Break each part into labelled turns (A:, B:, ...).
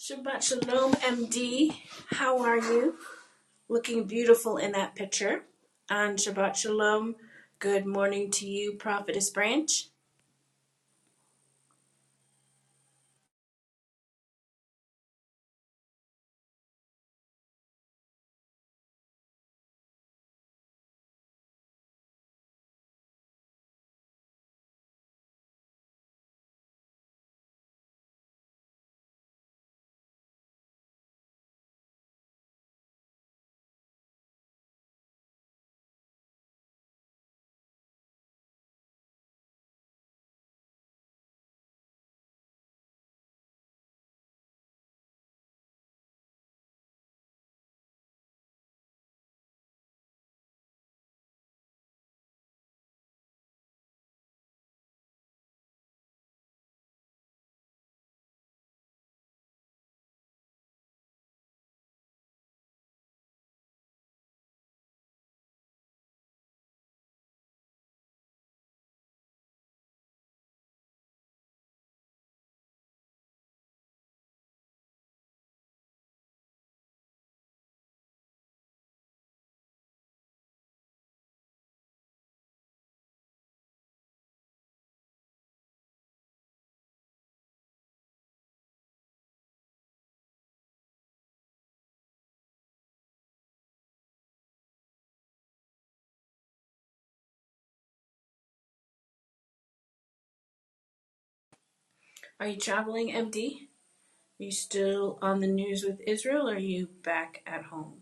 A: Shabbat Shalom, MD. How are you? Looking beautiful in that picture. And Shabbat Shalom, good morning to you, Prophetess Branch. Are you traveling, MD? Are you still on the news with Israel or are you back at home?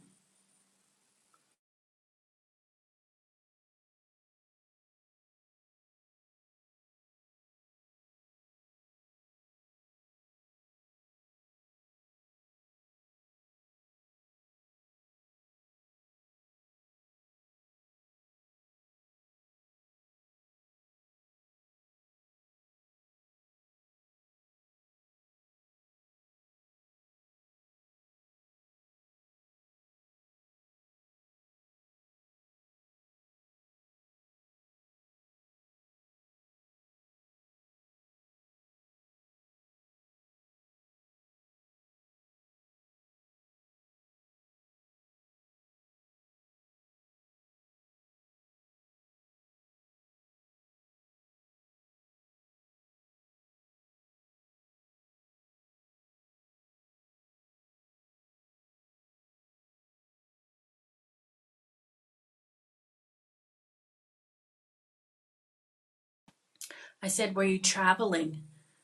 A: I said, were you traveling?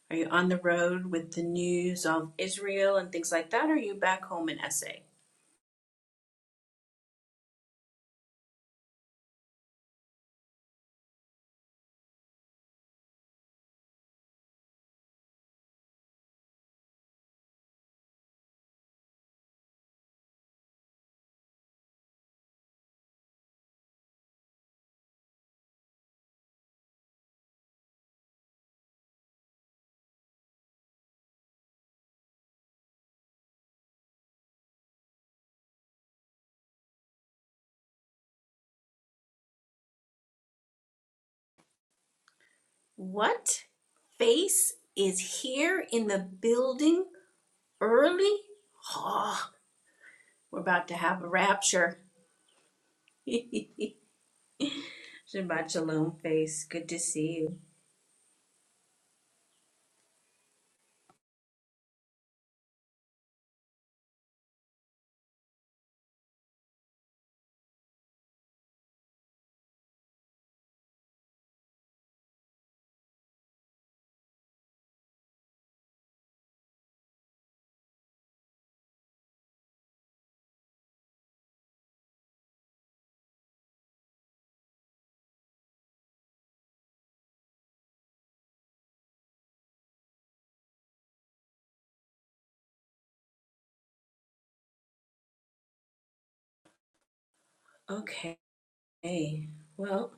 A: Are you on the road with the news of Israel and things like that? Or are you back home in SA? What face is here in the building early? Oh, We're about to have a rapture. Shabbat shalom, face. Good to see you. Okay, well,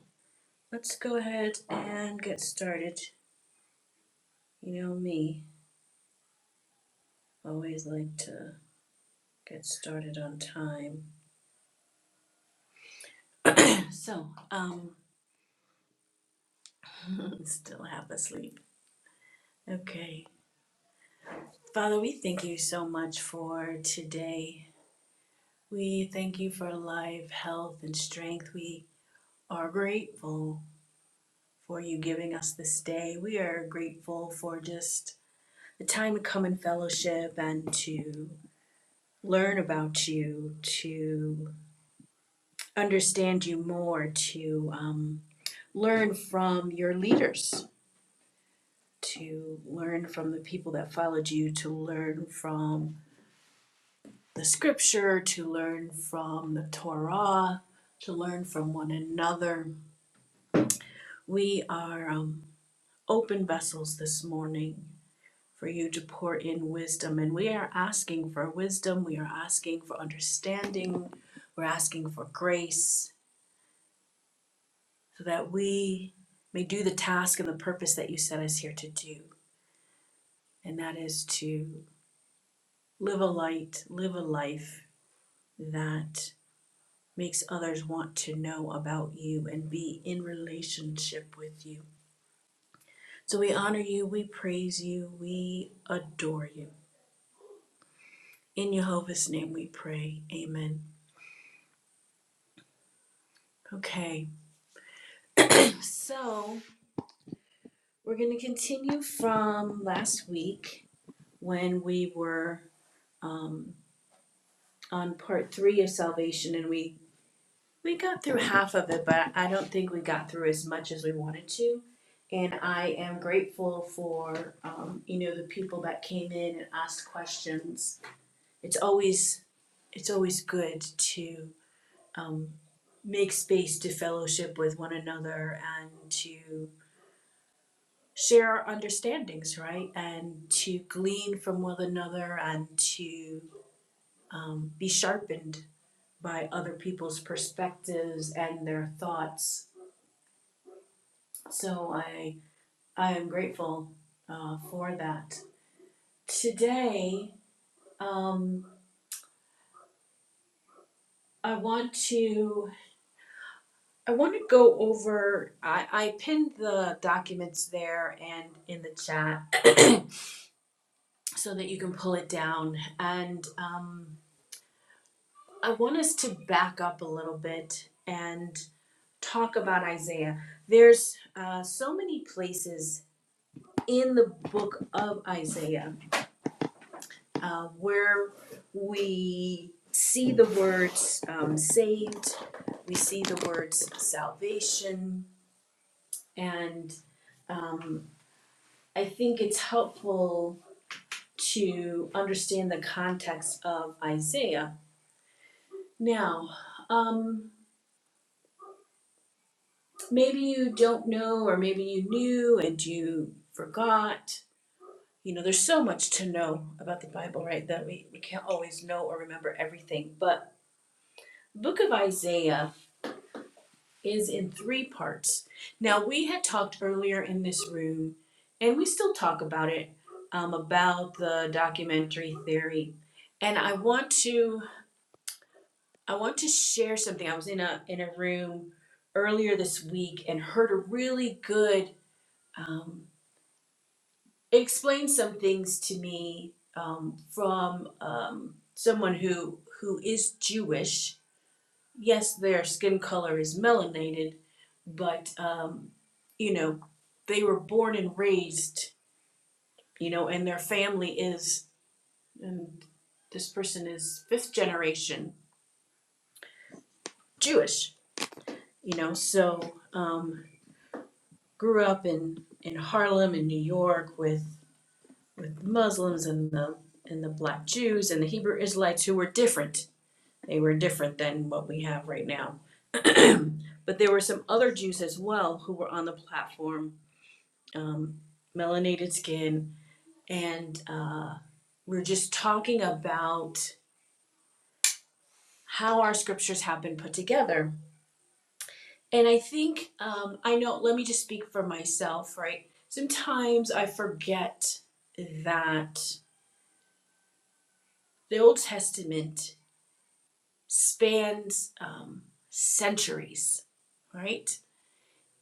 A: let's go ahead and get started. You know me, always like to get started on time. So, um, still half asleep. Okay. Father, we thank you so much for today. We thank you for life, health, and strength. We are grateful for you giving us this day. We are grateful for just the time to come in fellowship and to learn about you, to understand you more, to um, learn from your leaders, to learn from the people that followed you, to learn from the scripture, to learn from the Torah, to learn from one another. We are um, open vessels this morning for you to pour in wisdom. And we are asking for wisdom, we are asking for understanding, we're asking for grace so that we may do the task and the purpose that you set us here to do. And that is to live a light, live a life that makes others want to know about you and be in relationship with you. So we honor you, we praise you, we adore you. In Jehovah's name we pray. Amen. Okay. So We're gonna continue from last week when we were um on part three of salvation and we we got through half of it, but I don't think we got through as much as we wanted to. And I am grateful for um, you know, the people that came in and asked questions. It's always it's always good to um make space to fellowship with one another and to share our understandings, right? And to glean from one another and to um, be sharpened by other people's perspectives and their thoughts. So I I am grateful uh, for that. Today, um, I want to I want to go over. I, I pinned the documents there and in the chat so that you can pull it down and. Um, I want us to back up a little bit and talk about Isaiah. There's uh, so many places in the book of Isaiah uh, where we see the words um, saved, we see the words salvation, and um, I think it's helpful to understand the context of Isaiah. Now, um, maybe you don't know or maybe you knew and you forgot you know there's so much to know about the bible right that we, we can't always know or remember everything but the book of isaiah is in three parts now we had talked earlier in this room and we still talk about it um, about the documentary theory and i want to i want to share something i was in a in a room earlier this week and heard a really good um, explained some things to me um, from um, someone who who is Jewish. Yes, their skin color is melanated, but um, you know they were born and raised. You know, and their family is, and this person is fifth generation Jewish. You know, so um, grew up in in Harlem in New York with with Muslims and the and the black Jews and the Hebrew Israelites who were different They were different than what we have right now. but there were some other Jews as well who were on the platform, um, melanated skin, and uh, we we're just talking about how our scriptures have been put together. And I think, um, I know, let me just speak for myself, right? Sometimes I forget that the Old Testament spans um, centuries, right?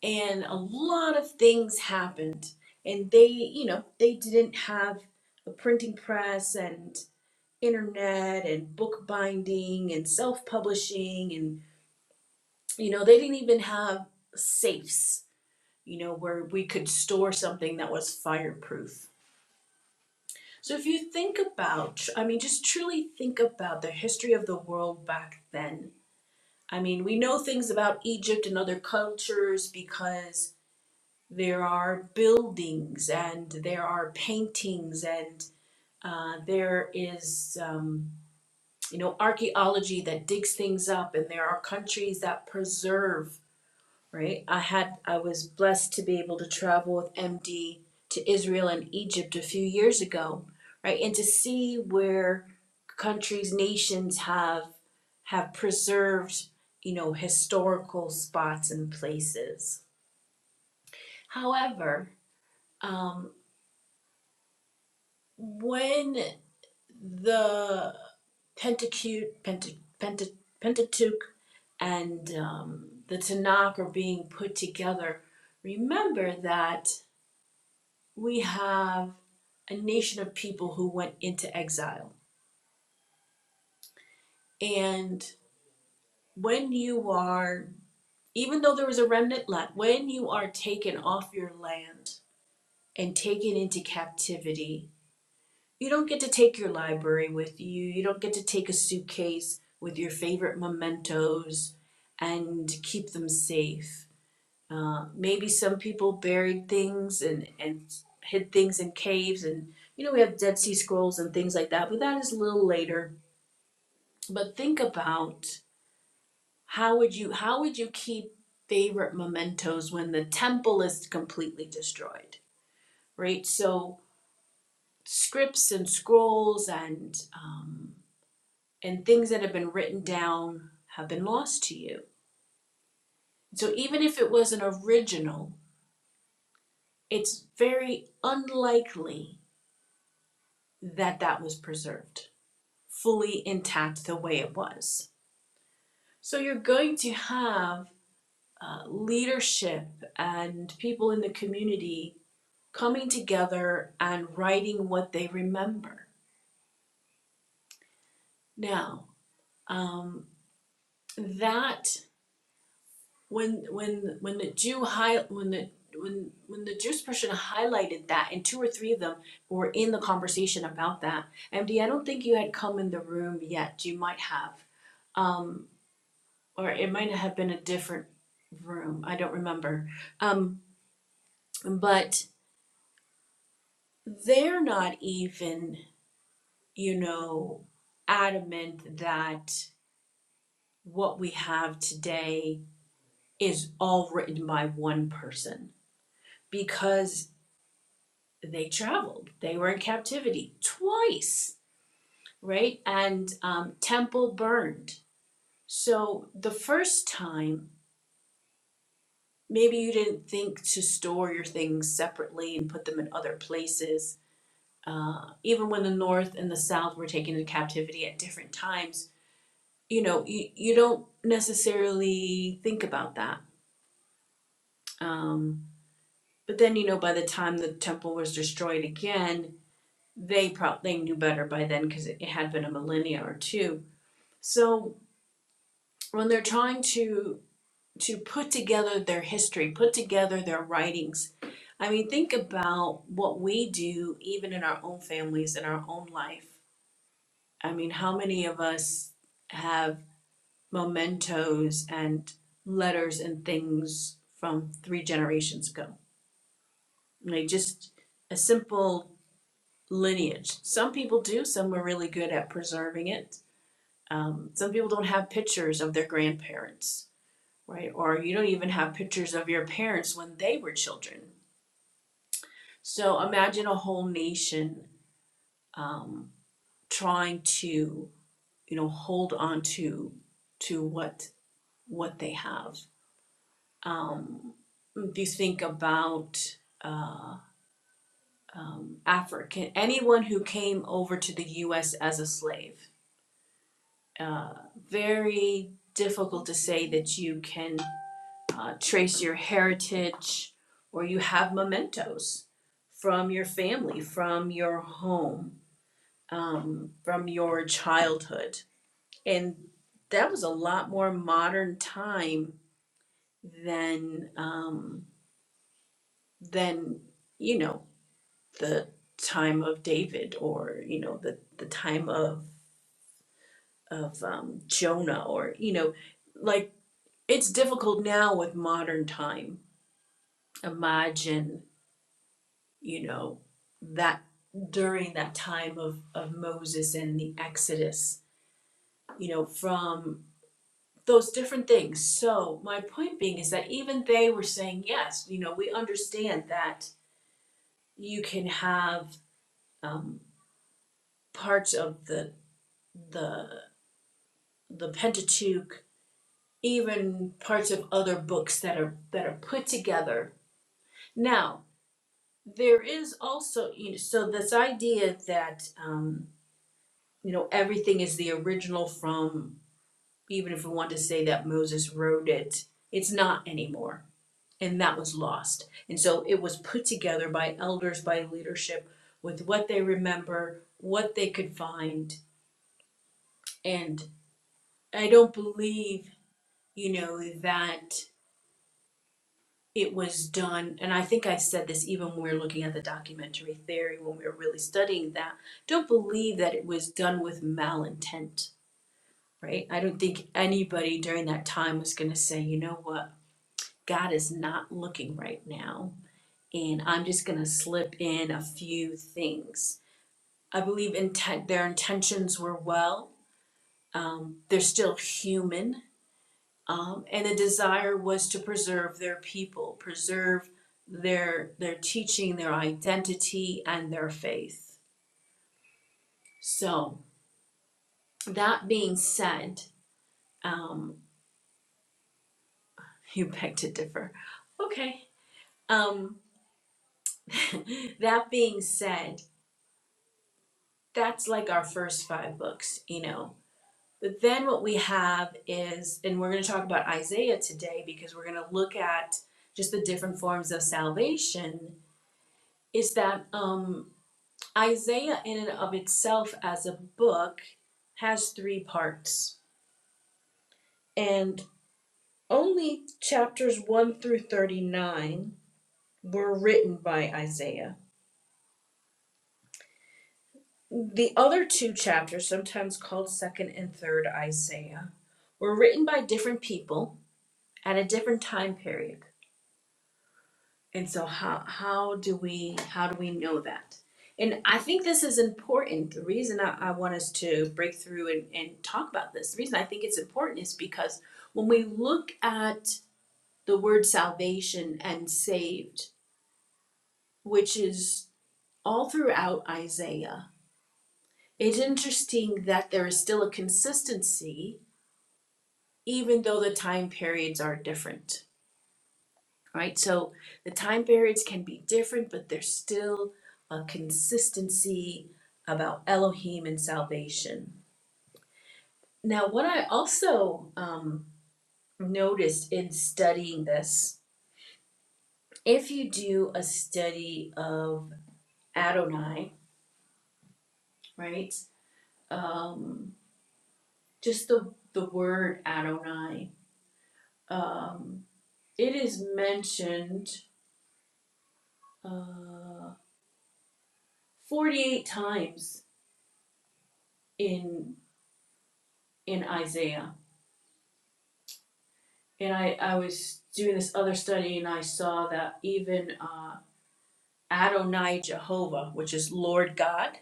A: and a lot of things happened and they you know they didn't have a printing press and internet and book binding and self-publishing and you know they didn't even have safes you know where we could store something that was fireproof so if you think about i mean just truly think about the history of the world back then i mean we know things about egypt and other cultures because there are buildings and there are paintings and uh, there is um, you know archaeology that digs things up and there are countries that preserve right i had i was blessed to be able to travel with md to israel and egypt a few years ago right and to see where countries nations have have preserved you know historical spots and places however um. when the Pentateuch, Penta, Penta, Pentateuch, and um, the Tanakh are being put together, remember that we have a nation of people who went into exile. And when you are, even though there was a remnant left, when you are taken off your land and taken into captivity, You don't get to take your library with you. You don't get to take a suitcase with your favorite mementos and keep them safe. Uh, maybe some people buried things and, and hid things in caves, and you know, we have Dead Sea Scrolls and things like that, but that is a little later. But think about how would you how would you keep favorite mementos when the temple is completely destroyed, right? So scripts and scrolls and um, and things that have been written down have been lost to you. So even if it was an original, it's very unlikely that that was preserved fully intact the way it was. So you're going to have uh, leadership and people in the community coming together and writing what they remember. Now, um, that when when when the Jew high when the when when the Jewish person highlighted that and two or three of them were in the conversation about that. MD, I don't think you had come in the room yet. You might have. Um or it might have been a different room. I don't remember. Um but they're not even, you know, adamant that what we have today is all written by one person because they traveled. They were in captivity twice, right? And um, temple burned. So the first time, maybe you didn't think to store your things separately and put them in other places. Uh, even when the North and the South were taken into captivity at different times, you know, you, you don't necessarily think about that. Um, but then, you know, by the time the temple was destroyed again, they probably knew better by then because it it had been a millennia or two So when they're trying to to put together their history, put together their writings, I mean, think about what we do even in our own families, in our own life. I mean, how many of us have mementos and letters and things from three generations ago? Like just a simple lineage. Some people do, some are really good at preserving it. Um, some people don't have pictures of their grandparents right? Or you don't even have pictures of your parents when they were children. So imagine a whole nation um, trying to, you know, hold on to to what what they have. Um, if you think about uh, um, African, anyone who came over to the U.S. as a slave, uh, very difficult to say that you can uh, trace your heritage or you have mementos from your family, from your home, um, from your childhood. And that was a lot more modern time than um, than you know the time of David or you know the the time of of um, Jonah or you know like it's difficult now with modern time. Imagine you know, that during that time of, of Moses and the Exodus, you know, from those different things. So, my point being is that even they were saying, yes, you know, we understand that you can have um, parts of the, the, the Pentateuch, even parts of other books that are, that are put together. Now, there is also, you know, so this idea that, um, you know, everything is the original from, even if we want to say that Moses wrote it, it's not anymore. And that was lost. And so it was put together by elders, by leadership, with what they remember, what they could find. And I don't believe, you know, that it was done. And I think I said this even when we were looking at the documentary theory, when we were really studying that. Don't believe that it was done with malintent right? I don't think anybody during that time was going to say, you know what, God is not looking right now, and I'm just going to slip in a few things. I believe intent, their intentions were well. Um, they're still human, um, and the desire was to preserve their people, preserve their their teaching, their identity, and their faith. So that being said, um, you beg to differ. Okay. Um, that being said, that's like our first five books, you know. But then what we have is, and we're going to talk about Isaiah today because we're going to look at just the different forms of salvation, is that um, Isaiah, in and of itself, as a book, has three parts. And only chapters 1 through 39 were written by Isaiah The other two chapters, sometimes called second and third Isaiah, were written by different people at a different time period. And so how how do we how do we know that? And I think this is important. The reason I, I want us to break through and, and talk about this, the reason I think it's important is because when we look at the word salvation and saved, which is all throughout Isaiah, it's interesting that there is still a consistency even though the time periods are different, right? So the time periods can be different, but there's still a consistency about Elohim and salvation. Now, what I also um, noticed in studying this, if you do a study of Adonai, right? Um, just the the word Adonai, um, it is mentioned uh, 48 times in in Isaiah. And I, I was doing this other study and I saw that even uh, Adonai Jehovah, which is Lord God,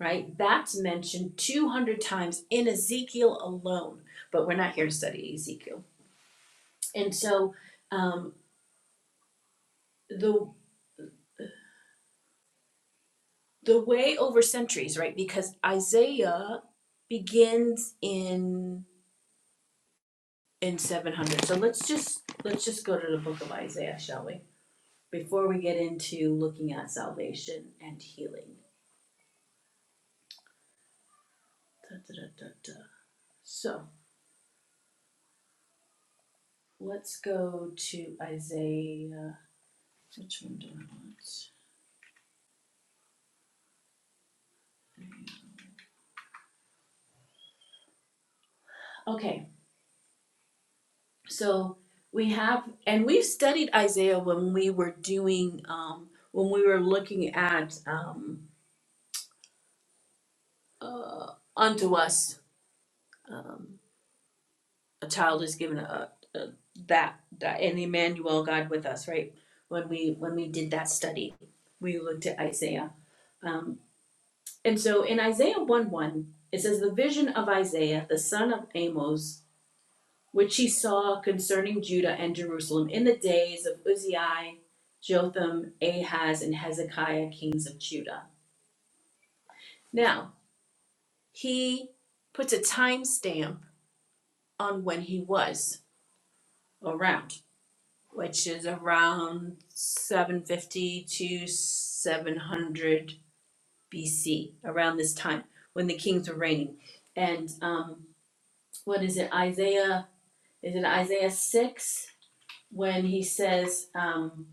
A: right? That's mentioned 200 times in Ezekiel alone. But we're not here to study Ezekiel. And so um, the the way over centuries, right? Because Isaiah begins in in 700. So let's just let's just go to the book of Isaiah, shall we? before we get into looking at salvation and healing. Da, da, da, da, da. So let's go to Isaiah. Which one do I want? Okay, so we have, and we've studied Isaiah when we were doing, um, when we were looking at um, uh, unto us. um. a child is given a, a that, that and Emmanuel God with us, right? When we when we did that study, we looked at Isaiah, um, and so in Isaiah one one it says the vision of Isaiah the son of Amos, which he saw concerning Judah and Jerusalem in the days of Uzziah, Jotham, Ahaz, and Hezekiah, kings of Judah. Now he puts a time stamp on when he was around which is around 750 to 700 BC, around this time when the kings were reigning. And um, what is it, Isaiah? Is it Isaiah 6 when he says, um,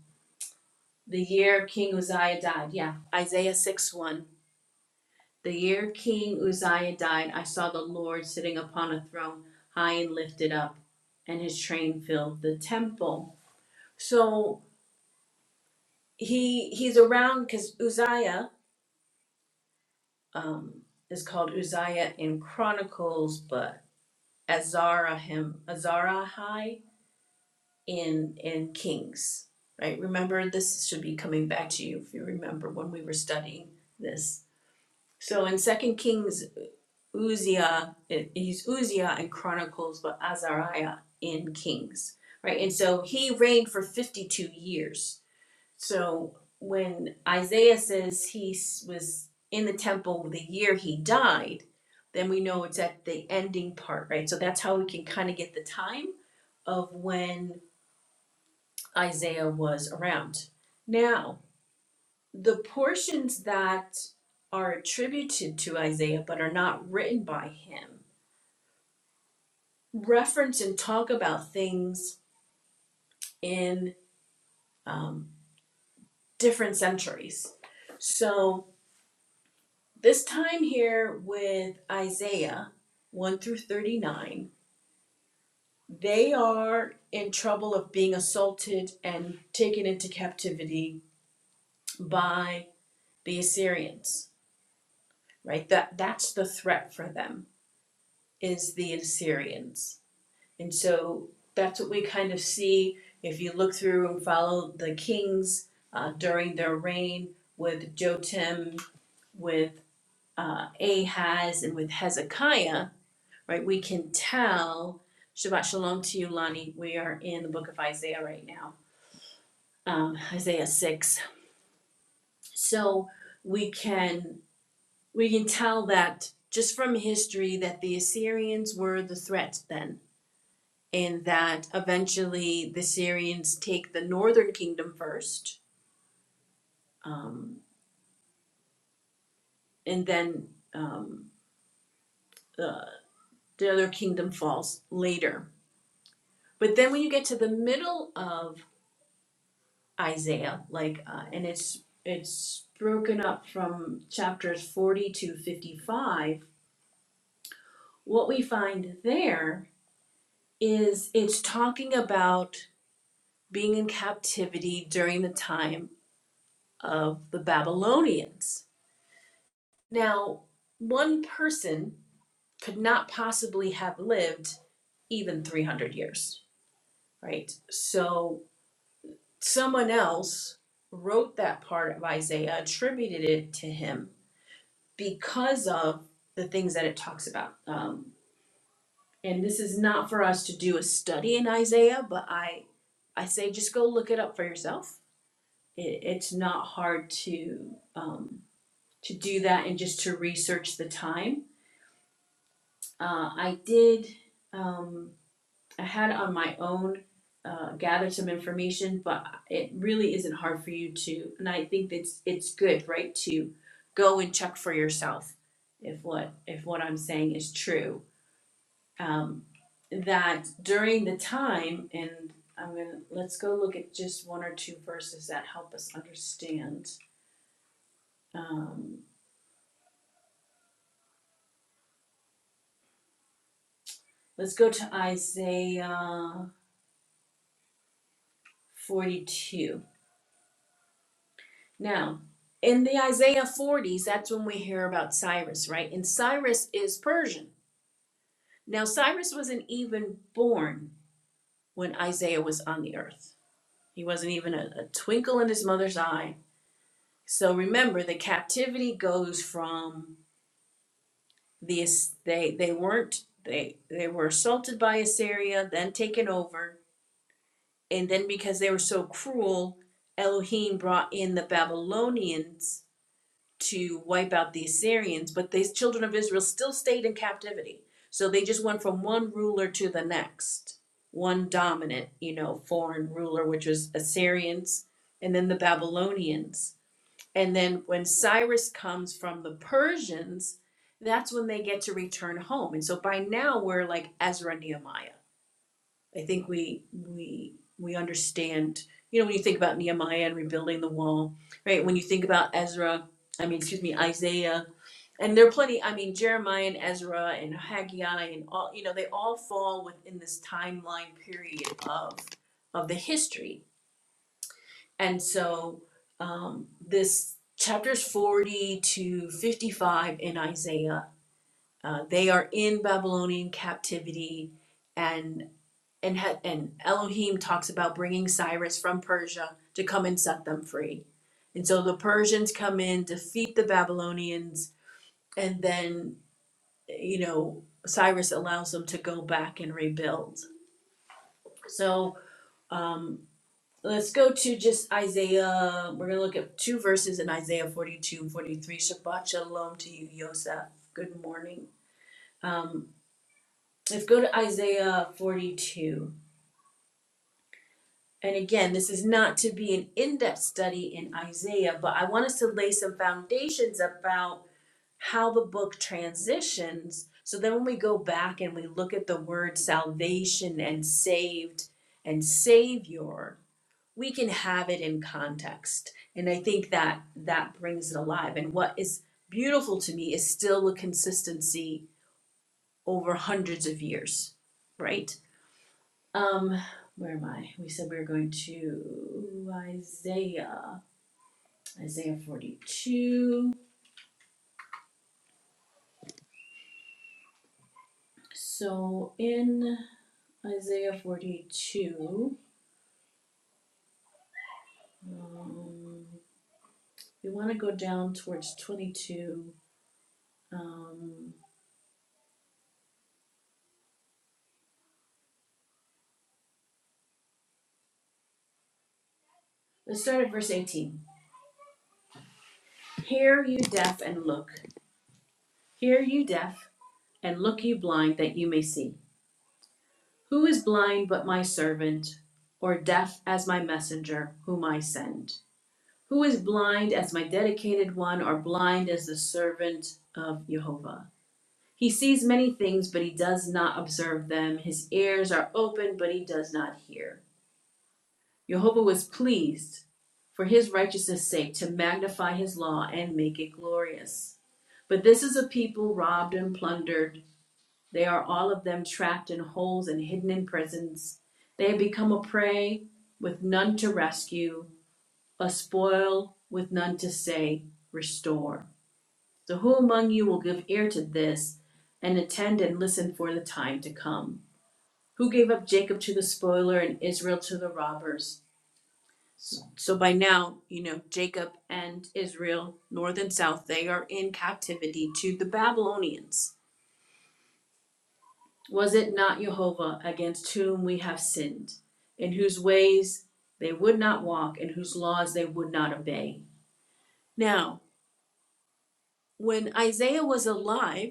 A: the year King Uzziah died? Yeah, Isaiah 6 1. The year King Uzziah died, I saw the Lord sitting upon a throne, high and lifted up, and his train filled the temple. So he he's around because Uzziah um, is called Uzziah in Chronicles, but Azarahim, Azarahai in in Kings. Right? Remember, this should be coming back to you if you remember when we were studying this. So in Second Kings, Uzziah, it- he's Uzziah in Chronicles, but Azariah in Kings. Right? And so he reigned for 52 years so when Isaiah says he s- was in the temple the year he died, then we know it's at the ending part, right? So that's how we can kind of get the time of when Isaiah was around. Now, the portions that are attributed to Isaiah but are not written by him reference and talk about things in um, different centuries. So this time here with Isaiah 1 through 39, they are in trouble of being assaulted and taken into captivity by the Assyrians, right? That that's the threat for them is the Assyrians. And so that's what we kind of see if you look through and follow the kings uh, during their reign with Jotim, with uh, Ahaz, and with Hezekiah right? We can tell, Shabbat Shalom to you, Lonnie. We are in the book of Isaiah right now, um, Isaiah 6. So we can we can tell that just from history that the Assyrians were the threat then, and that eventually the Syrians take the northern kingdom first, um, and then um, the, the other kingdom falls later. But then when you get to the middle of Isaiah, like, uh, and it's it's broken up from chapters forty to fifty five. What we find there is it's talking about being in captivity during the time of the Babylonians. Now, one person could not possibly have lived even three hundred years, right? So someone else wrote that part of Isaiah, attributed it to him because of the things that it talks about. Um, and this is not for us to do a study in Isaiah, but I, I say just go look it up for yourself. It, it's not hard to um, to do that and just to research the time. Uh, I did. Um, I had on my own uh, gathered some information, but it really isn't hard for you to. And I think that's it's good, right, to go and check for yourself if what if what I'm saying is true um, that during the time, and I'm gonna let's go look at just one or two verses that help us understand. Um, let's go to Isaiah 42. Now, in the Isaiah 40s, that's when we hear about Cyrus, right? And Cyrus is Persian. Now, Cyrus wasn't even born when Isaiah was on the earth, he wasn't even a, a twinkle in his mother's eye. So remember, the captivity goes from the they they weren't they they were assaulted by Assyria, then taken over, and then because they were so cruel, Elohim brought in the Babylonians to wipe out the Assyrians, but the children of Israel still stayed in captivity. So they just went from one ruler to the next, one dominant, you know, foreign ruler, which was Assyrians, and then the Babylonians and then when Cyrus comes from the Persians, that's when they get to return home. And so by now we're like Ezra Nehemiah. I think we we we understand, you know, when you think about Nehemiah and rebuilding the wall, right? When you think about Ezra, I mean, excuse me, Isaiah, and there are plenty, I mean, Jeremiah and Ezra and Haggai and all, you know, they all fall within this timeline period of of the history and so um, this chapters 40 to 55 in Isaiah, uh, they are in Babylonian captivity and and, ha- and Elohim talks about bringing Cyrus from Persia to come and set them free. And so the Persians come in, defeat the Babylonians, and then, you know, Cyrus allows them to go back and rebuild. So um, Let's go to just Isaiah. We're going to look at two verses in Isaiah 42 and 43. Shabbat shalom to you, Yosef. Good morning. Um, let's go to Isaiah 42. And again, this is not to be an in depth study in Isaiah, but I want us to lay some foundations about how the book transitions. So then when we go back and we look at the word salvation and saved and savior, we can have it in context. And I think that that brings it alive. And what is beautiful to me is still the consistency over hundreds of years, right? Um, where am I? We said we were going to Isaiah, Isaiah 42. So in Isaiah 42, um, we want to go down towards 22. Um, let's start at verse 18. Hear, you deaf, and look. Hear you deaf, and look you blind that you may see. Who is blind but my servant, or deaf as my messenger, whom I send? Who is blind as my dedicated one, or blind as the servant of Jehovah? He sees many things, but he does not observe them. His ears are open, but he does not hear. Jehovah was pleased for his righteousness' sake to magnify his law and make it glorious. But this is a people robbed and plundered They are all of them trapped in holes and hidden in prisons. They have become a prey with none to rescue, a spoil with none to say, Restore. So, who among you will give ear to this and attend and listen for the time to come? Who gave up Jacob to the spoiler and Israel to the robbers? So, so by now, you know, Jacob and Israel, north and south, they are in captivity to the Babylonians Was it not Jehovah against whom we have sinned, in whose ways they would not walk, in whose laws they would not obey? Now, when Isaiah was alive,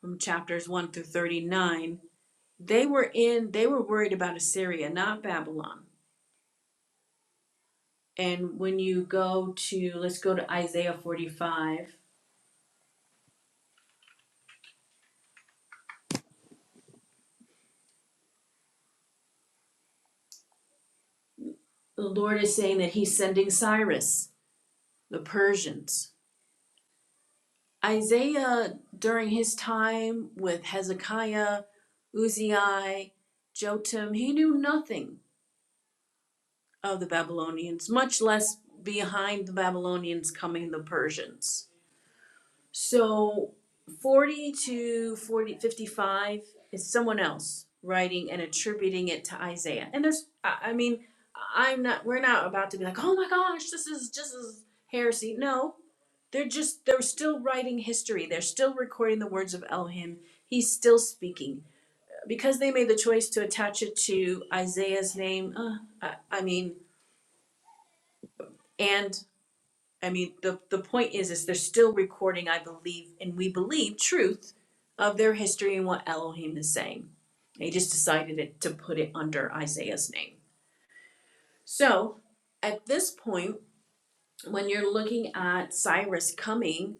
A: from chapters 1 through 39, they were in they were worried about Assyria, not Babylon. And when you go to let's go to Isaiah 45, the Lord is saying that he's sending Cyrus, the Persians, Isaiah, during his time with Hezekiah, Uzziah, Jotham, he knew nothing of the Babylonians, much less behind the Babylonians coming the Persians. So 40 to 40, 55 is someone else writing and attributing it to Isaiah. And there's, I mean, I'm not, we're not about to be like, oh my gosh, this is just as heresy. No, they're just, they're still writing history. They're still recording the words of Elohim. He's still speaking. Because they made the choice to attach it to Isaiah's name, uh, I, I mean, and I mean, the, the point is, is they're still recording, I believe, and we believe truth of their history and what Elohim is saying. They just decided it, to put it under Isaiah's name. So at this point, when you're looking at Cyrus coming,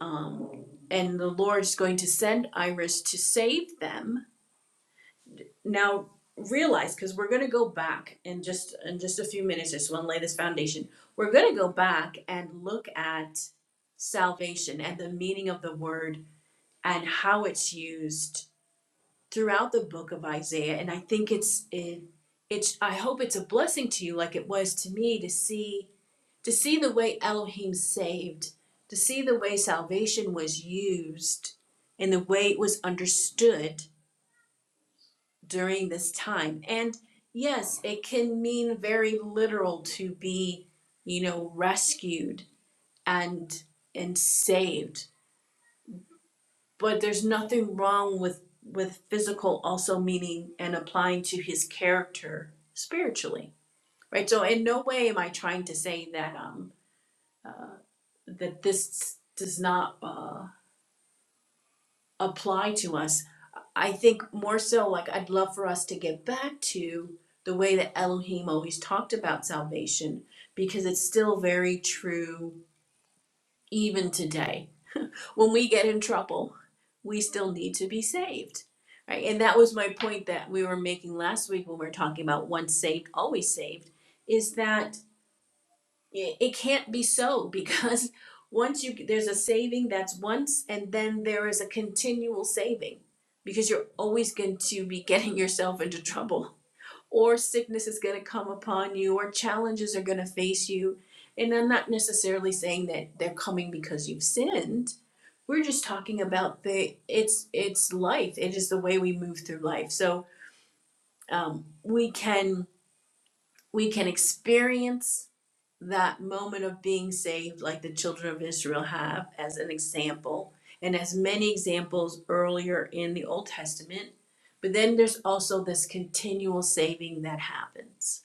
A: Um, and the Lord is going to send Iris to save them. Now realize, because we're going to go back in just in just a few minutes, I just want to lay this foundation. We're going to go back and look at salvation and the meaning of the word and how it's used throughout the book of Isaiah. And I think it's it, it's I hope it's a blessing to you, like it was to me, to see to see the way Elohim saved, to see the way salvation was used, and the way it was understood during this time. And yes, it can mean very literal to be, you know, rescued and and saved. But there's nothing wrong with with physical also meaning and applying to his character spiritually, right? So in no way am I trying to say that um uh, that this does not. uh apply to us. I think more so, like, I'd love for us to get back to the way that Elohim always talked about salvation because it's still very true even today. When we get in trouble, we still need to be saved, right? And that was my point that we were making last week when we were talking about once saved, always saved, is that it can't be so because once you there's a saving that's once and then there is a continual saving because you're always going to be getting yourself into trouble or sickness is going to come upon you or challenges are going to face you and i'm not necessarily saying that they're coming because you've sinned we're just talking about the it's it's life it is the way we move through life so um, we can we can experience that moment of being saved, like the children of Israel have, as an example, and as many examples earlier in the Old Testament. But then there's also this continual saving that happens,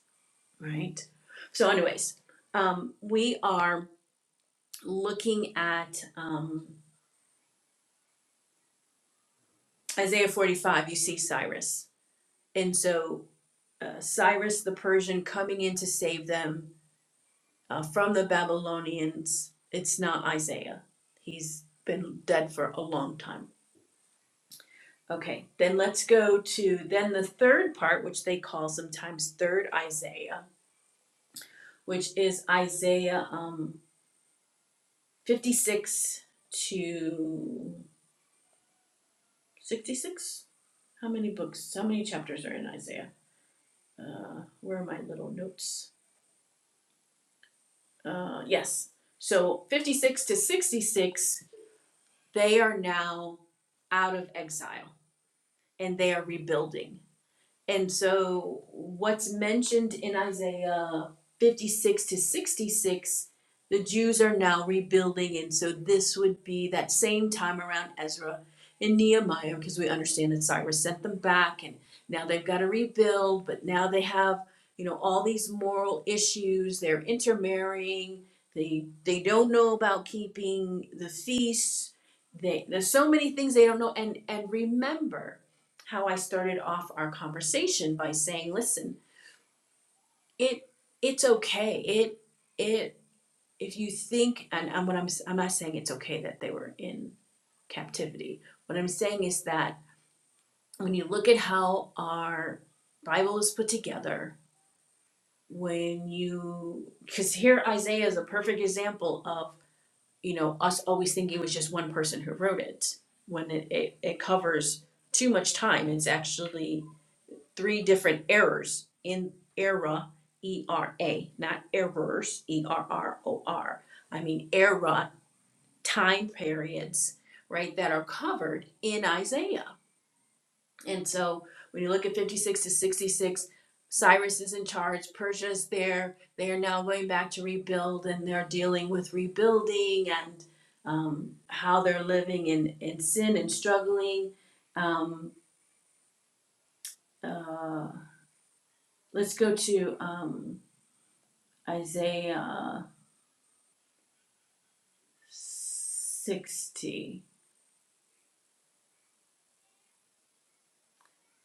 A: right? So, anyways, um, we are looking at um, Isaiah 45. You see Cyrus. And so, uh, Cyrus the Persian coming in to save them uh, from the Babylonians. It's not Isaiah. He's been dead for a long time. Okay, then let's go to then the third part, which they call sometimes third Isaiah, which is Isaiah um, 56 to 66. How many books, how many chapters are in Isaiah? Uh, where are my little notes? Uh, yes. So 56 to 66, they are now out of exile and they are rebuilding. And so what's mentioned in Isaiah 56 to 66, the Jews are now rebuilding. And so this would be that same time around Ezra and Nehemiah, because we understand that Cyrus sent them back and now they've got to rebuild, but now they have, you know, all these moral issues. They're intermarrying. They they don't know about keeping the feasts. They, there's so many things they don't know. And and remember, how I started off our conversation by saying, listen, it it's okay. It it if you think and, and what I'm I'm not saying it's okay that they were in captivity. What I'm saying is that when you look at how our Bible is put together, when you because here Isaiah is a perfect example of, you know, us always thinking it was just one person who wrote it when it, it, it covers too much time. It's actually three different errors in era, E R A, not errors, E R R O R. I mean era time periods, right, that are covered in Isaiah. And so when you look at 56 to 66, Cyrus is in charge, Persia is there, they are now going back to rebuild and they're dealing with rebuilding and um, how they're living in, in sin and struggling. Um, uh, let's go to um, Isaiah 60.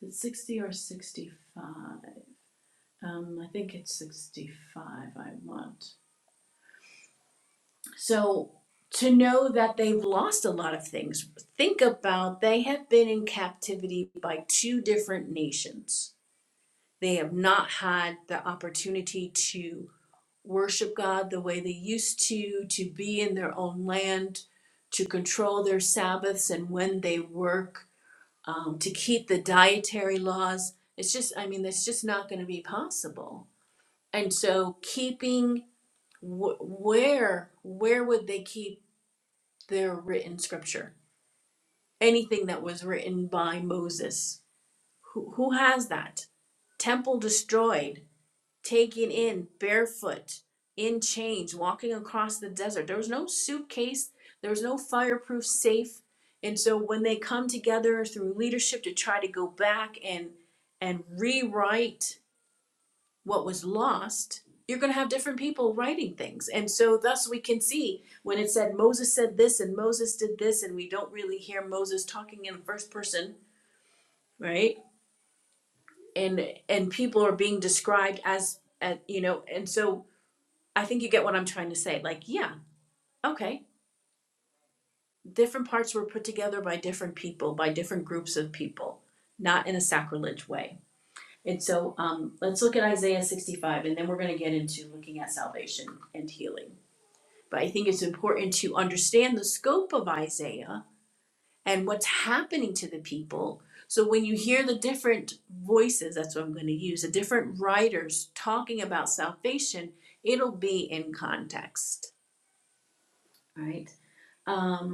A: Is it 60 or 65? Um, I think it's 65 I want. So to know that they've lost a lot of things, think about they have been in captivity by two different nations. They have not had the opportunity to worship God the way they used to, to be in their own land, to control their Sabbaths and when they work um, to keep the dietary laws. It's just, I mean, that's just not going to be possible. And so, keeping wh- where where would they keep their written scripture? Anything that was written by Moses, who who has that? Temple destroyed taking in barefoot in chains walking across the desert there was no suitcase there was no fireproof safe and so when they come together through leadership to try to go back and and rewrite what was lost you're going to have different people writing things and so thus we can see when it said moses said this and moses did this and we don't really hear moses talking in the first person right and and people are being described as at you know and so I think you get what I'm trying to say. Like, yeah, okay. Different parts were put together by different people, by different groups of people, not in a sacrilege way. And so um, let's look at Isaiah 65, and then we're going to get into looking at salvation and healing. But I think it's important to understand the scope of Isaiah and what's happening to the people. So when you hear the different voices, that's what I'm going to use, the different writers talking about salvation, it'll be in context, right? Um,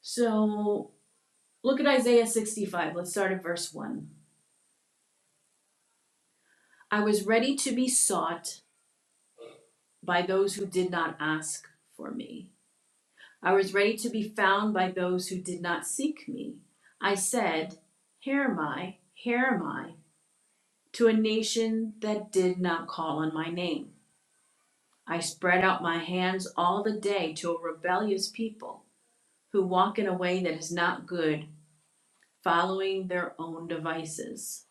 A: So look at Isaiah 65. Let's start at verse 1. I was ready to be sought by those who did not ask for me. I was ready to be found by those who did not seek me. I said, Here am I, here am I, to a nation that did not call on my name. I spread out my hands all the day to a rebellious people who walk in a way that is not good, following their own devices.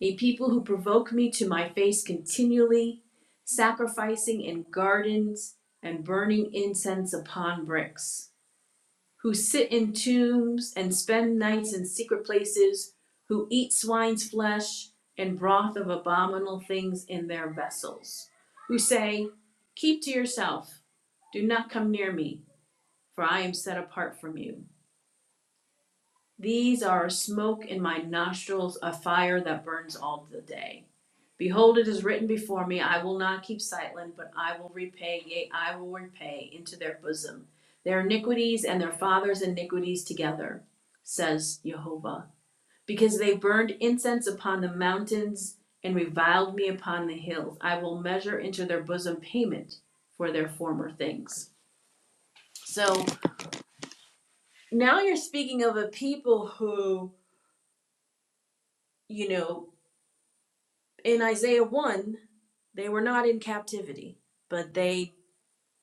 A: a people who provoke me to my face continually, sacrificing in gardens and burning incense upon bricks, who sit in tombs and spend nights in secret places, who eat swine's flesh and broth of abominable things in their vessels, who say, Keep to yourself, do not come near me, for I am set apart from you. These are a smoke in my nostrils, a fire that burns all the day. Behold, it is written before me, I will not keep silent, but I will repay, yea, I will repay into their bosom their iniquities and their fathers' iniquities together, says Jehovah. Because they burned incense upon the mountains and reviled me upon the hills, I will measure into their bosom payment for their former things. So now you're speaking of a people who, you know, in Isaiah 1, they were not in captivity, but they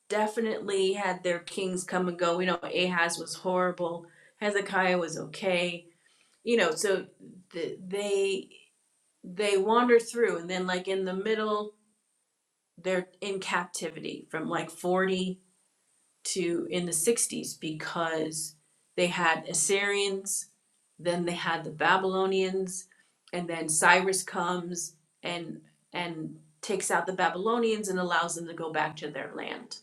A: definitely had their kings come and go. We know, Ahaz was horrible, Hezekiah was okay. You know, so th- they they wander through and then like in the middle they're in captivity from like 40 to in the 60s because they had Assyrians then they had the babylonians and then cyrus comes and and takes out the babylonians and allows them to go back to their land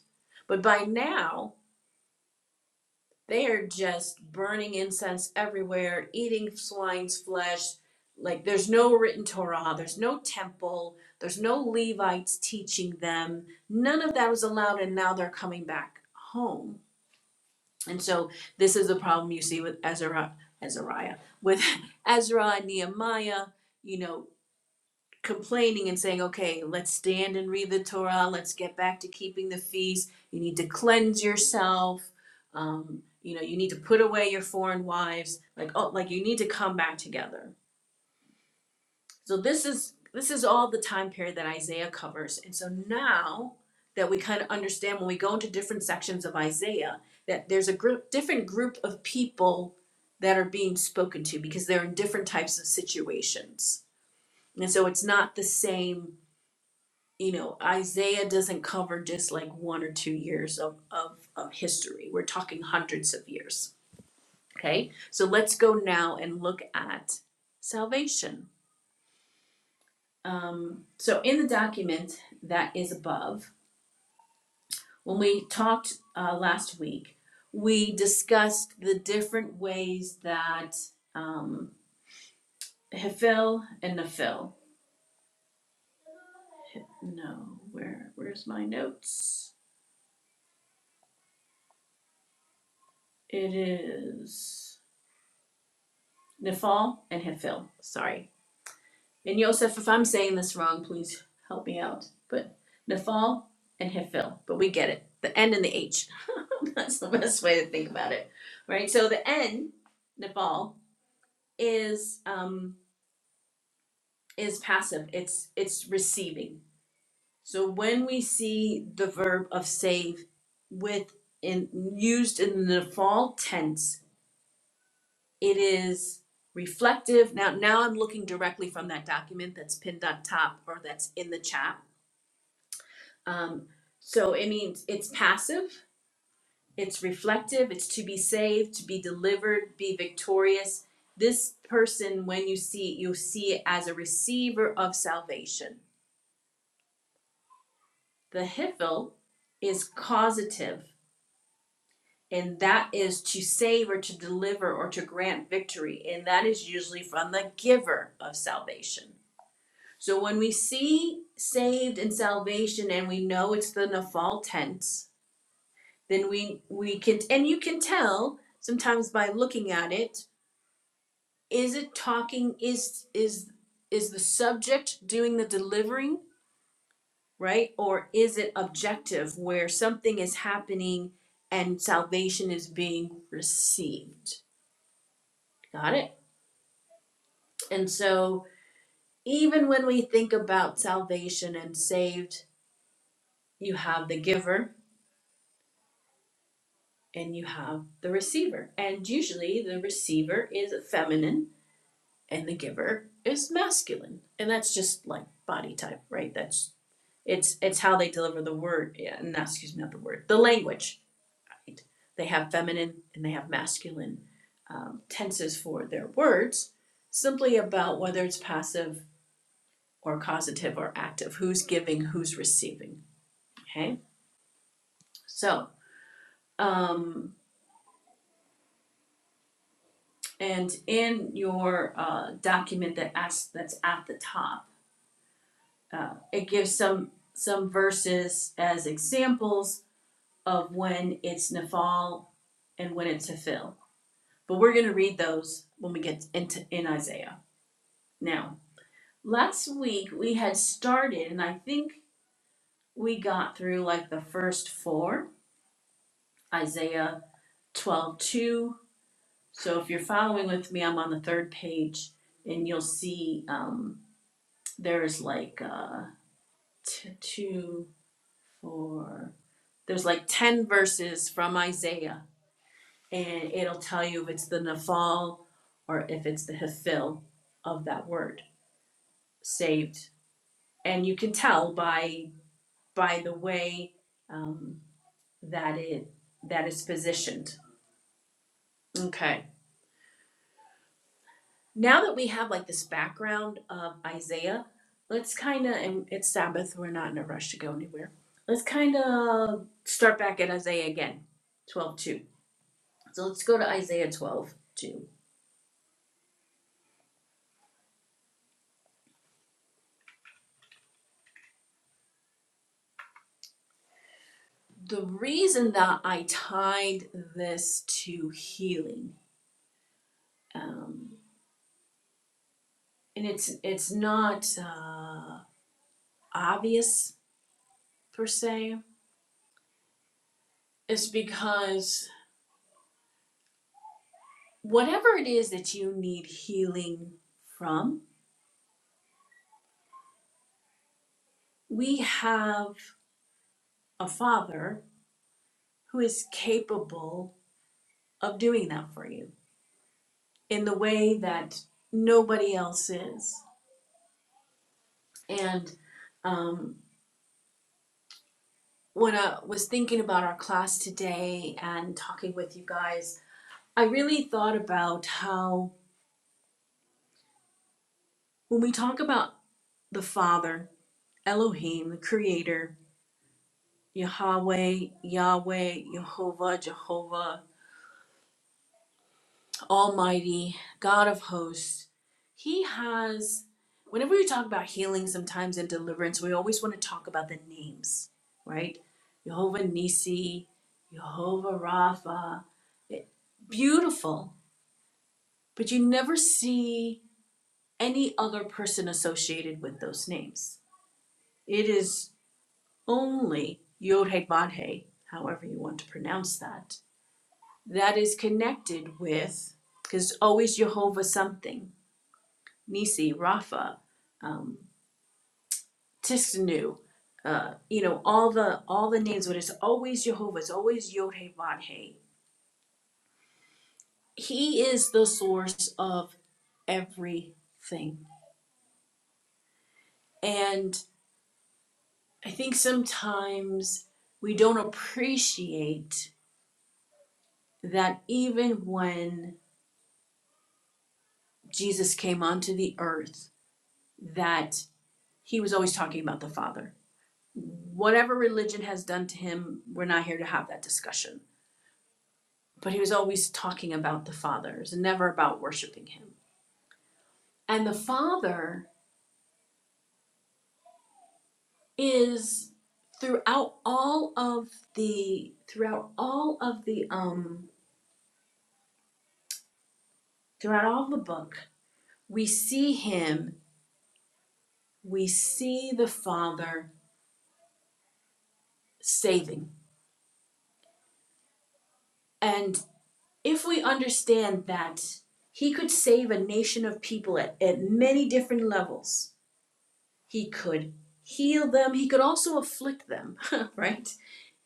A: but by now they are just burning incense everywhere eating swine's flesh like there's no written torah there's no temple there's no levites teaching them none of that was allowed and now they're coming back home and so this is a problem you see with Ezra, Ezariah, with Ezra and Nehemiah, you know, complaining and saying, okay, let's stand and read the Torah. Let's get back to keeping the feast. You need to cleanse yourself. Um, you know, you need to put away your foreign wives. Like, oh, like you need to come back together. So this is this is all the time period that Isaiah covers. And so now that we kind of understand when we go into different sections of Isaiah that there's a group different group of people that are being spoken to because they're in different types of situations. And so it's not the same, you know, Isaiah doesn't cover just like one or two years of, of, of history. We're talking hundreds of years. Okay. So let's go now and look at salvation Um, so in the document that is above, when we talked uh, last week, we discussed the different ways that um, Hephil and Nephil. No, where where's my notes? It is Nephal and Hephil. Sorry, And Yosef, if I'm saying this wrong, please help me out. But Nephal and Hephil, but we get it. The N and the H. That's the best way to think about it, right? So the N, Nephal, is um, is passive. It's it's receiving. So when we see the verb of save with in used in the Nephal tense, it is reflective. Now now I'm looking directly from that document that's pinned on top or that's in the chat Um, so it means it's passive, it's reflective, it's to be saved, to be delivered, be victorious. This person, when you see it, you see it as a receiver of salvation. The hifil is causative, and that is to save or to deliver or to grant victory, and that is usually from the giver of salvation. So when we see saved and salvation, and we know it's the nafal tense, then we we can and you can tell sometimes by looking at it is it talking is is is the subject doing the delivering right or is it objective where something is happening and salvation is being received got it and so even when we think about salvation and saved you have the giver and you have the receiver and usually the receiver is feminine and the giver is masculine and that's just like body type right that's it's it's how they deliver the word yeah not excuse me not the word the language right? they have feminine and they have masculine um, tenses for their words simply about whether it's passive or causative or active who's giving who's receiving okay so um and in your uh, document that asks that's at the top uh, it gives some some verses as examples of when it's nafal and when it's hafil. But we're going to read those when we get into in Isaiah. Now, last week we had started, and I think we got through like the first four Isaiah 12 2. So if you're following with me, I'm on the third page, and you'll see um, there's like uh, t- two, four, there's like 10 verses from Isaiah, and it'll tell you if it's the Nephal or if it's the Hephil of that word, saved. And you can tell by by the way um, that it that it's positioned. Okay. Now that we have like this background of Isaiah, let's kind of and it's Sabbath. We're not in a rush to go anywhere. Let's kind of start back at Isaiah again, twelve two. So let's go to Isaiah twelve two. the reason that I tied this to healing, um, and it's it's not uh, obvious per se, is because whatever it is that you need healing from, we have a father who is capable of doing that for you in the way that nobody else is, and um, when I was thinking about our class today and talking with you guys, I really thought about how when we talk about the Father, Elohim, the Creator, Yahweh, Yahweh, Jehovah, Jehovah, Almighty, God of hosts, He has, whenever we talk about healing sometimes and deliverance, we always want to talk about the names, right? Jehovah Nisi, Jehovah Rapha, beautiful but you never see any other person associated with those names. It is only Yodhe Madhe, however you want to pronounce that, that is connected with, because always Jehovah something, Nisi, Rapha, um, Tisnu, uh, you know, all the all the names, but it's always Jehovah, it's always Yodhe Madhe. He is the source of everything. And I think sometimes we don't appreciate that even when Jesus came onto the earth, that he was always talking about the Father. Whatever religion has done to him, we're not here to have that discussion. But he was always talking about the Father. It was never about worshiping him. And the Father is throughout all of the throughout all of the um throughout all the book, we see him we see the Father saving. And if we understand that He could save a nation of people at, at many different levels, He could heal them, He could also afflict them, right?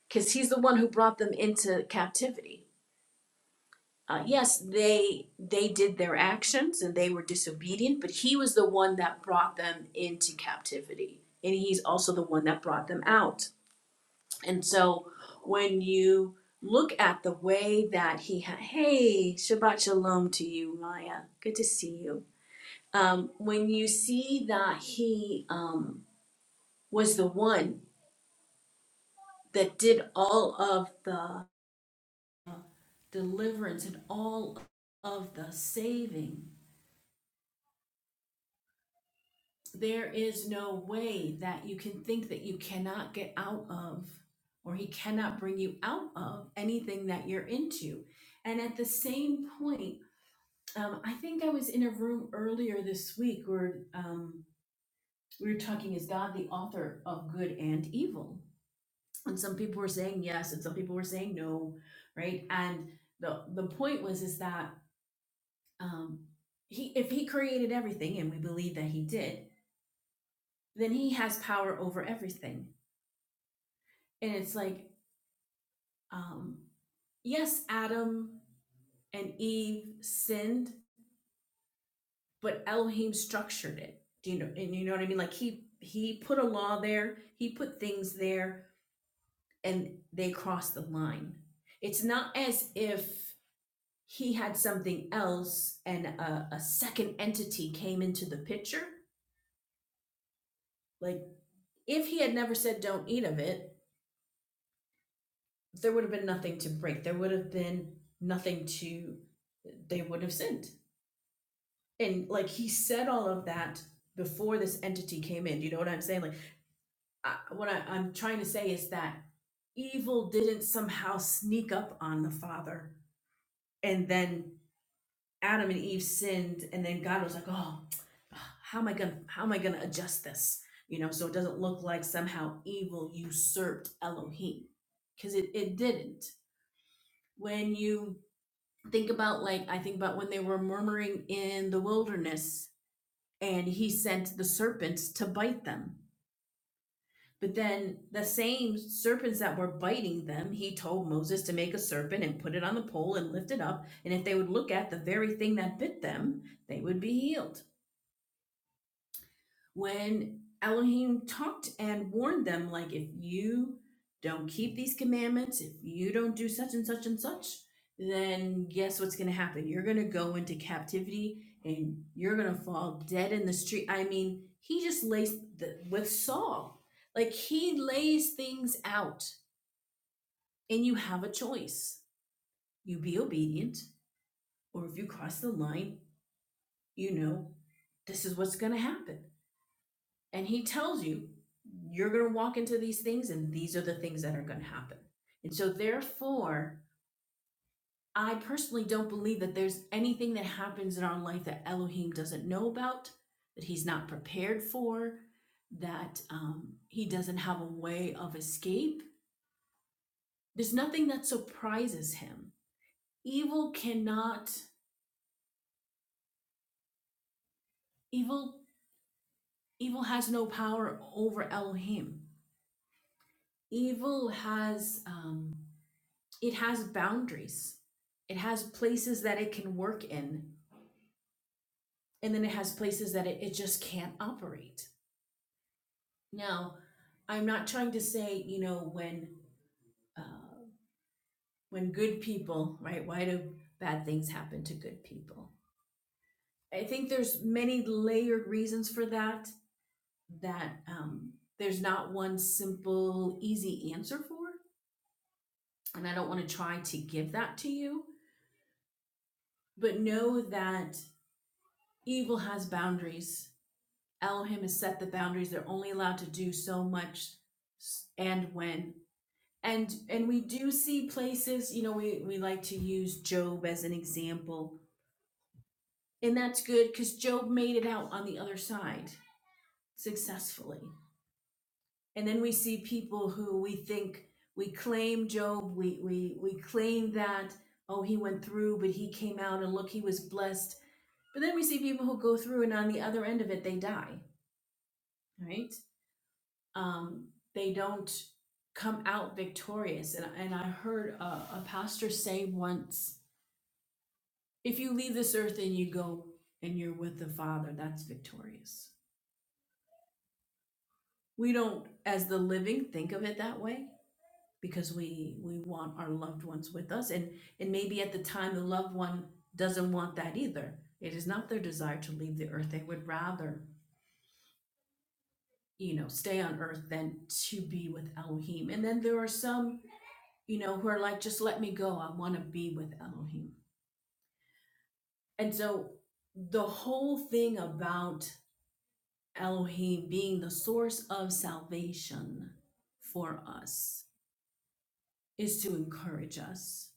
A: Because He's the one who brought them into captivity. Uh, yes, they they did their actions and they were disobedient, but he was the one that brought them into captivity, and he's also the one that brought them out. And so when you look at the way that he, ha- hey, Shabbat Shalom to you, Maya. Good to see you. Um, when you see that he um, was the one that did all of the deliverance and all of the saving, there is no way that you can think that you cannot get out of or he cannot bring you out of anything that you're into. And at the same point, Um, I think I was in a room earlier this week where um, we were talking, is God the author of good and evil? And some people were saying yes, and some people were saying no, right? And the the point was is that um, he if he created everything, and we believe that he did, then he has power over everything. And it's like, um, yes, Adam and Eve sinned, but Elohim structured it. Do you know? And you know what I mean? Like he he put a law there, he put things there, and they crossed the line. It's not as if he had something else and a, a second entity came into the picture. Like if he had never said don't eat of it, there would have been nothing to break. There would have been nothing to they would have sinned. And like he said all of that before this entity came in. Do you know what I'm saying? Like I, what I, I'm trying to say is that evil didn't somehow sneak up on the father, and then Adam and Eve sinned, and then God was like, "Oh, how am I gonna how am I gonna adjust this?" You know, so it doesn't look like somehow evil usurped Elohim, because it it didn't. When you think about like I think about when they were murmuring in the wilderness, and he sent the serpents to bite them But then the same serpents that were biting them, he told Moses to make a serpent and put it on the pole and lift it up. And if they would look at the very thing that bit them, they would be healed when Elohim talked and warned them, like, if you don't keep these commandments, if you don't do such and such and such, then guess what's going to happen? You're going to go into captivity and you're going to fall dead in the street. I mean, he just lays the, with Saul, like, he lays things out, and you have a choice. You be obedient, or if you cross the line, you know, this is what's going to happen. And he tells you, you're going to walk into these things and these are the things that are going to happen. And so, therefore, I personally don't believe that there's anything that happens in our life that Elohim doesn't know about, that he's not prepared for, that um, he doesn't have a way of escape. There's nothing that surprises him. Evil cannot, evil, evil has no power over Elohim. Evil has, um, it has boundaries it has places that it can work in and then it has places that it, it just can't operate now i'm not trying to say you know when uh, when good people right why do bad things happen to good people i think there's many layered reasons for that that um, there's not one simple easy answer for and i don't want to try to give that to you but know that evil has boundaries Elohim has set the boundaries. They're only allowed to do so much and when. And and we do see places, you know, we, we like to use Job as an example. And that's good because Job made it out on the other side successfully. And then we see people who we think we claim Job, we we we claim that, oh, he went through, but he came out and look, he was blessed. But then we see people who go through and on the other end of it they die. Right? um, they don't come out victorious. And, and I heard a, a pastor say once if you leave this earth and you go and you're with the Father, that's victorious. We don't, as the living, think of it that way because we we want our loved ones with us and and maybe at the time the loved one doesn't want that either it is not their desire to leave the earth they would rather you know stay on earth than to be with elohim and then there are some you know, who are like, just let me go. I want to be with Elohim. And so the whole thing about Elohim being the source of salvation for us is to encourage us.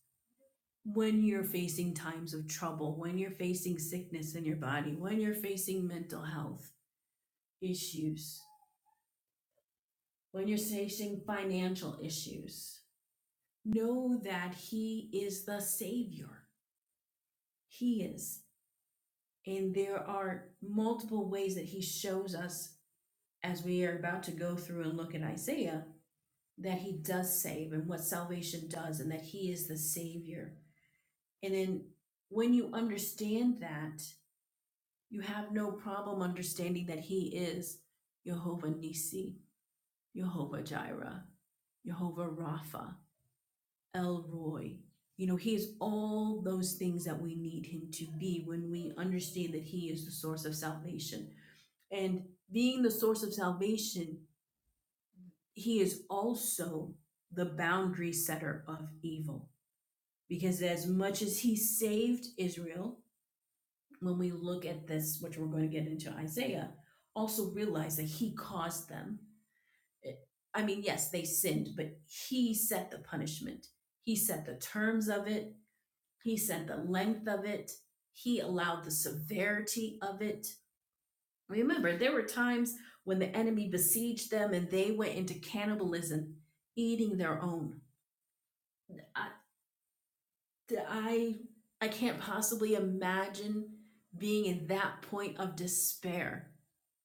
A: When you're facing times of trouble, when you're facing sickness in your body, when you're facing mental health issues, when you're facing financial issues, know that He is the Savior. He is. And there are multiple ways that he shows us as we are about to go through and look at Isaiah that he does save and what salvation does and that he is the savior. And then when you understand that, you have no problem understanding that he is Jehovah Nissi, Jehovah Jireh, Jehovah Rapha, El Roy. You know, he is all those things that we need him to be when we understand that he is the source of salvation And being the source of salvation, he is also the boundary setter of evil. Because as much as he saved Israel, when we look at this, which we're going to get into Isaiah, also realize that he caused them. I mean, yes, they sinned, but he set the punishment. He set the terms of it. He set the length of it. He allowed the severity of it Remember, there were times when the enemy besieged them and they went into cannibalism, eating their own. I, I, I can't possibly imagine being in that point of despair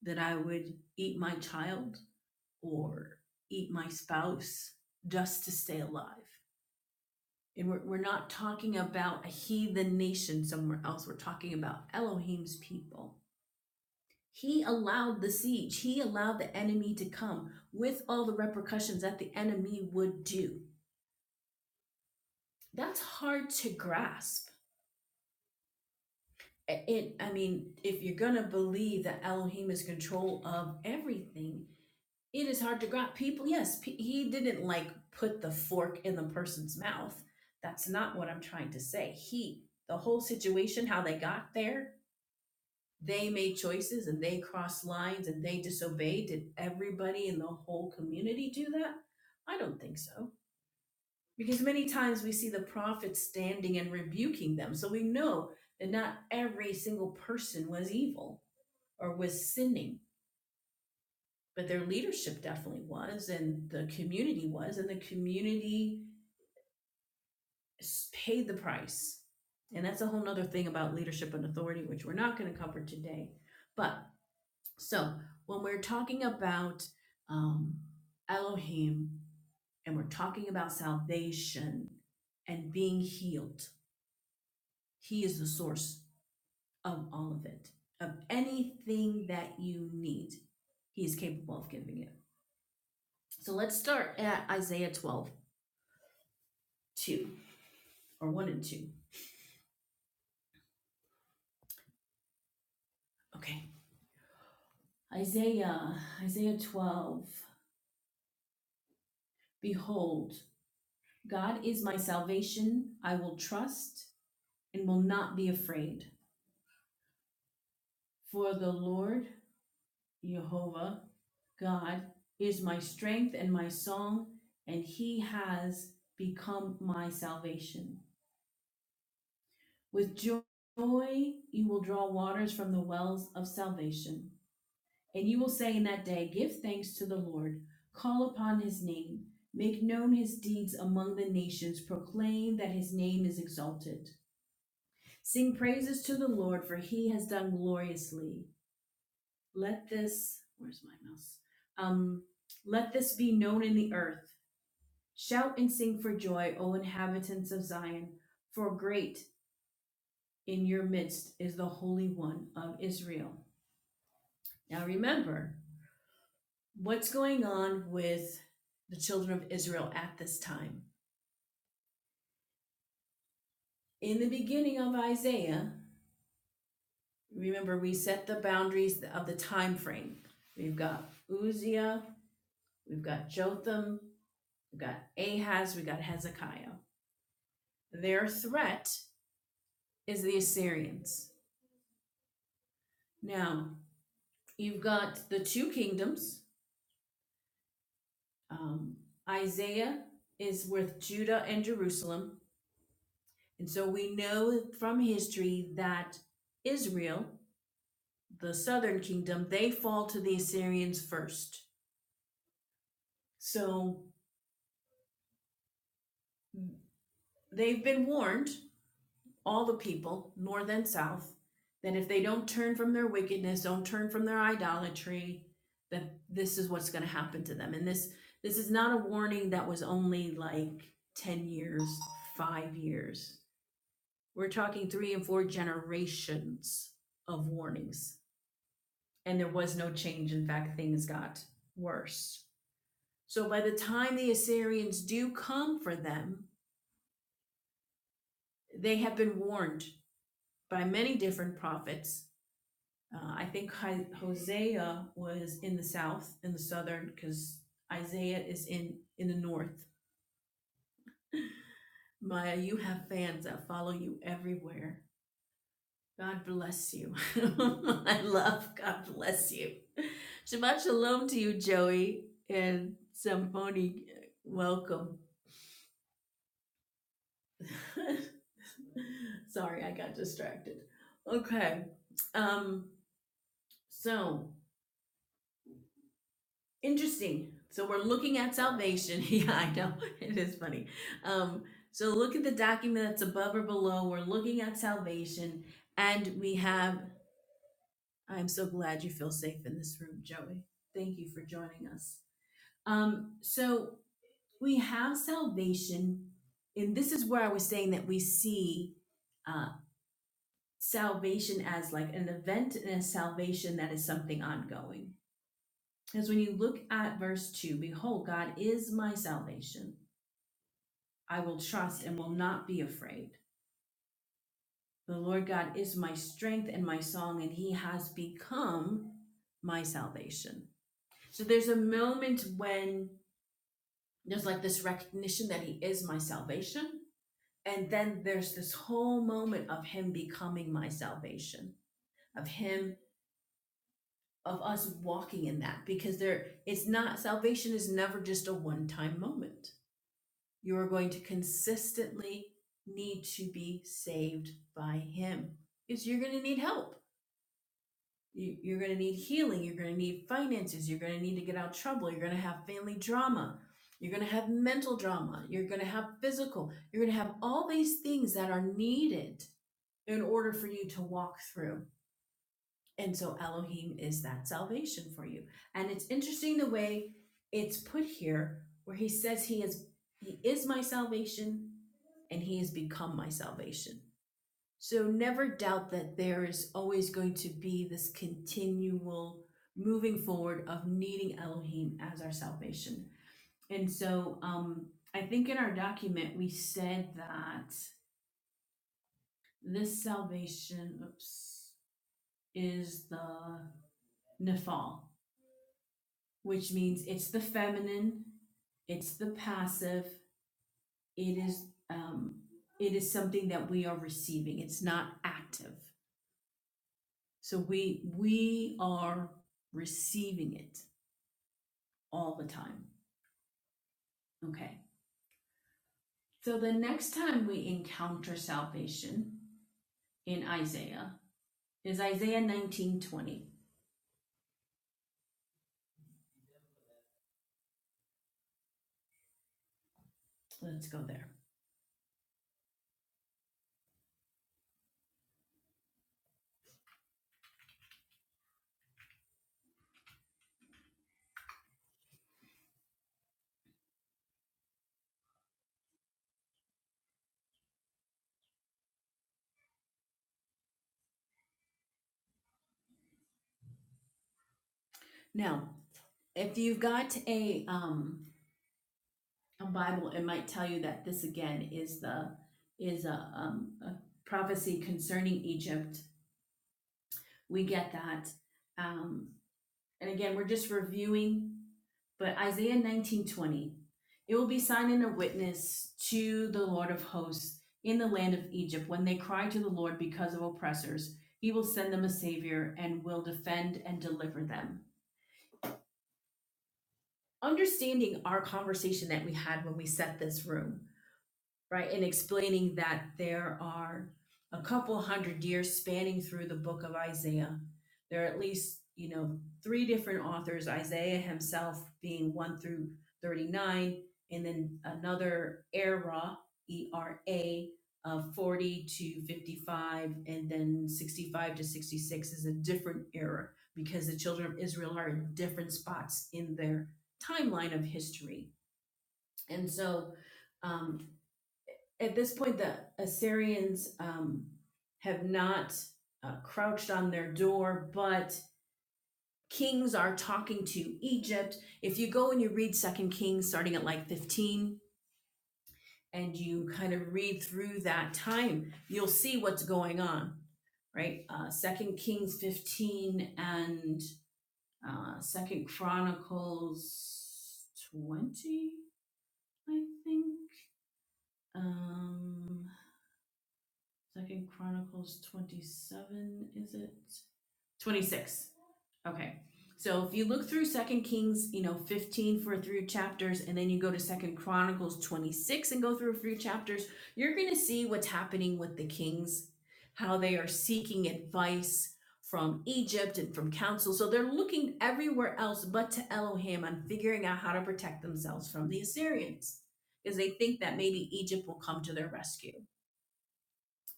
A: that I would eat my child or eat my spouse just to stay alive. And we're, we're not talking about a heathen nation somewhere else. We're talking about Elohim's people He allowed the siege, he allowed the enemy to come with all the repercussions that the enemy would do. That's hard to grasp. It, I mean, if you're gonna believe that Elohim is in control of everything, it is hard to grasp. People, yes, he didn't like put the fork in the person's mouth. That's not what I'm trying to say. He, the whole situation, how they got there, they made choices and they crossed lines and they disobeyed. Did everybody in the whole community do that? I don't think so. Because many times we see the prophets standing and rebuking them. So we know that not every single person was evil or was sinning, but their leadership definitely was, and the community was, and the community paid the price. And that's a whole nother thing about leadership and authority, which we're not going to cover today. But So when we're talking about um, Elohim and we're talking about salvation and being healed, He is the source of all of it, of anything that you need. He is capable of giving it. So let's start at Isaiah 12 2 or 1 and 2. Okay. Isaiah, Isaiah 12. Behold, God is my salvation. I will trust and will not be afraid. For the Lord Jehovah God is my strength and my song, and he has become my salvation. With joy, you will draw waters from the wells of salvation. And you will say in that day, Give thanks to the Lord, call upon his name, make known his deeds among the nations, proclaim that his name is exalted. Sing praises to the Lord, for he has done gloriously. let this, where's my mouse? Um, let this be known in the earth. Shout and sing for joy, O inhabitants of Zion, for great in your midst is the Holy One of Israel. Now remember what's going on with the children of Israel at this time. In the beginning of Isaiah, remember we set the boundaries of the time frame. We've got Uzziah, we've got Jotham, we've got Ahaz, we've got Hezekiah. Their threat is the Assyrians. Now, you've got the two kingdoms. Um, Isaiah is with Judah and Jerusalem. And so we know from history that Israel, the southern kingdom, they fall to the Assyrians first. So they've been warned all the people, north and south, that if they don't turn from their wickedness, don't turn from their idolatry, that this is what's going to happen to them. And this this is not a warning that was only like 10 years, 5 years. We're talking 3 and 4 generations of warnings. And there was no change, in fact things got worse. So by the time the Assyrians do come for them, they have been warned by many different prophets Uh, I think Hosea was in the south, in the southern, because Isaiah is in in the north. Maya, you have fans that follow you everywhere. God bless you. I love. God bless you. Shabbat shalom to you, Joey and Samponi. Welcome. Sorry, I got distracted. Okay. Um. So Interesting. So we're looking at salvation. Yeah, I know. It is funny. Um, so look at the document that's above or below. We're looking at salvation. And we have, I'm so glad you feel safe in this room, Joey. Thank you for joining us. Um, so we have salvation. And this is where I was saying that we see uh, salvation as like an event and a salvation that is something ongoing. Because when you look at verse 2, behold, God is my salvation. I will trust and will not be afraid. The Lord God is my strength and my song, and he has become my salvation. So there's a moment when there's like this recognition that he is my salvation. And then there's this whole moment of him becoming my salvation, of him, of us walking in that, because there, it's not, salvation is never just a one time moment You are going to consistently need to be saved by Him because you're going to need help. You- are going to need healing. You're going to need finances. You're going to need to get out of trouble. You're going to have family drama. You're going to have mental drama. You're going to have physical. You're going to have all these things that are needed in order for you to walk through. And so Elohim is that salvation for you. And it's interesting the way it's put here where he says he is he is my salvation and he has become my salvation. So never doubt that there is always going to be this continual moving forward of needing Elohim as our salvation. And so um, I think in our document we said that this salvation oops, is the nephal, which means it's the feminine, it's the passive, it is um, it is something that we are receiving. It's not active. So we we are receiving it all the time. Okay. So the next time we encounter salvation in Isaiah is Isaiah 19:20. Let's go there. Now, if you've got a um a Bible, it might tell you that this again is the is a, um, a prophecy concerning Egypt. We get that. Um, and again, we're just reviewing But Isaiah 19:20, it will be sign and a witness to the Lord of hosts in the land of Egypt when they cry to the Lord because of oppressors. He will send them a savior and will defend and deliver them. Understanding our conversation that we had when we set this room right? And explaining that there are a couple hundred years spanning through the book of Isaiah. There are at least, you know, three different authors, Isaiah himself being 1 through 39, and then another era, E R A, of 40 to 55, and then 65 to 66 is a different era because the children of Israel are in different spots in their timeline of history. And so, um, at this point, the Assyrians um, have not uh, crouched on their door, but kings are talking to Egypt. If you go and you read Second Kings, starting at like 15, and you kind of read through that time, you'll see what's going on, right? Uh, Second Kings 15 and uh, Second Chronicles 20, I think. Um, Second Chronicles 27, is it? 26. Okay. So if you look through Second Kings, you know, 15 for through chapters, and then you go to Second Chronicles 26 and go through a few chapters, you're going to see what's happening with the kings, how they are seeking advice from Egypt and from counsel So they're looking everywhere else but to Elohim on figuring out how to protect themselves from the Assyrians because they think that maybe Egypt will come to their rescue.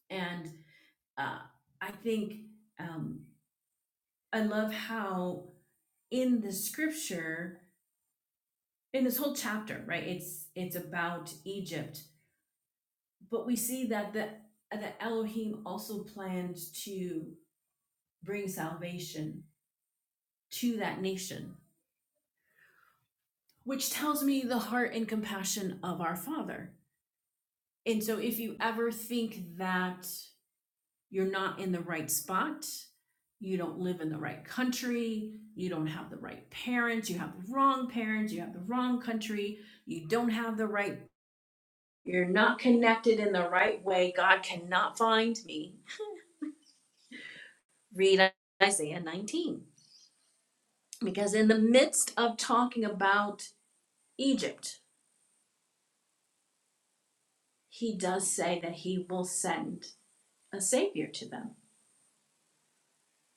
A: And uh, I think um, I love how in the scripture, in this whole chapter, right? It's it's about Egypt, but we see that the that Elohim also planned to bring salvation to that nation, which tells me the heart and compassion of our Father. And so, if you ever think that you're not in the right spot, you don't live in the right country, you don't have the right parents, you have the wrong parents, you have the wrong country, you don't have the right, you're not connected in the right way. God cannot find me. Read Isaiah 19. Because in the midst of talking about Egypt, he does say that he will send a savior to them.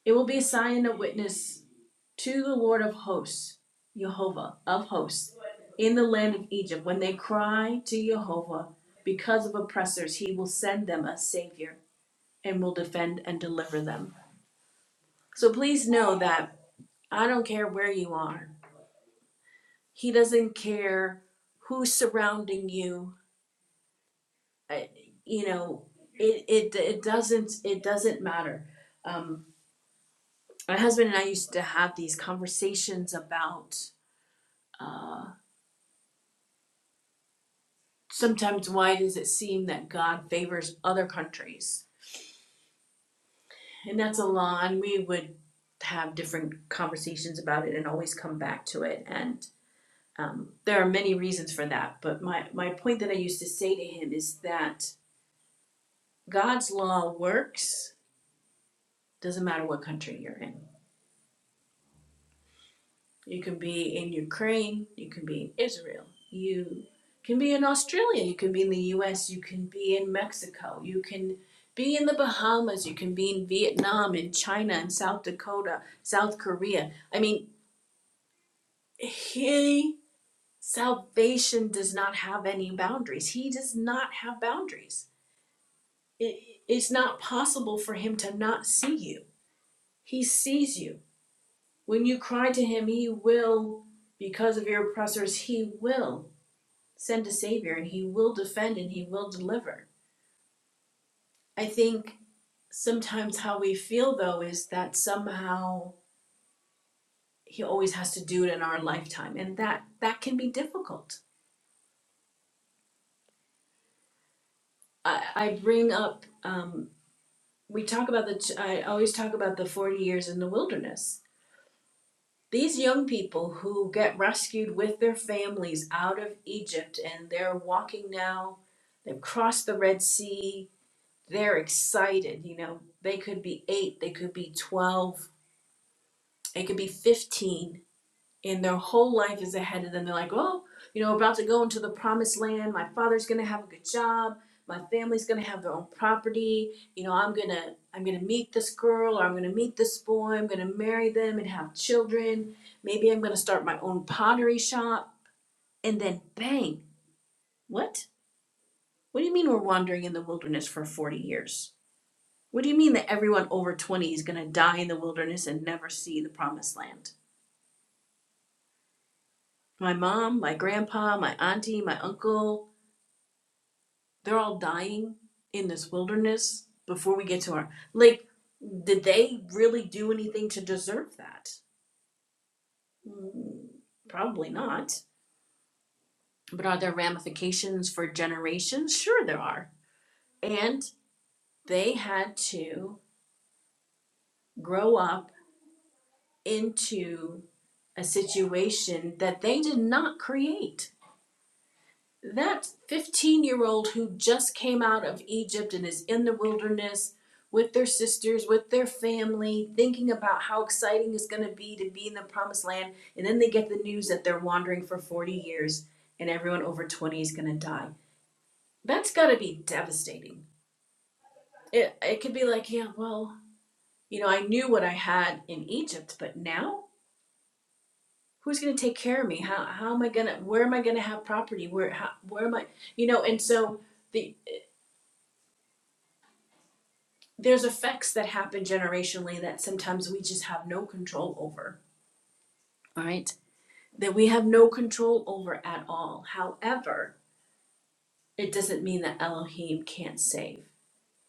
A: It will be a sign and a witness to the Lord of hosts, Jehovah of hosts, in the land of Egypt. When they cry to Jehovah because of oppressors, he will send them a savior and will defend and deliver them. So please know that I don't care where you are, he doesn't care who's surrounding you. Uh, You know, it, it, it doesn't it doesn't matter. Um, my husband and I used to have these conversations about uh, sometimes why does it seem that God favors other countries? And that's a law, and we would have different conversations about it and always come back to it. And um, there are many reasons for that. But my, my point that I used to say to him is that God's law works, doesn't matter what country you're in. You can be in Ukraine. You can be in Israel. You can be in Australia. You can be in the US. You can be in Mexico. You can be in the Bahamas. You can be in Vietnam and China and South Dakota, South Korea. I mean, he, salvation does not have any boundaries. He does not have boundaries. It, it's not possible for him to not see you. He sees you. When you cry to him, he will, because of your oppressors, he will send a savior and he will defend and he will deliver. I think sometimes how we feel though is that somehow he always has to do it in our lifetime and that that can be difficult. I, I bring up um, we talk about the I always talk about the 40 years in the wilderness. These young people who get rescued with their families out of Egypt and they're walking now, they've crossed the Red Sea, they're excited, you know. They could be 8, they could be 12, It could be 15 and their whole life is ahead of them. They're like, oh, you know, about to go into the promised land. My father's going to have a good job. My family's going to have their own property. You know, I'm going to I'm going to meet this girl or I'm going to meet this boy. I'm going to marry them and have children. Maybe I'm going to start my own pottery shop and then bang. What? What do you mean we're wandering in the wilderness for 40 years? What do you mean that everyone over 20 is going to die in the wilderness and never see the promised land? My mom, my grandpa, my auntie, my uncle, they're all dying in this wilderness before we get to our. Like, did they really do anything to deserve that? Mm, Probably not. But are there ramifications for generations? Sure, there are. And they had to grow up into a situation that they did not create that 15 year old who just came out of Egypt and is in the wilderness with their sisters, with their family, thinking about how exciting it's going to be to be in the promised land. And then they get the news that they're wandering for 40 years and everyone over 20 is going to die. That's got to be devastating. It, it could be like, yeah, well, you know, I knew what I had in Egypt, but now who's going to take care of me? How, how am I going to, where am I going to have property? Where, how, where am I, you know, and so the there's effects that happen generationally that sometimes we just have no control over, right? That we have no control over at all. However, it doesn't mean that Elohim can't save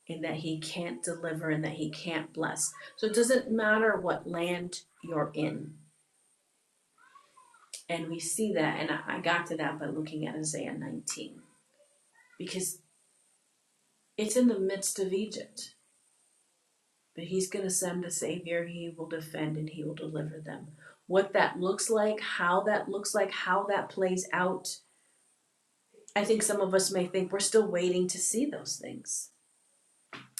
A: and that he can't deliver and that he can't bless. So it doesn't matter what land you're in. And we see that, and I I got to that by looking at Isaiah 19, because it's in the midst of Egypt But he's going to send a savior. He will defend and he will deliver them. What that looks like, how that looks like, how that plays out, I think some of us may think we're still waiting to see those things.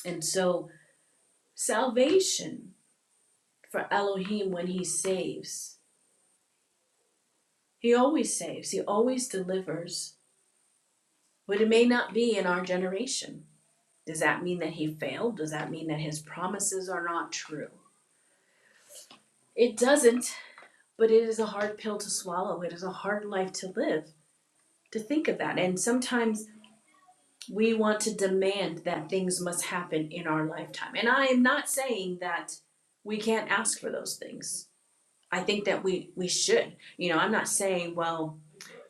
A: And so, salvation for Elohim when he saves, he always saves, he always delivers, but it may not be in our generation. Does that mean that he failed? Does that mean that his promises are not true? It doesn't, but it is a hard pill to swallow. It is a hard life to live to think of that. And sometimes we want to demand that things must happen in our lifetime. And I am not saying that we can't ask for those things. I think that we we should. You know, I'm not saying, well,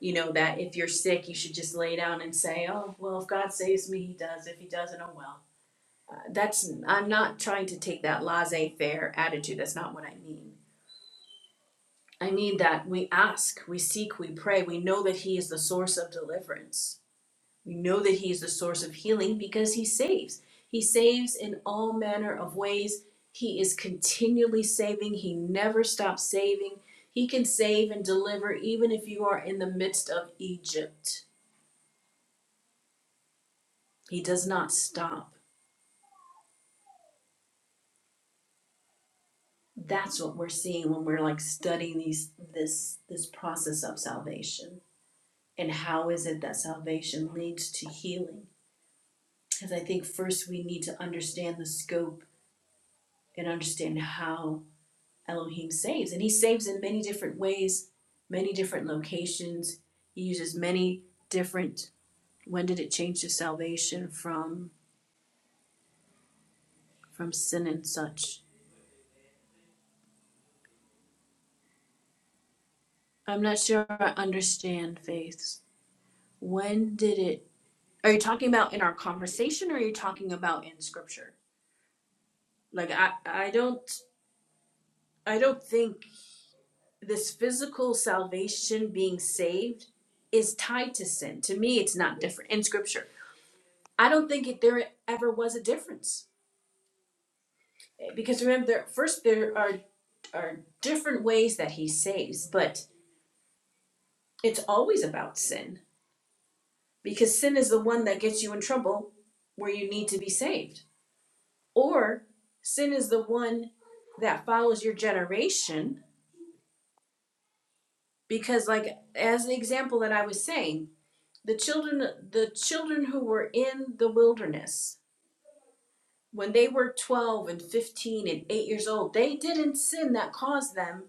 A: you know, that if you're sick, you should just lay down and say, oh, well, if God saves me, He does. If He doesn't, oh well. Uh, that's I'm not trying to take that laissez-faire attitude. That's not what I mean. I mean that we ask, we seek, we pray. We know that He is the source of deliverance We know that He is the source of healing because He saves. He saves in all manner of ways. He is continually saving. He never stops saving. He can save and deliver even if you are in the midst of Egypt. He does not stop. That's what we're seeing when we're like studying these this this process of salvation. And how is it that salvation leads to healing? Because I think first we need to understand the scope and understand how Elohim saves, and he saves in many different ways, many different locations. He uses many different. When did it change to salvation from from sin and such? I'm not sure I understand faiths. When did it? Are you talking about in our conversation, or are you talking about in Scripture? Like I, I don't, I don't think this physical salvation being saved is tied to sin. To me, it's not different in Scripture. I don't think it, there ever was a difference because remember there first there are are different ways that he saves but it's always about sin because sin is the one that gets you in trouble where you need to be saved or sin is the one that follows your generation because like as the example that i was saying the children the children who were in the wilderness when they were 12 and 15 and 8 years old they didn't sin that caused them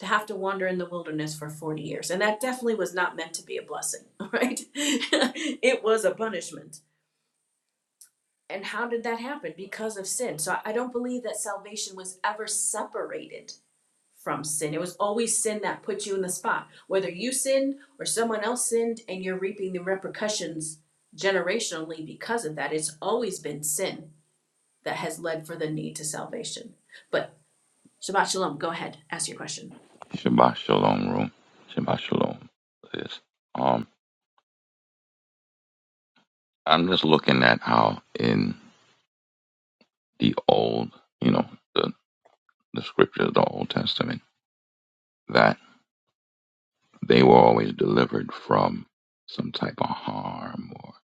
A: to have to wander in the wilderness for 40 years. And that definitely was not meant to be a blessing, right? it was a punishment. And how did that happen? Because of sin. So I don't believe that salvation was ever separated from sin. It was always sin that put you in the spot. Whether you sinned or someone else sinned and you're reaping the repercussions generationally because of that, it's always been sin that has led for the need to salvation. But Shabbat Shalom, go ahead, ask your question.
B: Shabbat Shalom room. Shabbat Shalom. Is um, I'm just looking at how in the old, you know, the the scriptures, the Old Testament, that they were always delivered from some type of harm or,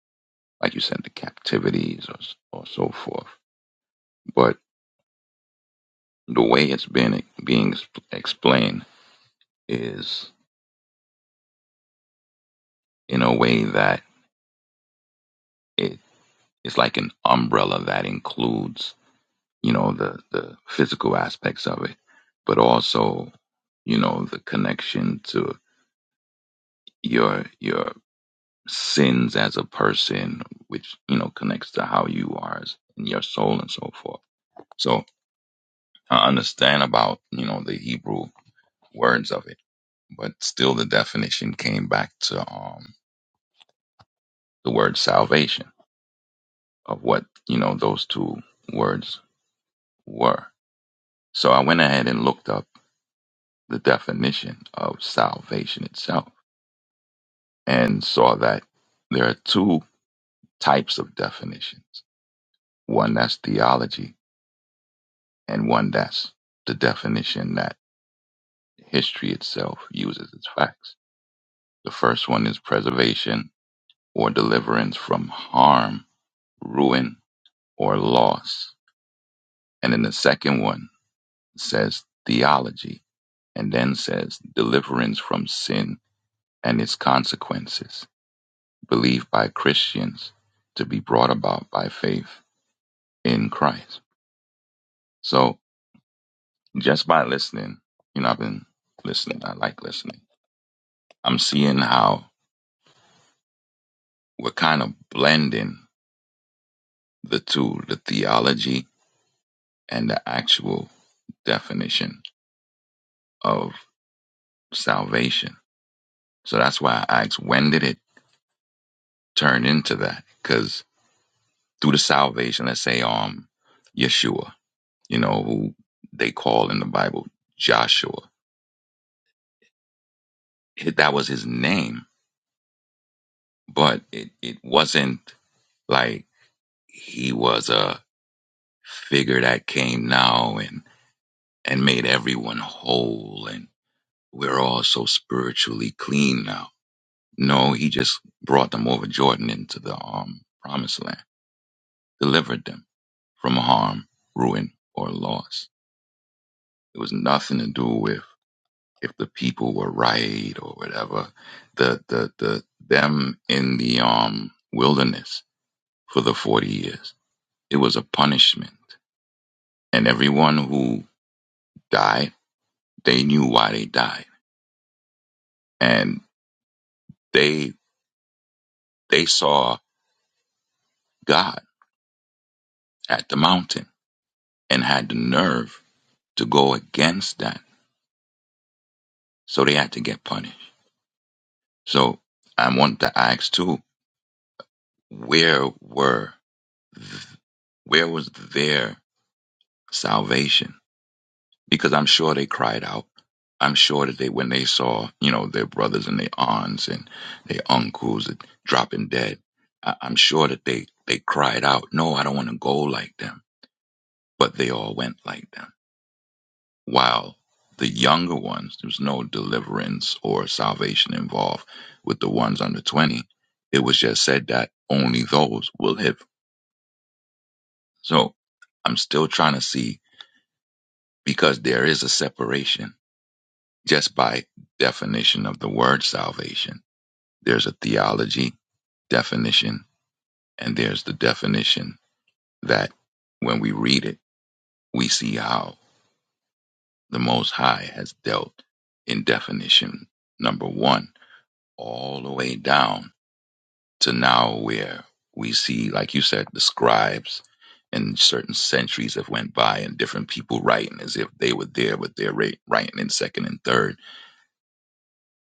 B: like you said, the captivities or s- or so forth. But the way it's been being ex- explained is in a way that it it's like an umbrella that includes you know the the physical aspects of it but also you know the connection to your your sins as a person which you know connects to how you are as, in your soul and so forth so i understand about you know the hebrew words of it but still the definition came back to um the word salvation of what you know those two words were so i went ahead and looked up the definition of salvation itself and saw that there are two types of definitions one that's theology, and one that's the definition that history itself uses as facts. The first one is preservation or deliverance from harm, ruin, or loss. And then the second one says theology, and then says deliverance from sin and its consequences, believed by Christians to be brought about by faith in Christ. So just by listening, you know, I've been listening. I like listening. I'm seeing how we're kind of blending the two, the theology and the actual definition of salvation. So that's why I asked, when did it turn into that? Because through the salvation, let's say, um, Yeshua, you know, who they call in the Bible Joshua, it, that was his name, but it, it wasn't like he was a figure that came now and and made everyone whole and we're all so spiritually clean now no he just brought them over jordan into the um promised land delivered them from harm ruin or loss it was nothing to do with if the people were right or whatever the the the them in the um wilderness for the 40 years it was a punishment and everyone who died they knew why they died and they they saw God at the mountain and had the nerve to go against that. So they had to get punished. So I want to ask too, where were where was their salvation? Because I'm sure they cried out. I'm sure that they when they saw, you know, their brothers and their aunts and their uncles dropping dead, I, I'm sure that they they cried out, No, I don't want to go like them. But they all went like them while the younger ones, there was no deliverance or salvation involved with the ones under 20. It was just said that only those will live. So I'm still trying to see because there is a separation just by definition of the word salvation. There's a theology definition and there's the definition that when we read it, we see how the Most High has dealt in definition number one all the way down to now where we see, like you said, the scribes and certain centuries have went by and different people writing as if they were there, but they're wri- writing in second and third,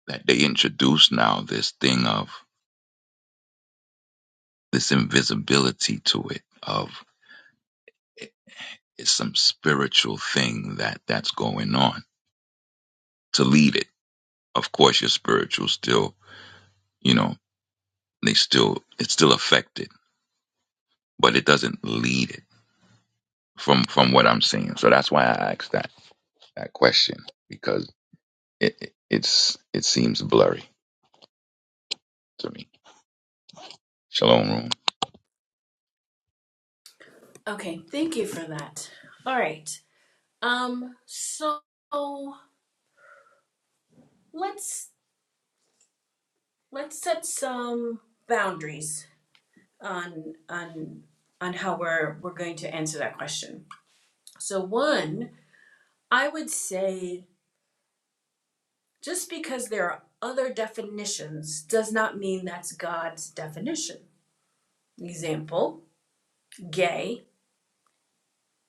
B: that they introduce now this thing of this invisibility to it, of it- it's some spiritual thing that that's going on to lead it. Of course, your spiritual still, you know, they still, it's still affected, but it doesn't lead it from, from what I'm seeing. So that's why I asked that. that question because it, it it's it seems blurry to me. Shalom room,
A: Okay, thank you for that. All right. Um, so let's let's set some boundaries on on on how we're we're going to answer that question. So one, I would say just because there are other definitions does not mean that's God's definition. Example, gay.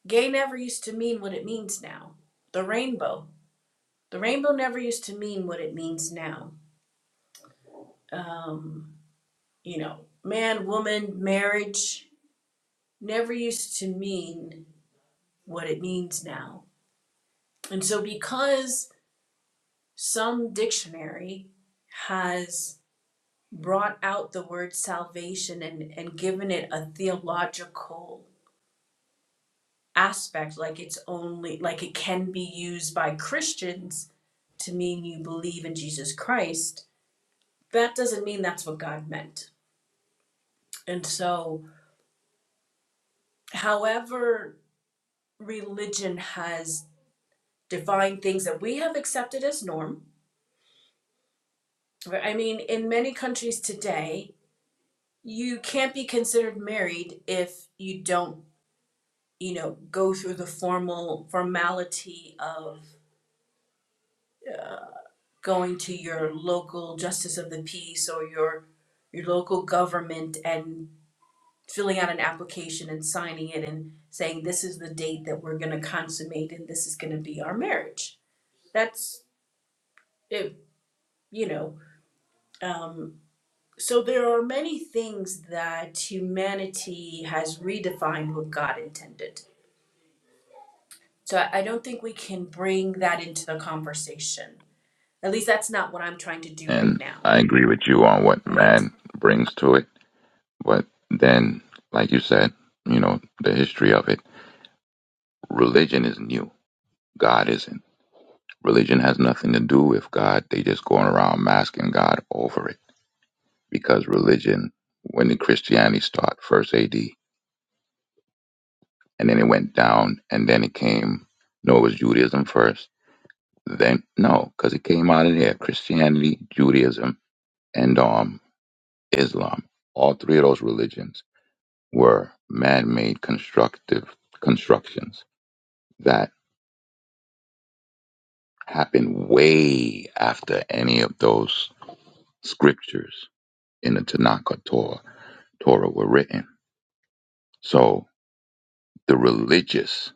A: Gay never used to mean what it means now. The rainbow. The rainbow never used to mean what it means now. Um, you know, man, woman, marriage, never used to mean what it means now. And so, because some dictionary has brought out the word salvation and, and given it a theological aspect, like it's only, like it can be used by Christians to mean you believe in Jesus Christ, that doesn't mean that's what God meant. And so, however, religion has defined things that we have accepted as norm Right, I mean, in many countries today, you can't be considered married if you don't, you know, go through the formal formality of going to your local justice of the peace or your your local government and filling out an application and signing it and saying this is the date that we're going to consummate and this is going to be our marriage. That's it, you know. Um, So there are many things that humanity has redefined what God intended. So I I don't think we can bring that into the conversation. At least that's not what I'm trying to do right
B: and
A: now,
B: I agree with you on what
A: right?
B: man brings to it, but then, like you said, you know the history of it. Religion is new. God isn't. Religion has nothing to do with God. They just going around masking God over it because religion, when did Christianity start? First A.D. and then it went down, and then it came. No, it was Judaism first Then no, because it came out of there. Christianity, Judaism, and um Islam. All three of those religions were man-made constructive constructions that happened way after any of those scriptures in the Tanakh or Torah, Torah were written. So the religious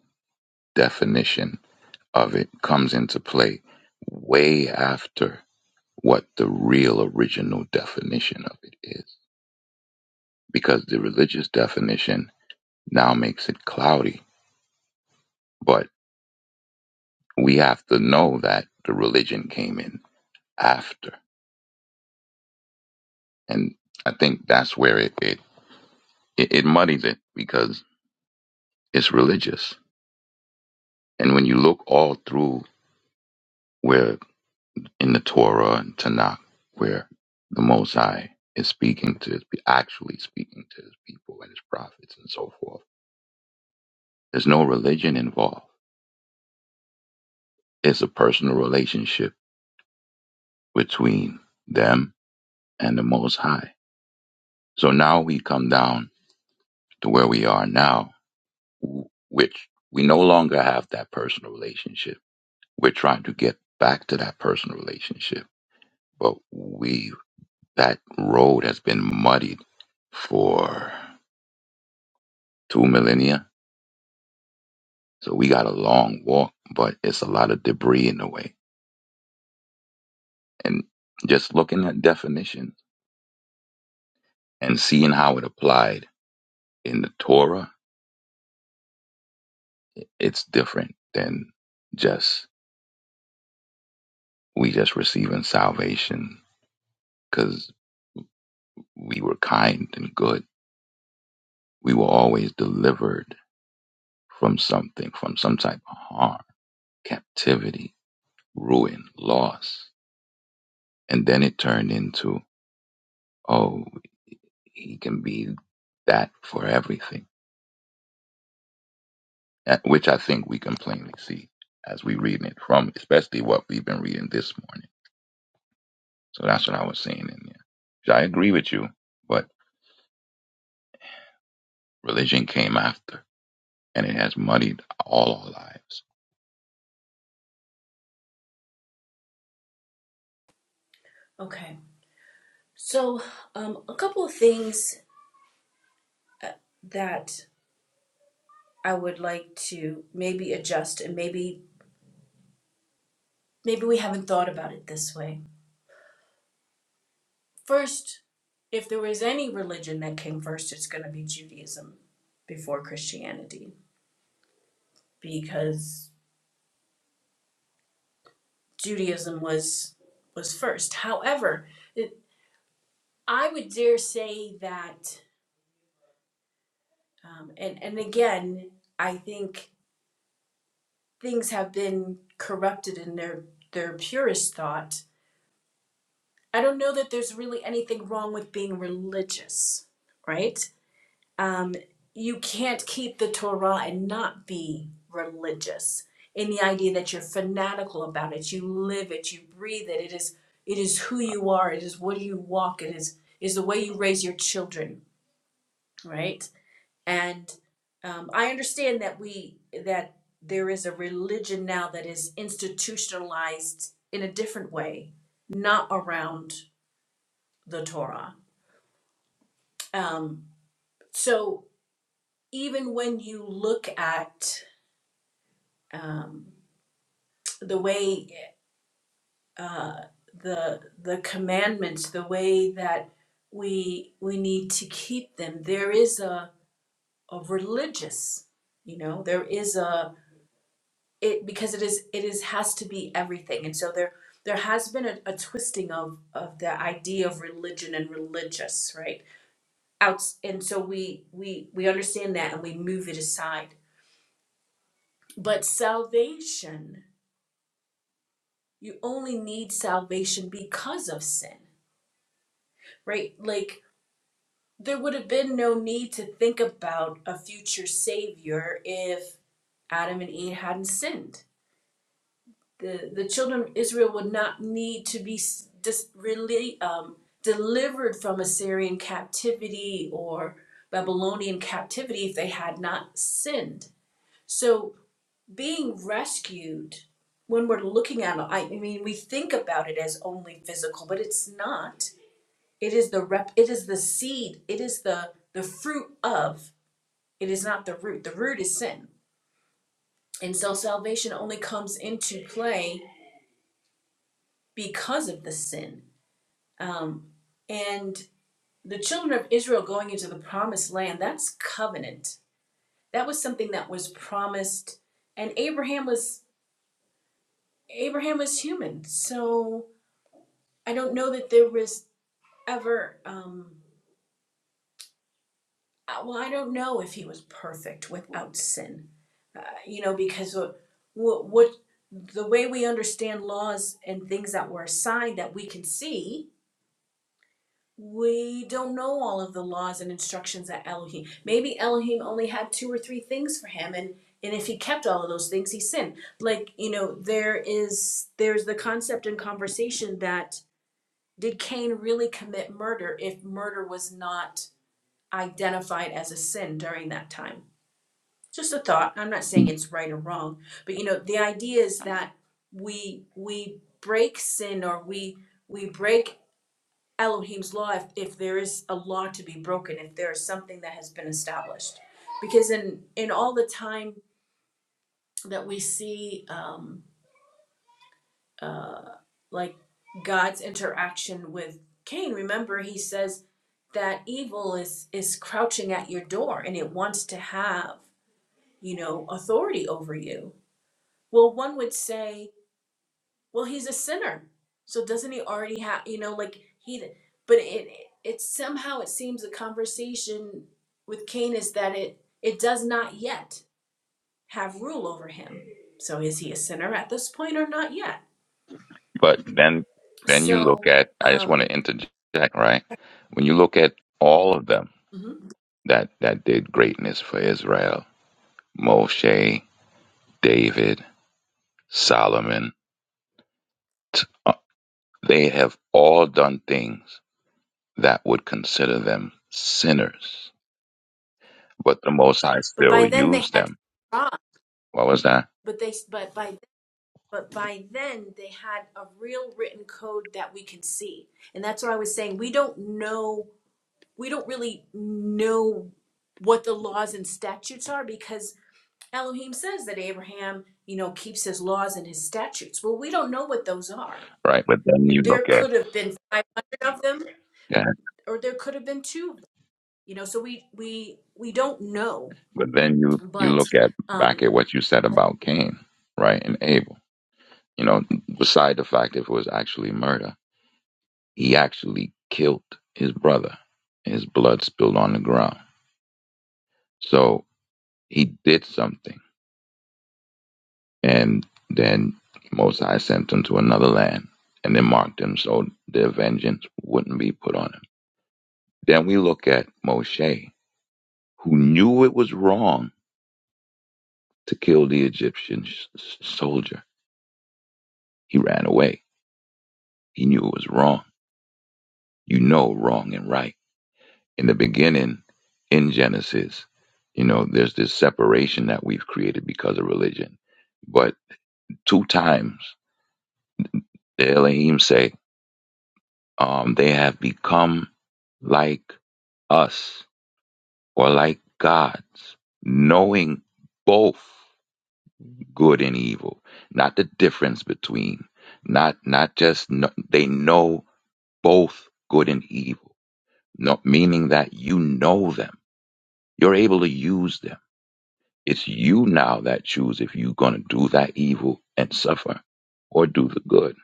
B: definition of it comes into play way after what the real original definition of it is. because the religious definition now makes it cloudy. But we have to know that the religion came in after. And I think that's where it, it, it, it muddies it because it's religious. And when you look all through where in the Torah and Tanakh, where the Most High is speaking to, his, actually speaking to his people and his prophets and so forth, there's no religion involved. It's a personal relationship between them and the Most High So now we come down to where we are now, w- which we no longer have that personal relationship. We're trying to get back to that personal relationship, but we that road has been muddied for two millennia. So we got a long walk, but it's a lot of debris in the way. And just looking at definition and seeing how it applied in the Torah, i- it's different than just we just receiving salvation 'cause we were kind and good. We were always delivered from something, from some type of harm, captivity, ruin, loss. And then it turned into, oh, he can be that for everything, uh, which I think we can plainly see as we reading it from, especially what we've been reading this morning. So that's what I was saying in there. So I agree with you, but religion came after and it has muddied all our lives.
A: Okay. So um, a couple of things uh, that I would like to maybe adjust, and maybe maybe we haven't thought about it this way. First, if there was any religion that came first, it's going to be Judaism before Christianity because Judaism was was first. However, it, I would dare say that, um, and and again, I think things have been corrupted in their their purest thought. I don't know that there's really anything wrong with being religious, right? um, you can't keep the Torah and not be religious in the idea that you're fanatical about it. You live it, you breathe it. It is it is who you are. It is what you walk. It is is the way you raise your children, right? And um, I understand that we that there is a religion now that is institutionalized in a different way, not around the Torah. Um, so even when you look at um, the way uh, the the commandments, the way that we we need to keep them. There is a a religious, you know, there is a it because it is it is has to be everything, and so there there has been a, a twisting of of the idea of religion and religious, right? Out, and so we we we understand that and we move it aside. But salvation, you only need salvation because of sin right? Like there would have been no need to think about a future savior if Adam and Eve hadn't sinned. The the children of Israel would not need to be s- dis, really um, delivered from Assyrian captivity or Babylonian captivity if they had not sinned. So being rescued when we're looking at it, I mean, we think about it as only physical, but it's not it is the rep it is the seed, it is the the fruit of. It is not the root. The root is sin. And so salvation only comes into play because of the sin. Um and the children of Israel going into the promised land, that's covenant. That was something that was promised and Abraham was Abraham was human. So I don't know that there was ever um uh, well, I don't know if he was perfect without sin, uh, you know, because what, what, what the way we understand laws and things that were assigned that we can see, we don't know all of the laws and instructions that Elohim. Maybe Elohim only had two or three things for him, and and if he kept all of those things, he sinned. Like you know, there is there's the concept in conversation that did Cain really commit murder if murder was not identified as a sin during that time? just a thought i'm not saying it's right or wrong but you know the idea is that we we break sin or we we break elohim's law if, if there is a law to be broken if there is something that has been established because in in all the time that we see um uh like god's interaction with cain remember he says that evil is is crouching at your door and it wants to have you know authority over you well one would say Well, he's a sinner. So doesn't he already have, you know, like he, but it, it somehow it seems the conversation with Cain is that it, it does not yet have rule over him. So is he a sinner at this point or not yet?
B: But then then you look
A: So,
B: at I just want
A: um,
B: to interject, right? When you look at all of them
A: mhm.
B: that that did greatness for Israel, Moshe, David, Solomon, t- uh, they have all done things that would consider them sinners, but the Most High
A: but
B: still
A: by then they
B: used
A: had,
B: them. What was that?
A: but they, but by, but by then they had a real written code that we can see. And that's what I was saying. We don't know we don't really know what the laws and statutes are because Elohim says that Abraham, you know, keeps his laws and his statutes. Well, we don't know what those are.
B: Right, but then you
A: There
B: look at
A: could have been 500 of them
B: yeah,
A: or there could have been two. You know, so we we we don't know.
B: but then you you
A: But
B: look at back at what you said about Cain, right, and Abel. You know, beside the fact if it was actually murder he actually killed his brother. His blood spilled on the ground. So he did something. And then Mosai sent him to another land and then marked him so their vengeance wouldn't be put on him. Then we look at Moshe, who knew it was wrong to kill the Egyptian s- soldier. He ran away. He knew it was wrong. You know wrong and right in the beginning in Genesis, you know, there's this separation that we've created because of religion. But two times the Elohim say, um, they have become like us or like gods, knowing both good and evil, not the difference between, not not just no, they know both good and evil, not meaning that you know them, you're able to use them It's you now that choose if you're going to do that evil and suffer or do the good.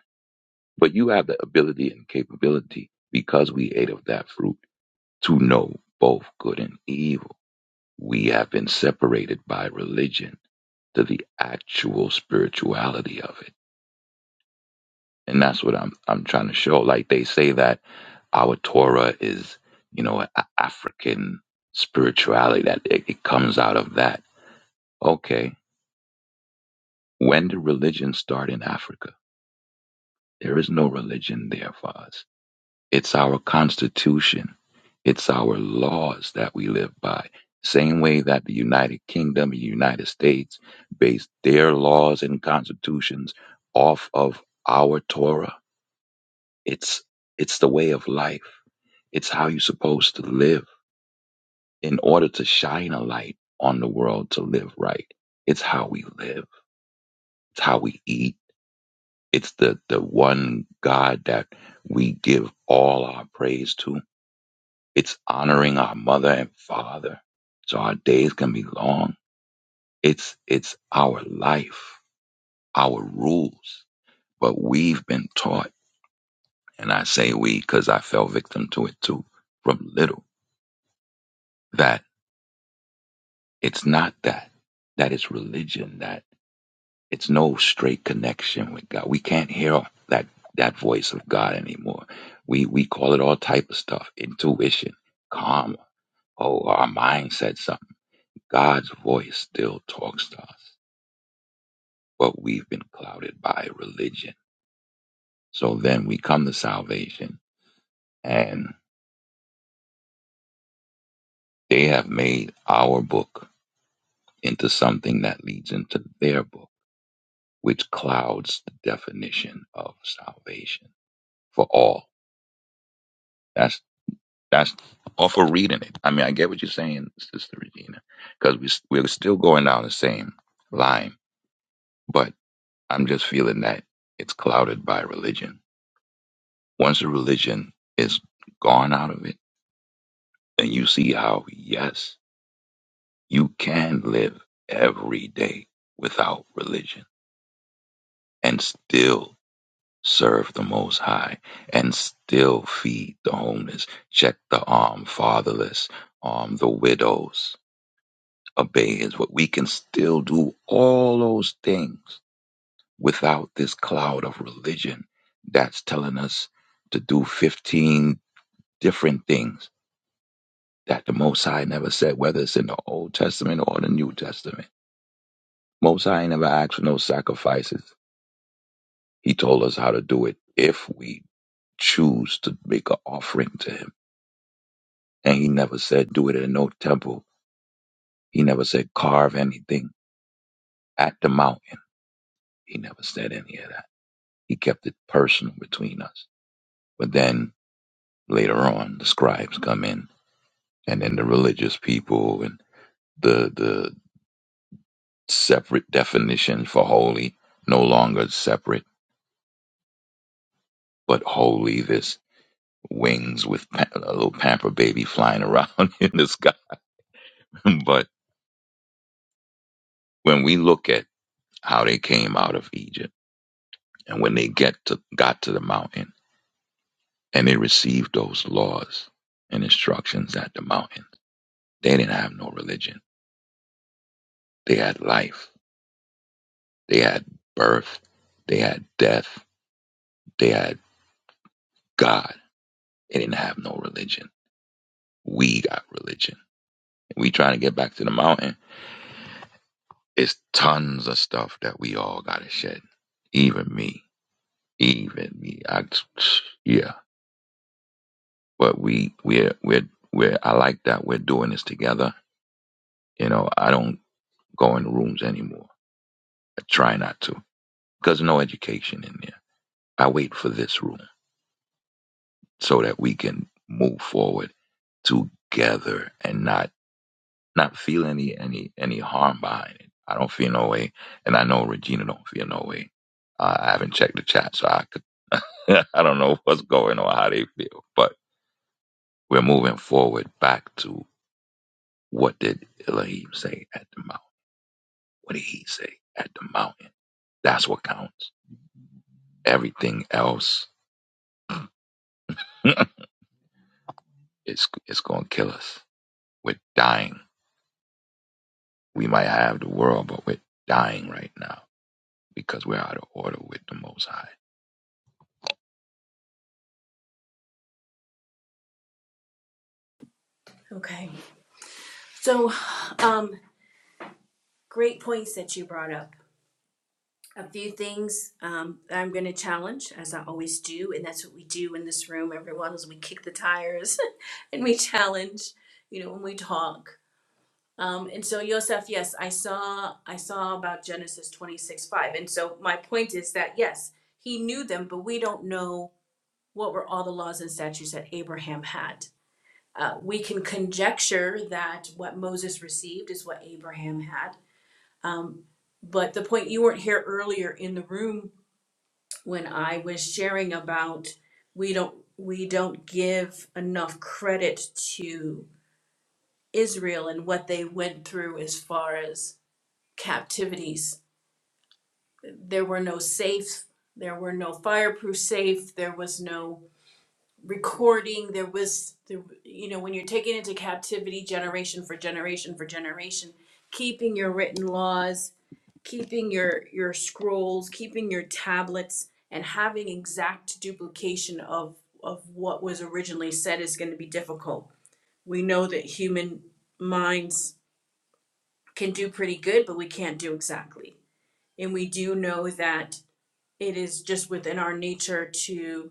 B: But you have the ability and capability because we ate of that fruit to know both good and evil. We have been separated by religion to the actual spirituality of it. And that's what I'm I'm trying to show. Like they say that our Torah is, you know, a- African spirituality that it, it comes out of that. Okay, when did religion start in Africa? There is no religion there for us. It's our constitution. It's our laws that we live by. Same way that the United Kingdom and United States base their laws and constitutions off of our Torah. It's it's the way of life. It's how you're supposed to live in order to shine a light on the world to live right. It's how we live. It's how we eat. It's the, the one God that we give all our praise to It's honoring our mother and father so our days can be long. It's, it's our life, our rules, but we've been taught, and I say we because I fell victim to it too from little, that it's not that, that it's religion, that it's no straight connection with God. We can't hear that, that voice of God anymore. We, we call it all type of stuff, intuition, karma. Oh, our mind said something. God's voice still talks to us. but we've been clouded by religion. So then we come to salvation, and they have made our book into something that leads into their book, which clouds the definition of salvation for all. That's that's or for reading it. I mean, I get what you're saying, Sister Regina, because we we're still going down the same line, but I'm just feeling that it's clouded by religion. Once the religion is gone out of it, then you see how yes You can live every day without religion and still serve the Most High and still feed the homeless, check the armed fatherless, arm the widows, obey His word. We can still do all those things without this cloud of religion that's telling us to do 15 different things that the Most High never said, whether it's in the Old Testament or the New Testament. Most High never asked for no sacrifices. He told us how to do it if we choose to make an offering to him. And he never said do it in no temple. He never said carve anything at the mountain. He never said any of that. He kept it personal between us. But then later on, the scribes come in, and then the religious people, and the the separate definition for holy no longer separate, but holy. This wings with pa- a little pamper baby flying around in the sky, but. when we look at how they came out of Egypt and when they get to got to the mountain and they received those laws and instructions at the mountain, they didn't have no religion. They had life. They had birth. They had death. They had God. They didn't have no religion. We got religion. We trying to get back to the mountain. It's tons of stuff that we all gotta shed. Even me. Even me. I yeah. but we we're we're we're I like that we're doing this together. You know, I don't go in rooms anymore. I try not to because no education in there. I wait for this room so that we can move forward together and not not feel any any any harm behind it. I don't feel no way, and I know Regina don't feel no way. Uh, I haven't checked the chat, so I could I don't know what's going on, how they feel, but we're moving forward back to what did Elohim say at the Mount What did he say at the mountain? That's what counts. Everything else is is going to kill us. We're dying. We might have the world, but we're dying right now because we're out of order with the Most High.
A: okay. So um great points that you brought up. a few things um, that I'm going to challenge, as I always do, and that's what we do in this room. Everyone is we kick the tires and we challenge, you know, when we talk. Um, and so Yosef, yes, I saw I saw about Genesis twenty six five, and so my point is that yes, he knew them, but we don't know what were all the laws and statutes that Abraham had. Uh, we can conjecture that what Moses received is what Abraham had. Um, but the point you weren't here earlier in the room when I was sharing about we don't we don't give enough credit to Israel and what they went through as far as captivities. There were no safes, there were no fireproof safe, there was no recording, there was there, you know when you're taken into captivity generation for generation for generation, keeping your written laws keeping your your scrolls, keeping your tablets, and having exact duplication of of what was originally said is going to be difficult. We know that human minds can do pretty good, but we can't do exactly. And we do know that it is just within our nature to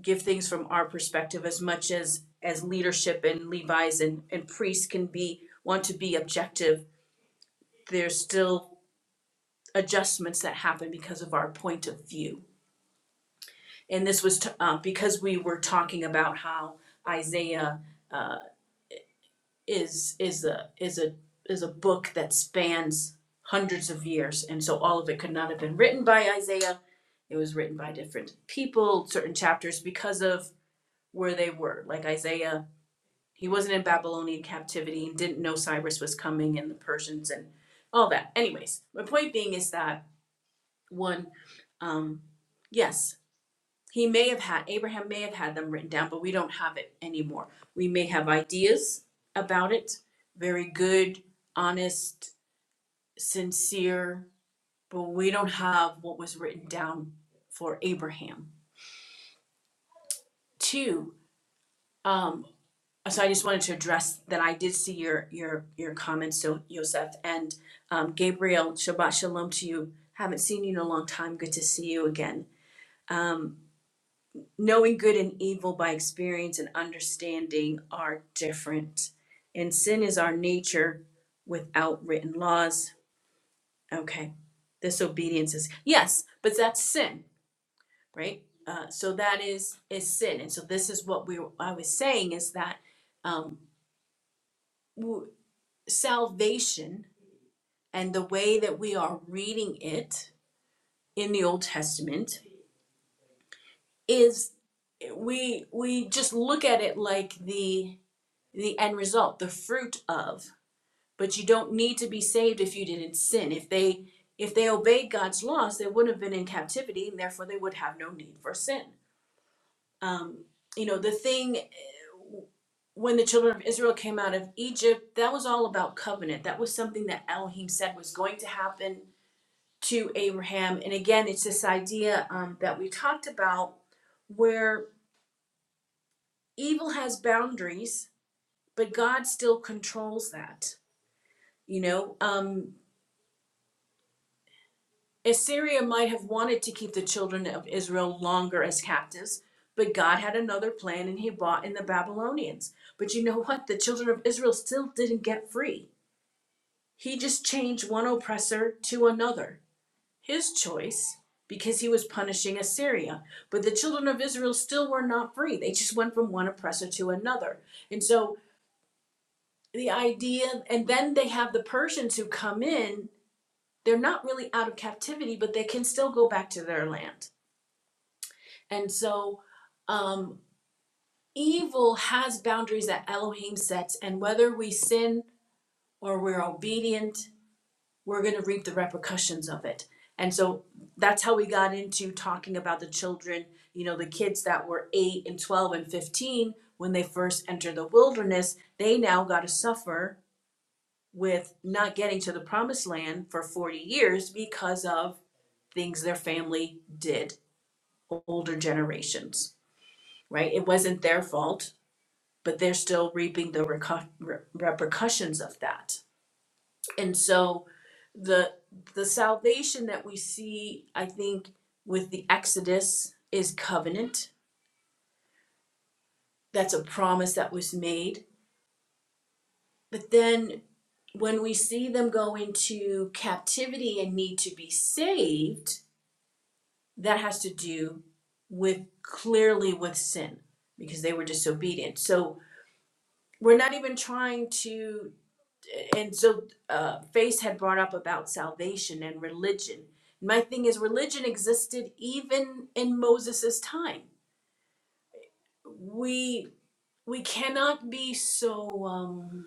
A: give things from our perspective as much as as leadership and Levi's and, and priests can be want to be objective. There's still adjustments that happen because of our point of view and this was t- uh, because we were talking about how Isaiah uh, is is a is a is a book that spans hundreds of years, and so all of it could not have been written by Isaiah. It was written by different people, certain chapters because of where they were. Like Isaiah, he wasn't in Babylonian captivity and didn't know Cyrus was coming and the Persians and all that. Anyways, my point being is that one, um, yes, He may have had, Abraham may have had them written down, but we don't have it anymore. We may have ideas about it, very good, honest, sincere, but we don't have what was written down for Abraham. Two, um, so I just wanted to address that I did see your your your comments, so Yosef and um, Gabriel. Shabbat shalom to you. Haven't seen you in a long time. Good to see you again. Um, knowing good and evil by experience and understanding are different. And sin is our nature without written laws. Okay. Disobedience is, yes, but that's sin, right? Uh, so that is is sin, and so this is what we I was saying is that um, w- salvation and the way that we are reading it in the Old Testament is we we just look at it like the the end result the fruit of but you don't need to be saved if you didn't sin if they if they obeyed god's laws they wouldn't have been in captivity and therefore they would have no need for sin um, you know the thing when the children of israel came out of egypt that was all about covenant that was something that elohim said was going to happen to abraham and again it's this idea um, that we talked about where evil has boundaries but god still controls that you know um Assyria might have wanted to keep the children of Israel longer as captives, but God had another plan and he brought in the Babylonians. But you know what? The children of Israel still didn't get free. He just changed one oppressor to another. His choice, because he was punishing Assyria. But the children of Israel still were not free. They just went from one oppressor to another. And so the idea, and then they have the Persians who come in. They're not really out of captivity, but they can still go back to their land And so um, evil has boundaries that Elohim sets, and whether we sin or we're obedient, we're going to reap the repercussions of it. And so that's how we got into talking about the children, you know, the kids that were 8 and 12 and 15 when they first entered the wilderness, they now got to suffer with not getting to the promised land for 40 years because of things their family did, older generations, right? It wasn't their fault but they're still reaping the recu- re- repercussions of that. And so the the salvation that we see, I think, with the Exodus is covenant. That's a promise that was made. But then when we see them go into captivity and need to be saved, that has to do with clearly with sin because they were disobedient. So we're not even trying to and so uh, Faith had brought up about salvation and religion. My thing is, religion existed even in Moses' time. We we cannot be so um,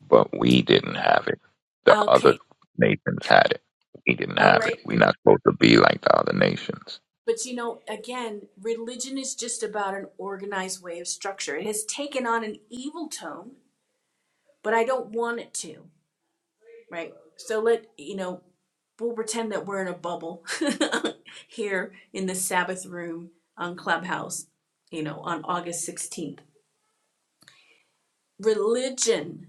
B: But we didn't have it. The
A: okay,
B: other nations had it. We didn't
A: all
B: have it.
A: right.
B: We're not supposed to be like the other nations.
A: But you know, again, religion is just about an organized way of structure. It has taken on an evil tone, but I don't want it to, right? So let you know. we'll pretend that we're in a bubble here in the Sabbath room on Clubhouse, you know, on August 16th. Religion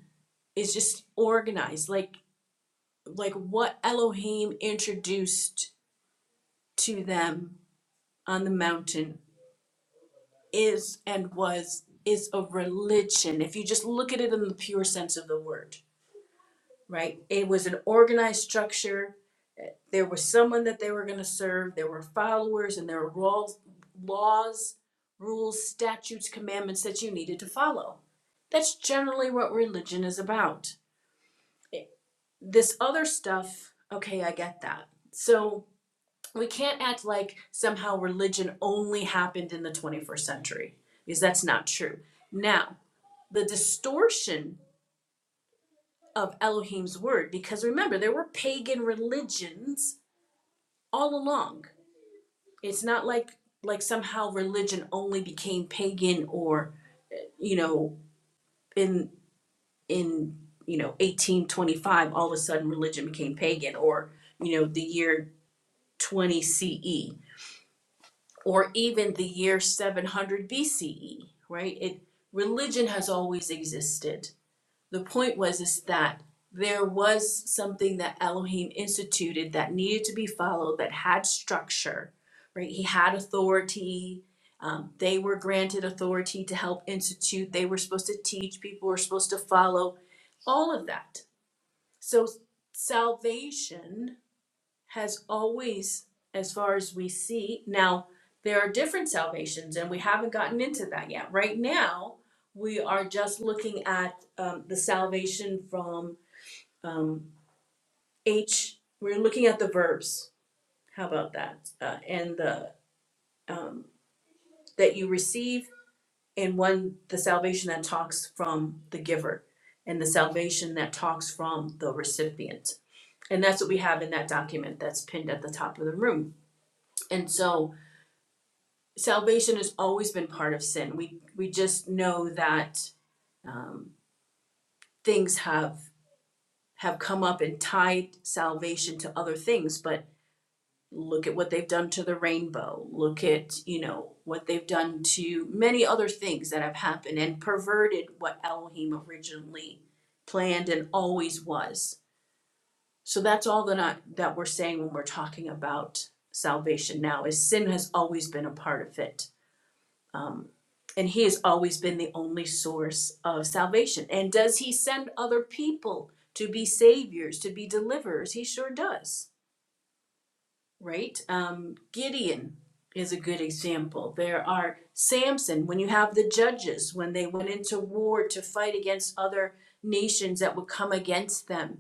A: is just organized like like what Elohim introduced to them on the mountain is and was is a religion if you just look at it in the pure sense of the word, right? It was an organized structure there was someone that they were going to serve there were followers and there were laws, rules statutes commandments that you needed to follow that's generally what religion is about this other stuff okay i get that so we can't act like somehow religion only happened in the 21st century because that's not true now the distortion of elohim's word because remember there were pagan religions all along it's not like like somehow religion only became pagan or you know in in you know 1825 all of a sudden religion became pagan or you know the year 20 CE or even the year 700 BCE right it religion has always existed the point was is that there was something that Elohim instituted that needed to be followed that had structure, right? He had authority. Um, they were granted authority to help institute. They were supposed to teach. People were supposed to follow all of that. So salvation has always, as far as we see, now there are different salvations, and we haven't gotten into that yet. Right now, we are just looking at um, the salvation from um, H. We're looking at the verbs. How about that? Uh, and the um, that you receive, and one the salvation that talks from the giver, and the salvation that talks from the recipient. And that's what we have in that document that's pinned at the top of the room. And so salvation has always been part of sin. We we just know that um, things have have come up and tied salvation to other things. But look at what they've done to the rainbow. Look at you know what they've done to many other things that have happened and perverted what Elohim originally planned and always was. So that's all that I, that we're saying when we're talking about salvation now is sin has always been a part of it Um, and he has always been the only source of salvation. And does he send other people to be saviors, to be deliverers? He sure does, right? Um, Gideon is a good example. There are Samson, when you have the judges, when they went into war to fight against other nations that would come against them.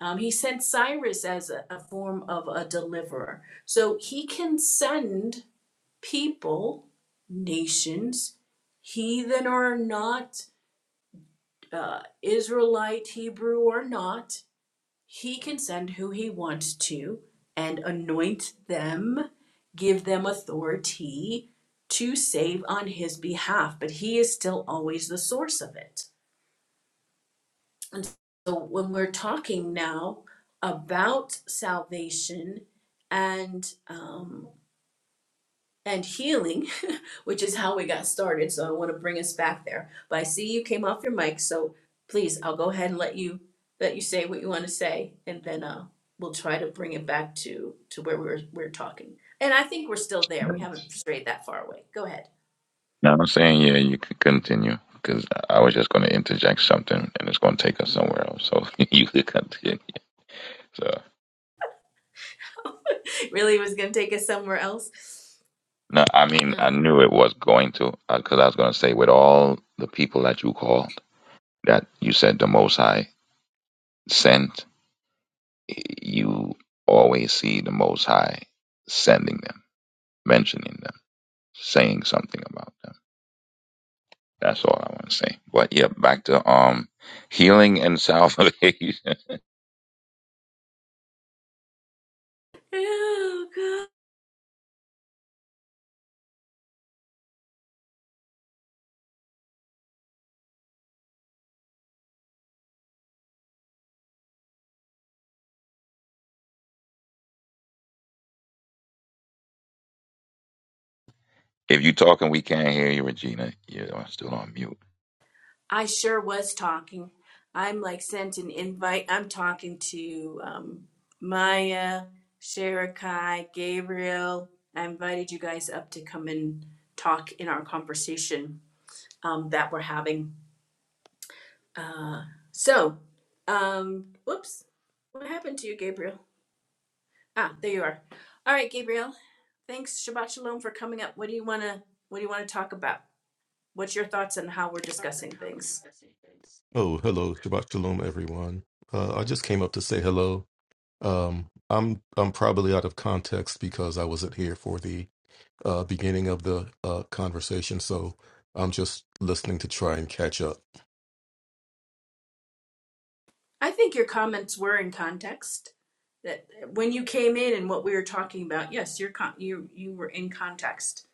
A: Um, he sent Cyrus as a, a form of a deliverer. So he can send people, nations, heathen or not, uh, Israelite, Hebrew or not, he can send who he wants to and anoint them, give them authority to save on his behalf, but he is still always the source of it. And so when we're talking now about salvation and um, and healing, which is how we got started. So I want to bring us back there. But I see you came off your mic, so please, I'll go ahead and let you let you say what you want to say, and then uh, we'll try to bring it back to to where we were we are talking. And I think we're still there. We haven't strayed that far away. Go ahead.
B: No, I'm saying, yeah, you could continue because I was just going to interject something and it's going to take us somewhere else. So you could continue. So,
A: Really it was going to take us somewhere else.
B: no, I mean, I
A: Ugh.
B: knew it was going to because I was going to say, with all the people that you called, that you said the Most High sent, you always see the Most High sending them, mentioning them, saying something about them. That's all I want to say. But yeah, back to um healing and salvation.
A: Oh,
B: If you talking, we can't hear you, Regina. You're still on mute.
A: I sure was talking. I'm like sent an invite. I'm talking to um, Maya, Sharakai, Gabriel. I invited you guys up to come and talk in our conversation um, that we're having. Uh, so, um, whoops, what happened to you, Gabriel? Ah, there you are. All right, Gabriel. Thanks, Shabbat Shalom, for coming up. What do you wanna What do you wanna talk about? What's your thoughts on how we're discussing things?
C: Oh, hello, Shabbat Shalom, everyone. Uh, I just came up to say hello. Um, I'm I'm probably out of context because I wasn't here for the uh, beginning of the uh, conversation, so I'm just listening to try and catch up.
A: I think your comments were in context. that when you came in and what we were talking about, yes, you're con- you you were in context.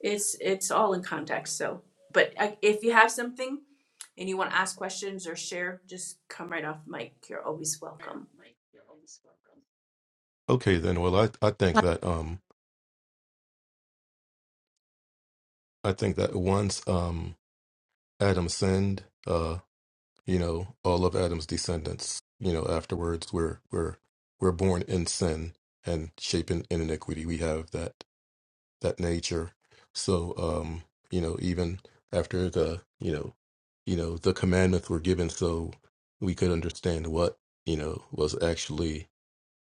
A: It's it's all in context. So, but I, if you have something and you want to ask questions or share, just come right off mic. You're always welcome.
C: Okay, then. Well, I, I think that um I think that once um Adam sinned, uh, you know, all of Adam's descendants, you know, afterwards we're we're we're born in sin and shapen in iniquity. We have that that nature. So um, you know, even after the you know, you know, the commandments were given so we could understand what, you know, was actually,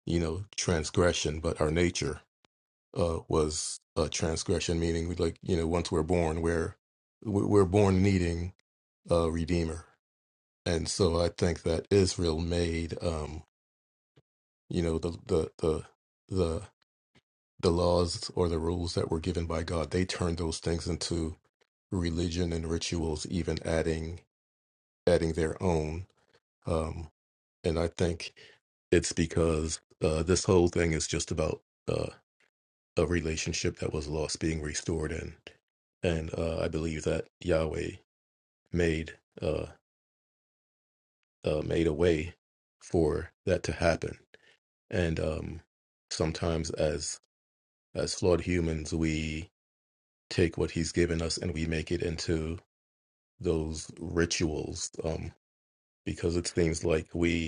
C: you know, transgression, but our nature uh was a transgression, meaning we like, you know, once we're born, we're we're we're born needing a redeemer. And so I think that Israel made um, you know, the the the the the laws or the rules that were given by God, they turned those things into religion and rituals, even adding adding their own. Um, and I think it's because uh, this whole thing is just about uh, a relationship that was lost being restored, and and uh, I believe that Yahweh made uh, uh, made a way for that to happen. And um, sometimes, as as flawed humans, we take what He's given us and we make it into those rituals um, because it seems like we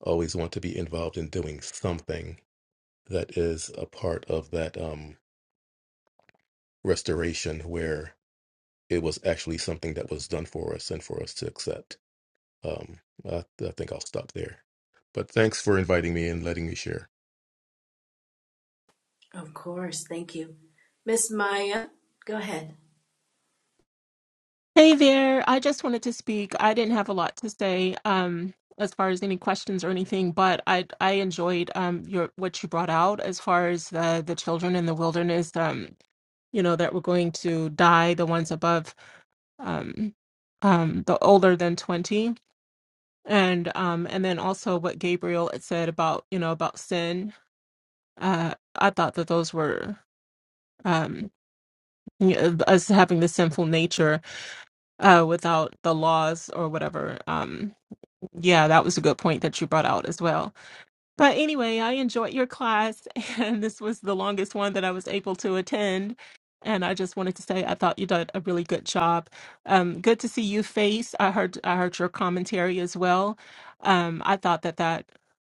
C: always want to be involved in doing something that is a part of that um, restoration where it was actually something that was done for us and for us to accept. Um, I, I think I'll stop there. But thanks for inviting me and letting me share.
A: Of course, thank you, Miss Maya. Go ahead.
D: Hey there. I just wanted to speak. I didn't have a lot to say um, as far as any questions or anything, but I I enjoyed um, your what you brought out as far as the the children in the wilderness, um, you know, that were going to die, the ones above um, um, the older than 20. And um, and then also what Gabriel had said about, you know, about sin. Uh, I thought that those were um, you know, us having the sinful nature uh, without the laws or whatever. um. Yeah, that was a good point that you brought out as well. But anyway, I enjoyed your class, and this was the longest one that I was able to attend. And I just wanted to say I thought you did a really good job. Um, good to see you, Face. I heard I heard your commentary as well. Um, I thought that that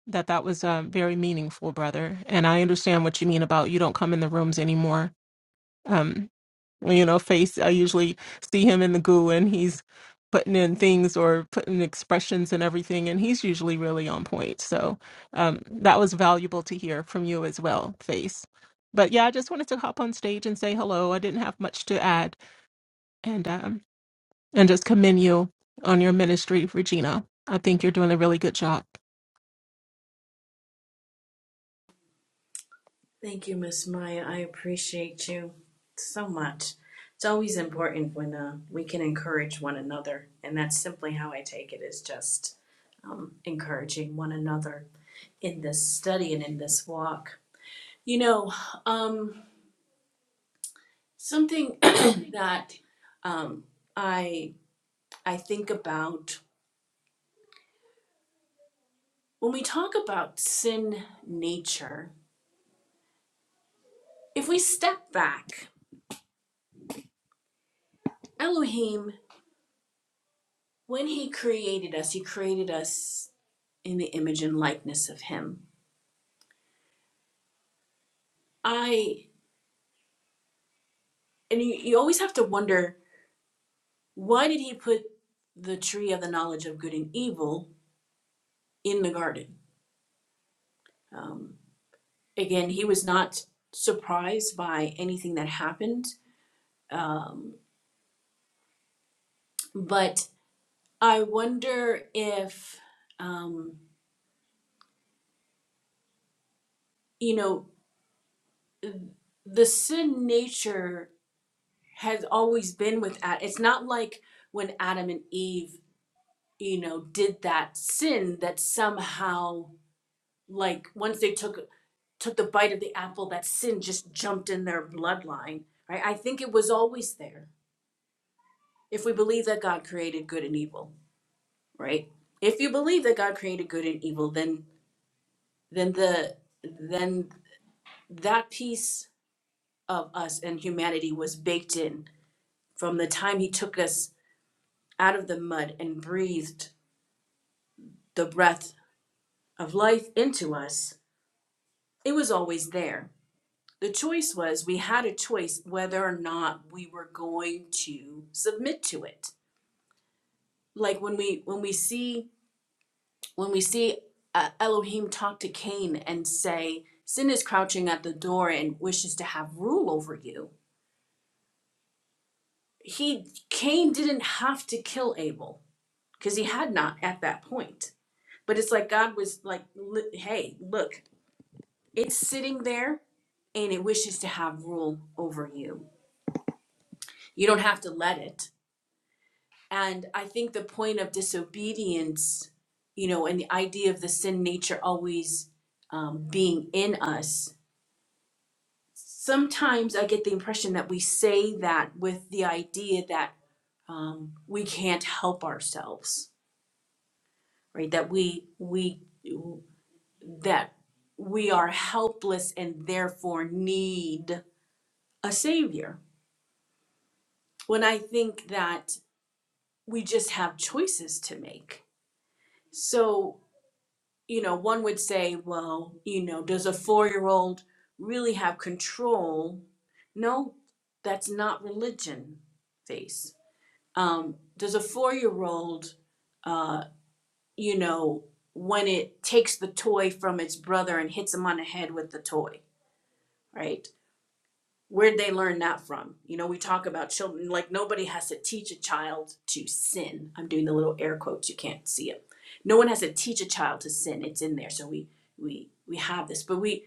D: that that was um, very meaningful, brother. And I understand what you mean about you don't come in the rooms anymore. Um, you know face i usually see him in the goo and he's putting in things or putting expressions and everything and he's usually really on point so um, that was valuable to hear from you as well face but yeah i just wanted to hop on stage and say hello i didn't have much to add and um, and just commend you on your ministry regina i think you're doing a really good job
A: Thank you, Miss Maya. I appreciate you so much. It's always important when uh, we can encourage one another, and that's simply how I take it. Is just um, encouraging one another in this study and in this walk. You know, um, something that um, I I think about when we talk about sin nature. If we step back, Elohim, when he created us, he created us in the image and likeness of him. I and you, you always have to wonder why did he put the tree of the knowledge of good and evil in the garden? Um, again, he was not surprised by anything that happened. Um, but I wonder if, um, you know, the sin nature has always been with Adam. It's not like when Adam and Eve, you know, did that sin that somehow, like, once they took took the bite of the apple, that sin just jumped in their bloodline. Right? I think it was always there. If we believe that God created good and evil, right? If you believe that God created good and evil, then then the then that piece of us and humanity was baked in from the time he took us out of the mud and breathed the breath of life into us. It was always there. The choice was we had a choice whether or not we were going to submit to it. Like when we when we see when we see uh, Elohim talk to Cain and say, Sin is crouching at the door and wishes to have rule over you, he Cain didn't have to kill Abel because he had not at that point. But it's like God was like, hey, look, it's sitting there and it wishes to have rule over you. You don't have to let it. And I think the point of disobedience, you know, and the idea of the sin nature always um, being in us sometimes I get the impression that we say that with the idea that um, we can't help ourselves, right? That we we that we are helpless and therefore need a savior. When I think that we just have choices to make. So you know, one would say, well, you know, does a four-year-old really have control? No, that's not religion, face um, does a four-year-old, uh, you know, when it takes the toy from its brother and hits him on the head with the toy, right? Where'd they learn that from? You know, we talk about children like nobody has to teach a child to sin. I'm doing the little air quotes; you can't see it. No one has to teach a child to sin. It's in there, so we we we have this, but we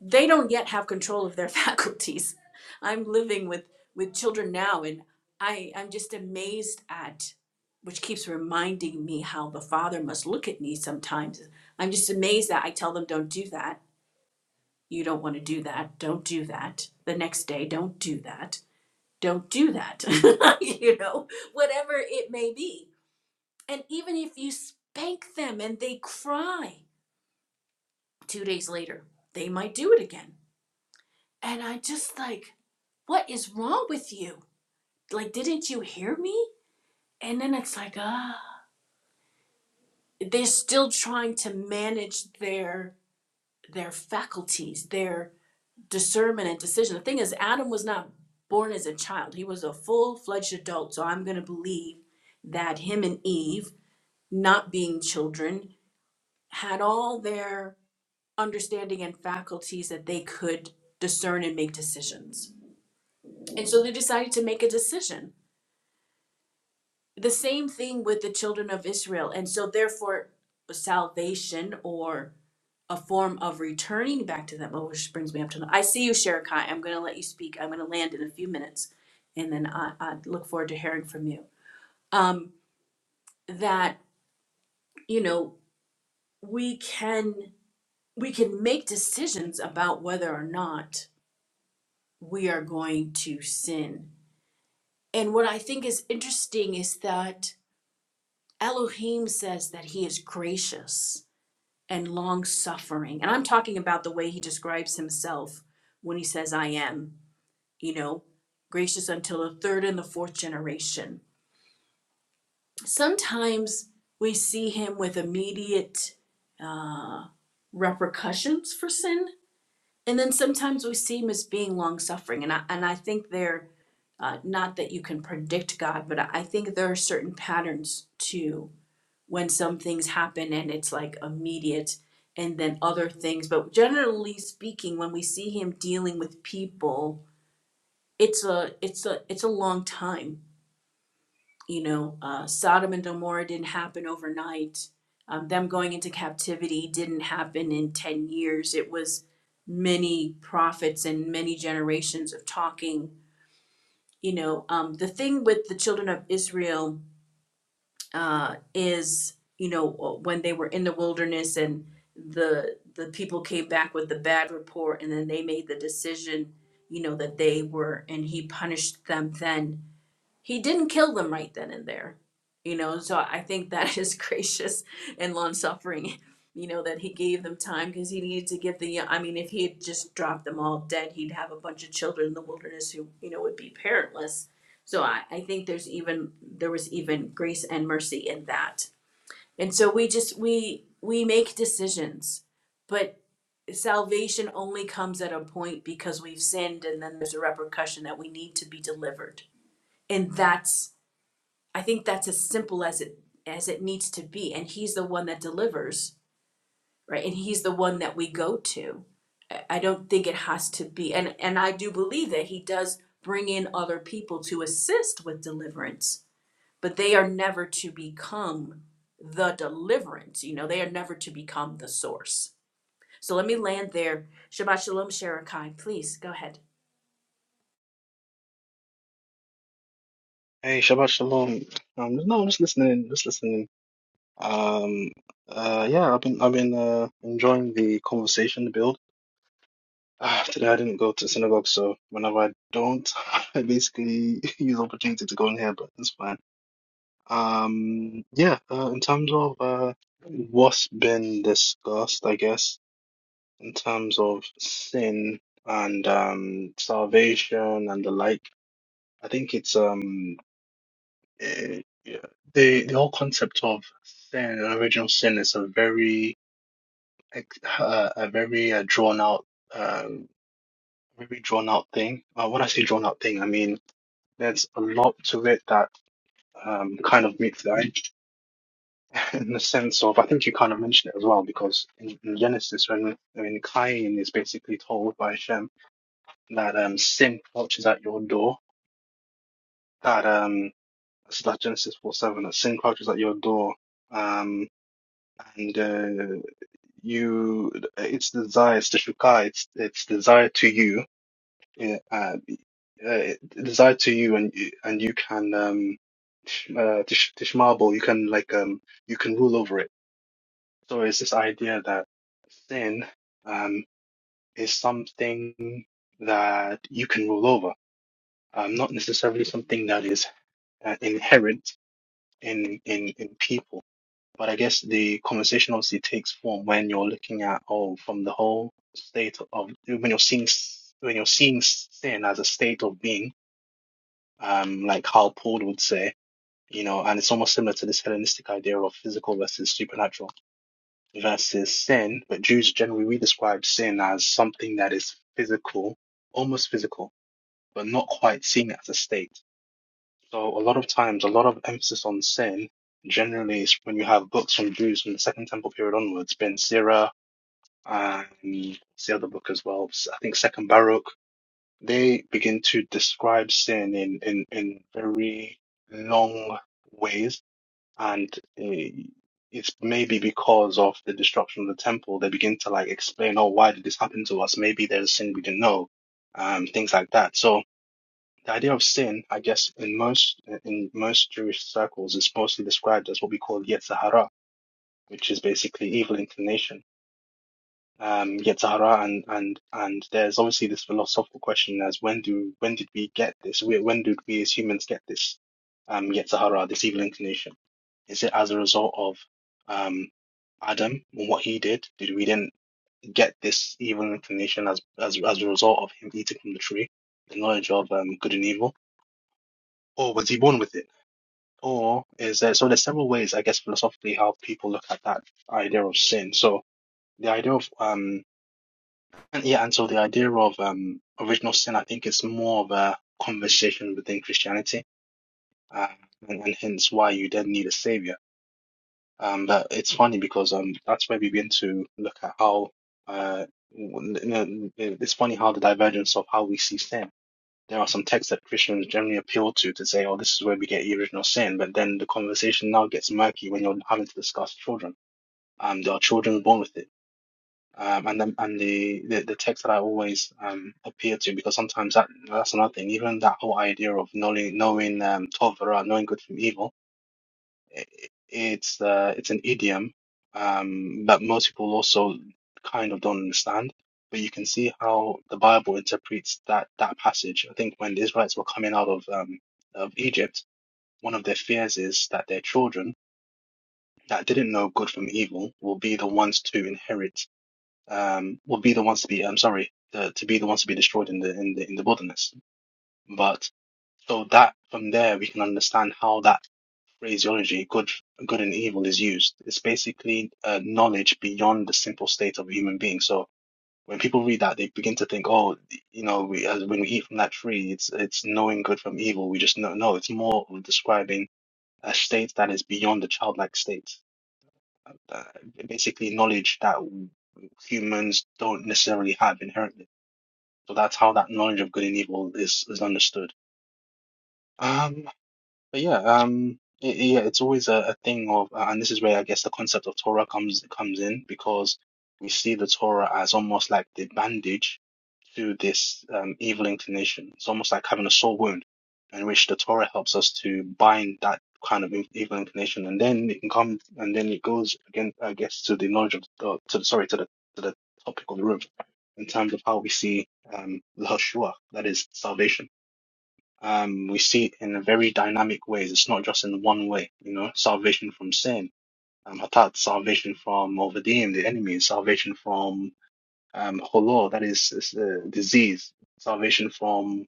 A: they don't yet have control of their faculties. I'm living with with children now and I I'm just amazed at which keeps reminding me how the father must look at me sometimes. I'm just amazed that I tell them don't do that. You don't want to do that. Don't do that. The next day, don't do that. Don't do that. you know, whatever it may be. And even if you spank them and they cry 2 days later, they might do it again And I just like, what is wrong with you? Like, didn't you hear me? And then it's like, ah, they're still trying to manage their their faculties, their discernment and decision. The thing is, Adam was not born as a child; he was a full-fledged adult. So I'm going to believe that him and Eve, not being children, had all their understanding and faculties that they could discern and make decisions. And so they decided to make a decision the same thing with the children of Israel. And so, therefore, salvation or a form of returning back to them, oh, which brings me up to I see you, Sherekai. I'm going to let you speak. I'm going to land in a few minutes. And then I, I look forward to hearing from you. Um, that, you know, we can we can make decisions about whether or not we are going to sin. And what I think is interesting is that Elohim says that he is gracious and long suffering. And I'm talking about the way he describes himself when he says, I am, you know, gracious until the third and the fourth generation. Sometimes we see him with immediate uh, repercussions for sin. And then sometimes we see him as being long suffering. And I, and I think they're uh, not that you can predict God, but I I think there are certain patterns too when some things happen and it's like immediate and then other things but generally speaking when we see him dealing with people it's a it's a it's a long time you know uh, sodom and gomorrah didn't happen overnight um, them going into captivity didn't happen in 10 years it was many prophets and many generations of talking you know um, the thing with the children of israel uh, is you know uh, when they were in the wilderness and the the people came back with the bad report and then they made the decision you know that they were and he punished them then he didn't kill them right then and there you know so i think that is gracious and long suffering you know that he gave them time because he needed to give the i mean if he had just dropped them all dead he'd have a bunch of children in the wilderness who you know would be parentless so i, I think there's even there was even grace and mercy in that and so we just we we make decisions but salvation only comes at a point because we've sinned and then there's a repercussion that we need to be delivered and that's I think that's as simple as it as it needs to be, and he's the one that delivers, right? And he's the one that we go to. I- don't think it has to be, and and I do believe that he does bring in other people to assist with deliverance, but they are never to become the deliverance. You know, they are never to become the source. So let me land there. Shabbat shalom, Sherekai. Please go ahead.
E: Hey, Shabbat Shalom. Um, no, I'm just listening, just listening. Um, uh, yeah, I've been, I've been uh, enjoying the conversation, the build. Uh, today I didn't go to synagogue, so whenever I don't, I basically use the opportunity to go in here, but it's fine. Um, yeah, uh, in terms of uh, what's been discussed, I guess, in terms of sin and um, salvation and the like, I think it's um. eh, yeah, the the whole concept of sin, original sin, is a very ex- uh, a very uh, drawn out, um, very drawn out thing. Uh, when I say drawn out thing, I mean there's a lot to it that um, kind of meets the eye in the sense of I think you kind of mentioned it as well because in, in Genesis when when Cain is basically told by Shem that um, sin crouches at your door, that um, so that Genesis four seven that sin crouches at your door. Um, and uh, you its desire it's the shukai it's it's desire to you yeah, uh, uh, desire to you and you- and you can um sh- uh, tish, tishmabel you can like um you can rule over it so it's this idea that sin um is something that you can rule over um not necessarily something that is uh, inherent in in in people But I guess the conversation obviously takes form when you're looking at, oh, from the whole state of when you're seeing when you're seeing sin as a state of being, um, like how Paul would say, you know, and it's almost similar to this Hellenistic idea of physical versus supernatural versus sin. But Jews generally we describe sin as something that is physical, almost physical, but not quite seen as a state so a lot of times, a lot of emphasis on sin generally is when you have books from Jews from the Second Temple period onwards, Ben Sira and what's the other book as well? I think Second Baruch. They begin to describe sin in in in very long ways, and eh, it's maybe because of the destruction of the temple. They begin to like explain, oh, why did this happen to us? Maybe there's a sin we didn't know, um, things like that. So the idea of sin, I guess, in most in most Jewish circles, is mostly described as what we call Yetzirah, which is basically evil inclination. Um, Yetzirah, and and and there's obviously this philosophical question as when do when did we get this? Where- When did we as humans get this um, Yetzirah, this evil inclination? Is it as a result of um, Adam and what he did? Did we then get this evil inclination as as as a result of him eating from the tree, the knowledge of um, good and evil, or was he born with it? Or is there, so there's several ways, I guess, philosophically how people look at that idea of sin. So the idea of um and yeah, and so the idea of um original sin, I think is more of a conversation within Christianity, uh, and, and hence why you then need a savior. Um, but it's funny because um that's where we begin to look at how uh w- you know, it's funny how the divergence of how we see sin. There are some texts that Christians generally appeal to to say, oh, this is where we get original sin. But then the conversation now gets murky when you're having to discuss children. Um, there are children born with it. Um, and the, and the, the, the text that I always um, appeal to, because sometimes that that's another thing, even that whole idea of knowing, knowing um, Torah, knowing good from evil, i- it's uh, it's an idiom um, that most people also kind of don't understand. But you can see how the Bible interprets that that passage. I think when the Israelites were coming out of um, of Egypt, one of their fears is that their children that didn't know good from evil will be the ones to inherit, um, will be the ones to be, I'm sorry, the, to be the ones to be destroyed in the in the in the wilderness. But so that from there we can understand how that phraseology, good, good and evil is used. It's basically uh, knowledge beyond the simple state of a human being. So when people read that, they begin to think, oh, you know, we, as when we eat from that tree, it's it's knowing good from evil. We just know. No, it's more of describing a state that is beyond the childlike state. Uh, uh, basically, knowledge that humans don't necessarily have inherently. So that's how that knowledge of good and evil is is understood. Um. But yeah, um, i i- yeah, it's always a, a thing of, uh, and this is where I guess the concept of Torah comes comes in because we see the Torah as almost like the bandage to this um, evil inclination. It's almost like having a sore wound in which the Torah helps us to bind that kind of in- evil inclination, and then it can come, and then it goes again, I guess, to the knowledge of the, to the, sorry, to the to the topic of the room in terms of how we see um, the Hashua, that is salvation um, we see it in a very dynamic ways. It's not just in one way, you know, salvation from sin, um, hatat, salvation from Ovadim, the enemy, salvation from um, holor, that is, is uh, disease, salvation from,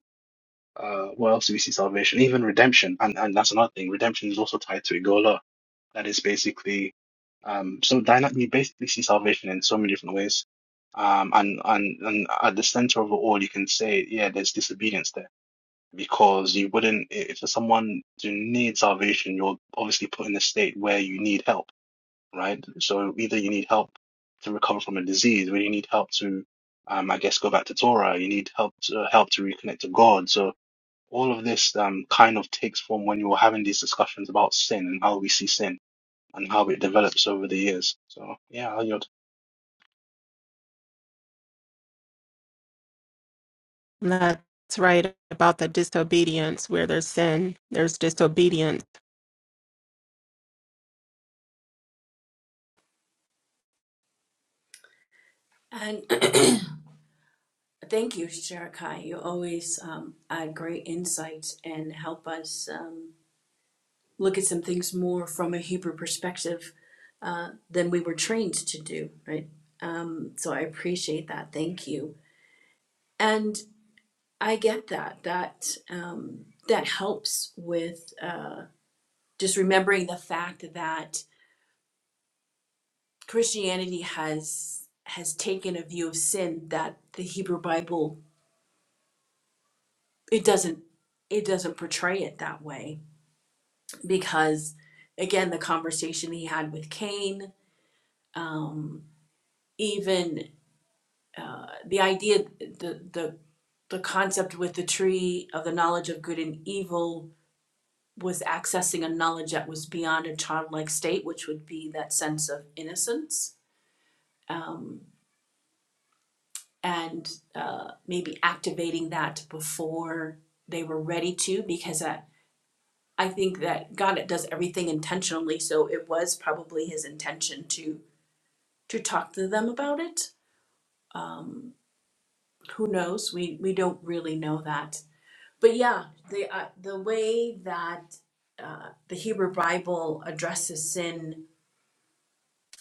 E: uh, what else do we see salvation? Even redemption. And, and that's another thing. Redemption is also tied to Igola. That is basically, um, so dynamic, you basically see salvation in so many different ways. Um, and, and, and at the center of it all, you can say, yeah, there's disobedience there because you wouldn't if for someone to need salvation you're obviously put in a state where you need help right so either you need help to recover from a disease or you need help to um i guess go back to torah you need help to help to reconnect to god so all of this um kind of takes form when you're having these discussions about sin and how we see sin and how it develops over the years so yeah you're
D: That's right about the disobedience where there's sin, there's disobedience.
A: And Thank you, Sherekai. You always um, add great insights and help us um, look at some things more from a Hebrew perspective uh, than we were trained to do, right? Um, so I appreciate that. Thank you. And I get that. That um, that helps with uh, just remembering the fact that Christianity has has taken a view of sin that the Hebrew Bible it doesn't it doesn't portray it that way because again the conversation he had with Cain um, even uh, the idea, the, the, the concept with the tree of the knowledge of good and evil was accessing a knowledge that was beyond a childlike state, which would be that sense of innocence. Um, and uh, maybe activating that before they were ready to, because I, I think that God does everything intentionally. So it was probably his intention to to talk to them about it. Um, who knows? We we don't really know that but yeah, the uh, the way that uh, the Hebrew Bible addresses sin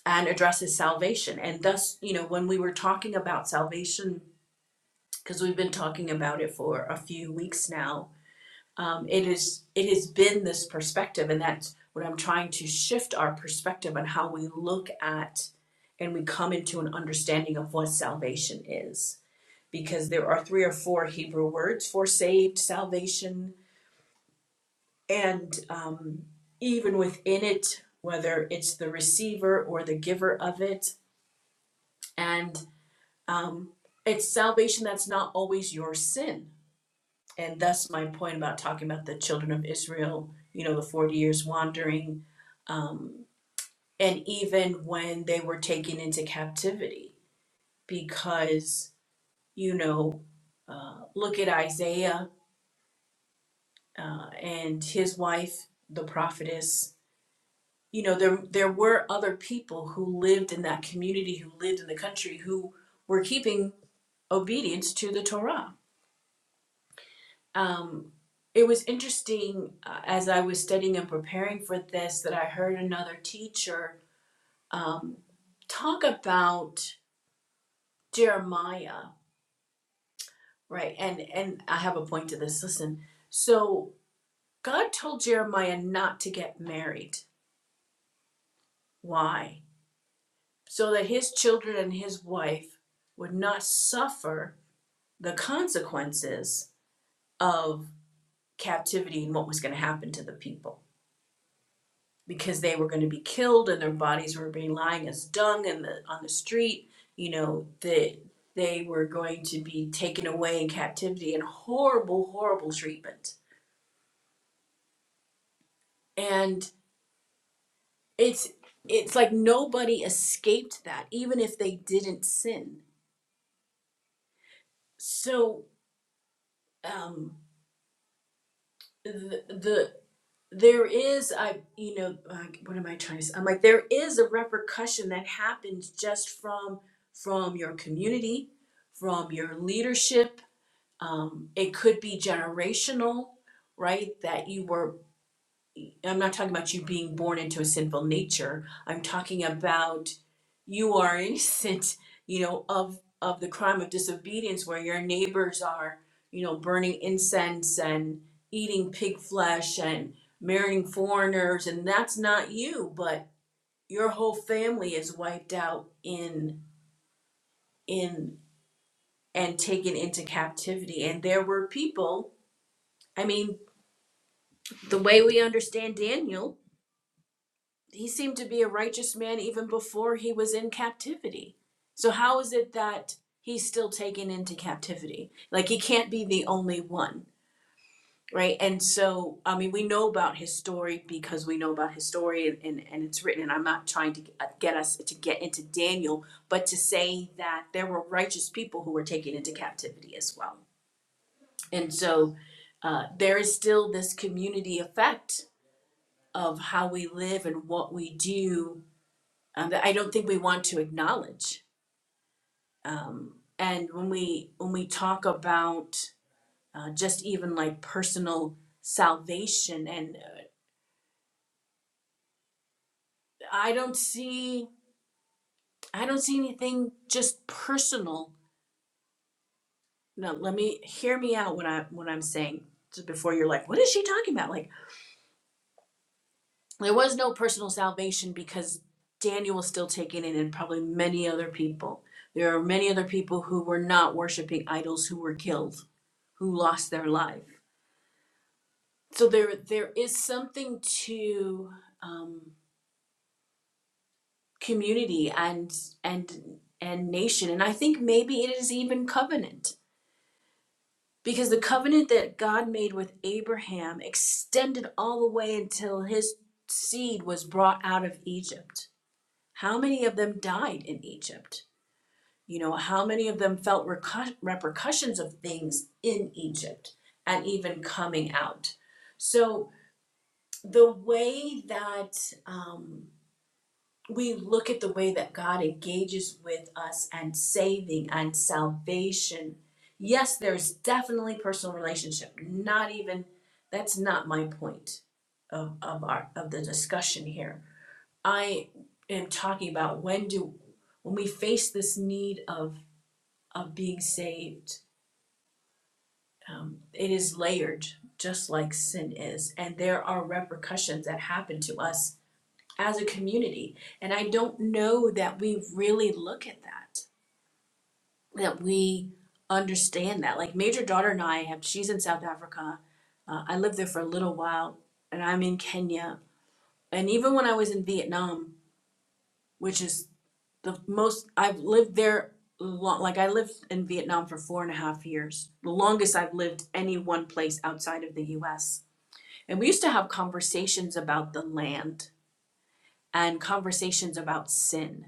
A: and addresses salvation, and thus, you know, when we were talking about salvation, because we've been talking about it for a few weeks now, um, it is it has been this perspective, and that's what I'm trying to shift our perspective on how we look at and we come into an understanding of what salvation is, because there are three or four Hebrew words for saved, salvation And um, even within it, whether it's the receiver or the giver of it, and um, it's salvation that's not always your sin. And thus, my point about talking about the children of Israel, you know, the 40 years wandering, um, and even when they were taken into captivity, because, you know, uh, look at Isaiah uh, and his wife, the prophetess you know there there were other people who lived in that community who lived in the country who were keeping obedience to the torah um, it was interesting uh, as i was studying and preparing for this that i heard another teacher um, talk about jeremiah right and and i have a point to this listen so god told jeremiah not to get married why so that his children and his wife would not suffer the consequences of captivity and what was going to happen to the people because they were going to be killed and their bodies were being lying as dung in the on the street you know that they were going to be taken away in captivity and horrible horrible treatment and it's it's like nobody escaped that even if they didn't sin so um the, the there is I you know uh, what am I trying to say? I'm like there is a repercussion that happens just from from your community, from your leadership. Um, it could be generational, right? That you were I'm not talking about you being born into a sinful nature. I'm talking about you are innocent, you know, of of the crime of disobedience where your neighbors are, you know, burning incense and eating pig flesh and marrying foreigners and that's not you, but your whole family is wiped out in in and taken into captivity and there were people, I mean, the way we understand Daniel he seemed to be a righteous man even before he was in captivity. So how is it that he's still taken into captivity? Like he can't be the only one, right? And so I mean, we know about his story because we know about his story and and, and it's written. And I'm not trying to get us to get into Daniel, but to say that there were righteous people who were taken into captivity as well. And so uh, there is still this community effect of how we live and what we do um, that I don't think we want to acknowledge. Um, and when we when we talk about uh, just even like personal salvation, and uh, I don't see I don't see anything just personal. No, let me hear me out when I when I'm saying just before you're like, what is she talking about? Like there was no personal salvation because Daniel was still taking it, and probably many other people. There are many other people who were not worshiping idols who were killed, who lost their life so there there is something to um, community and and and nation and i think maybe it is even covenant because the covenant that god made with abraham extended all the way until his seed was brought out of egypt how many of them died in egypt you know how many of them felt recu- repercussions of things in egypt and even coming out so the way that um, we look at the way that God engages with us and saving and salvation, yes, there's definitely personal relationship. Not even that's not my point of, of our of the discussion here. I am talking about when do when we face this need of of being saved, um, it is layered just like sin is, and there are repercussions that happen to us as a community. And I don't know that we really look at that, that we understand that. Like Major Daughter and I have, she's in South Africa. Uh, I lived there for a little while, and I'm in Kenya. And even when I was in Vietnam, which is the most, I've lived there long, like I lived in Vietnam for four and a half years, the longest I've lived any one place outside of the US. And we used to have conversations about the land and conversations about sin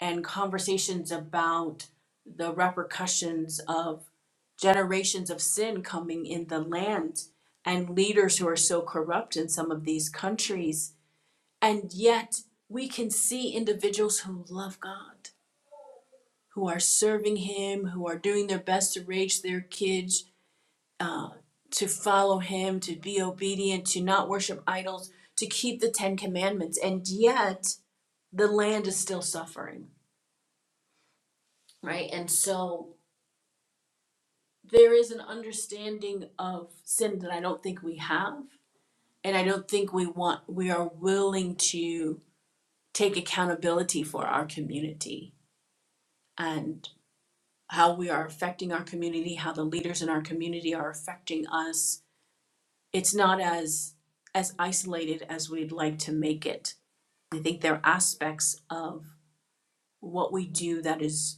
A: and conversations about the repercussions of generations of sin coming in the land and leaders who are so corrupt in some of these countries. And yet, we can see individuals who love God, who are serving Him, who are doing their best to raise their kids uh, to follow Him, to be obedient, to not worship idols, to keep the Ten Commandments. And yet, the land is still suffering, right? And so, there is an understanding of sin that I don't think we have. And I don't think we want, we are willing to take accountability for our community and how we are affecting our community, how the leaders in our community are affecting us. It's not as, as isolated as we'd like to make it. I think there are aspects of what we do that is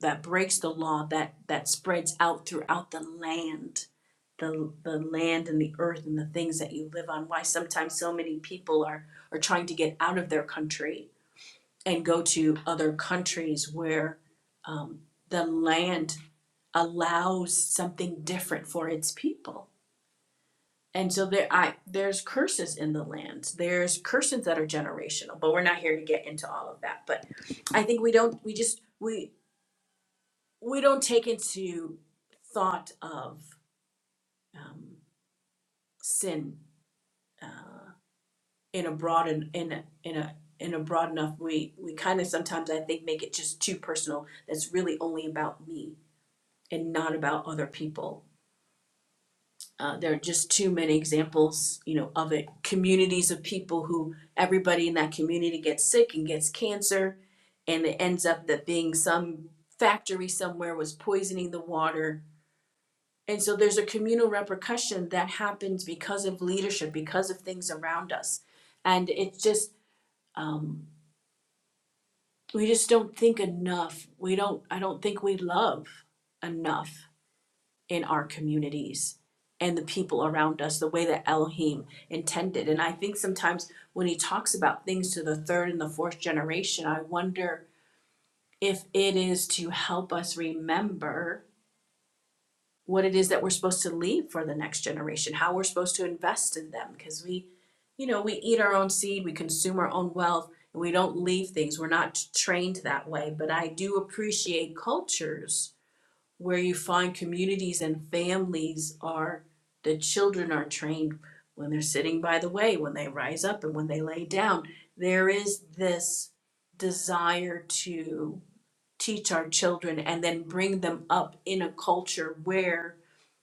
A: that breaks the law that that spreads out throughout the land the the land and the earth and the things that you live on why sometimes so many people are are trying to get out of their country and go to other countries where um, the land allows something different for its people and so there i there's curses in the land there's curses that are generational but we're not here to get into all of that but i think we don't we just we we don't take into thought of um, sin uh, in a broad and in a, in a in a broad enough way. We kind of sometimes I think make it just too personal. That's really only about me and not about other people. Uh, there are just too many examples, you know, of it. Communities of people who everybody in that community gets sick and gets cancer, and it ends up that being some factory somewhere was poisoning the water And so there's a communal repercussion that happens because of leadership, because of things around us. And it's just, um, we just don't think enough. We don't, I don't think we love enough in our communities and the people around us the way that Elohim intended. And I think sometimes when he talks about things to the third and the fourth generation, I wonder if it is to help us remember what it is that we're supposed to leave for the next generation, how we're supposed to invest in them, because we, you know, we eat our own seed, we consume our own wealth, and we don't leave things. We're not trained that way. But I do appreciate cultures where you find communities and families are the children are trained when they're sitting by the way, when they rise up and when they lay down. There is this desire to teach our children and then bring them up in a culture where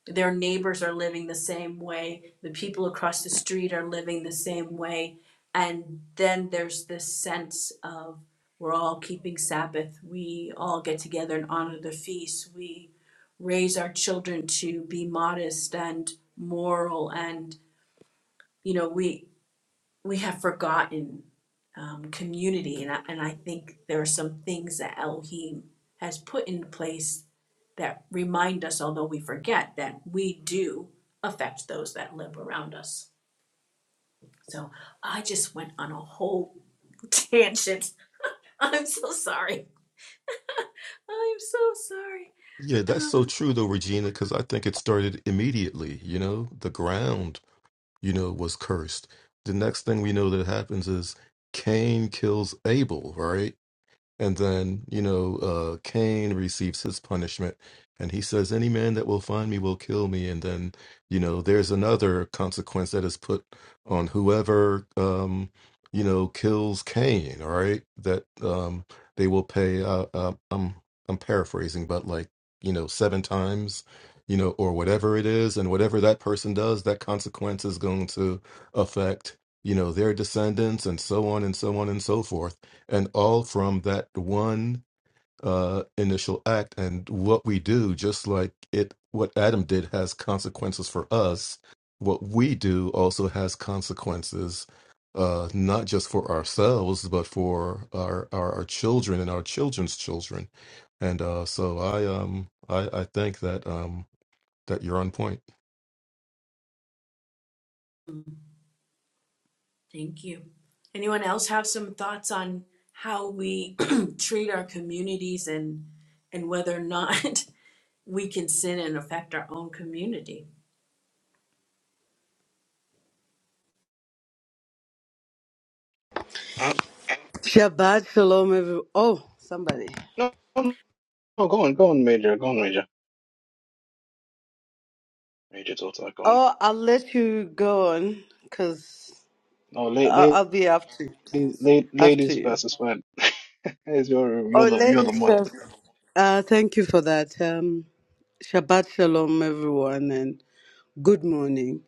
A: their neighbors are living the same way, the people across the street are living the same way. And then there's this sense of we're all keeping Sabbath, we all get together and honor the feast, we raise our children to be modest and moral and you know we we have forgotten um, community, and I, and I think there are some things that Elohim has put in place that remind us, although we forget, that we do affect those that live around us. So I just went on a whole tangent. I'm so sorry. I'm so sorry.
C: Yeah, that's so
A: Um,
C: true though, Regina, because I think it started immediately. You know, the ground, you know, was cursed. The next thing we know that happens is Cain kills Abel, right? And then, you know, uh, Cain receives his punishment. And he says, Any man that will find me will kill me. And then, you know, there's another consequence that is put on whoever, um, you know, kills Cain, all right? That um, they will pay, uh, uh, I'm, I'm paraphrasing, but like, you know, seven times, you know, or whatever it is. And whatever that person does, that consequence is going to affect, you know, their descendants and so on and so on and so forth and all from that one uh, initial act. And what we do, just like it, what Adam did has consequences for us. What we do also has consequences, uh, not just for ourselves, but for our, our, our children and our children's children. And uh, so I um I, I think that um that you're on point.
A: thank you. Anyone else have some thoughts on how we treat our communities and and whether or not we can sin and affect our own community.
E: uh,
F: Shabbat shalom, everyone. Oh, somebody.
E: no, no no, go on go on major go on major major daughter go on
F: Oh, I'll let you go on because
E: no
F: I'll,
E: later
F: I'll be after you.
E: Ladies,
F: please.
E: la-
F: After
E: ladies
F: you.
E: first as well. It's your
F: Oh,
E: You're the you're the
F: ladies
E: mod.
F: first. Uh, thank you for that. Um, Shabbat shalom, everyone, and good morning.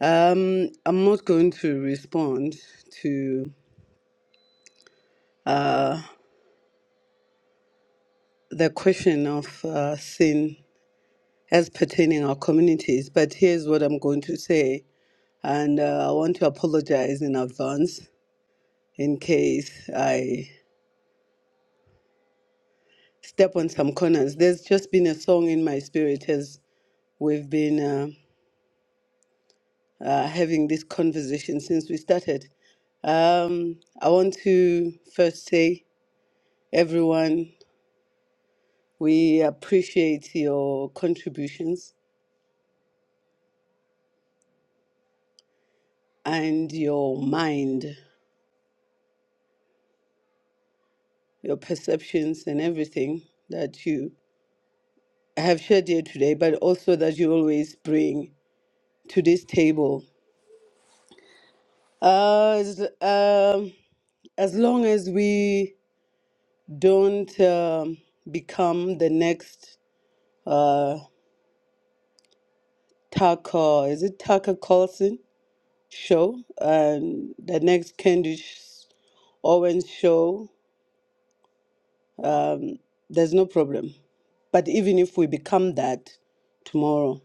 F: Um, I'm not going to respond to the question of uh, sin as pertaining our communities, but here's what I'm going to say, and uh, I want to apologize in advance in case I step on some corners. There's just been a song in my spirit as we've been uh, uh, having this conversation since we started. Um, I want to first say, everyone, we appreciate your contributions and your mind, your perceptions, and everything that you have shared here today, but also that you always bring to this table. Uh, as long as we don't um, become the next uh, Tucker, is it Tucker Carlson show and the next Candice Owens show, there's no problem. But even if we become that tomorrow,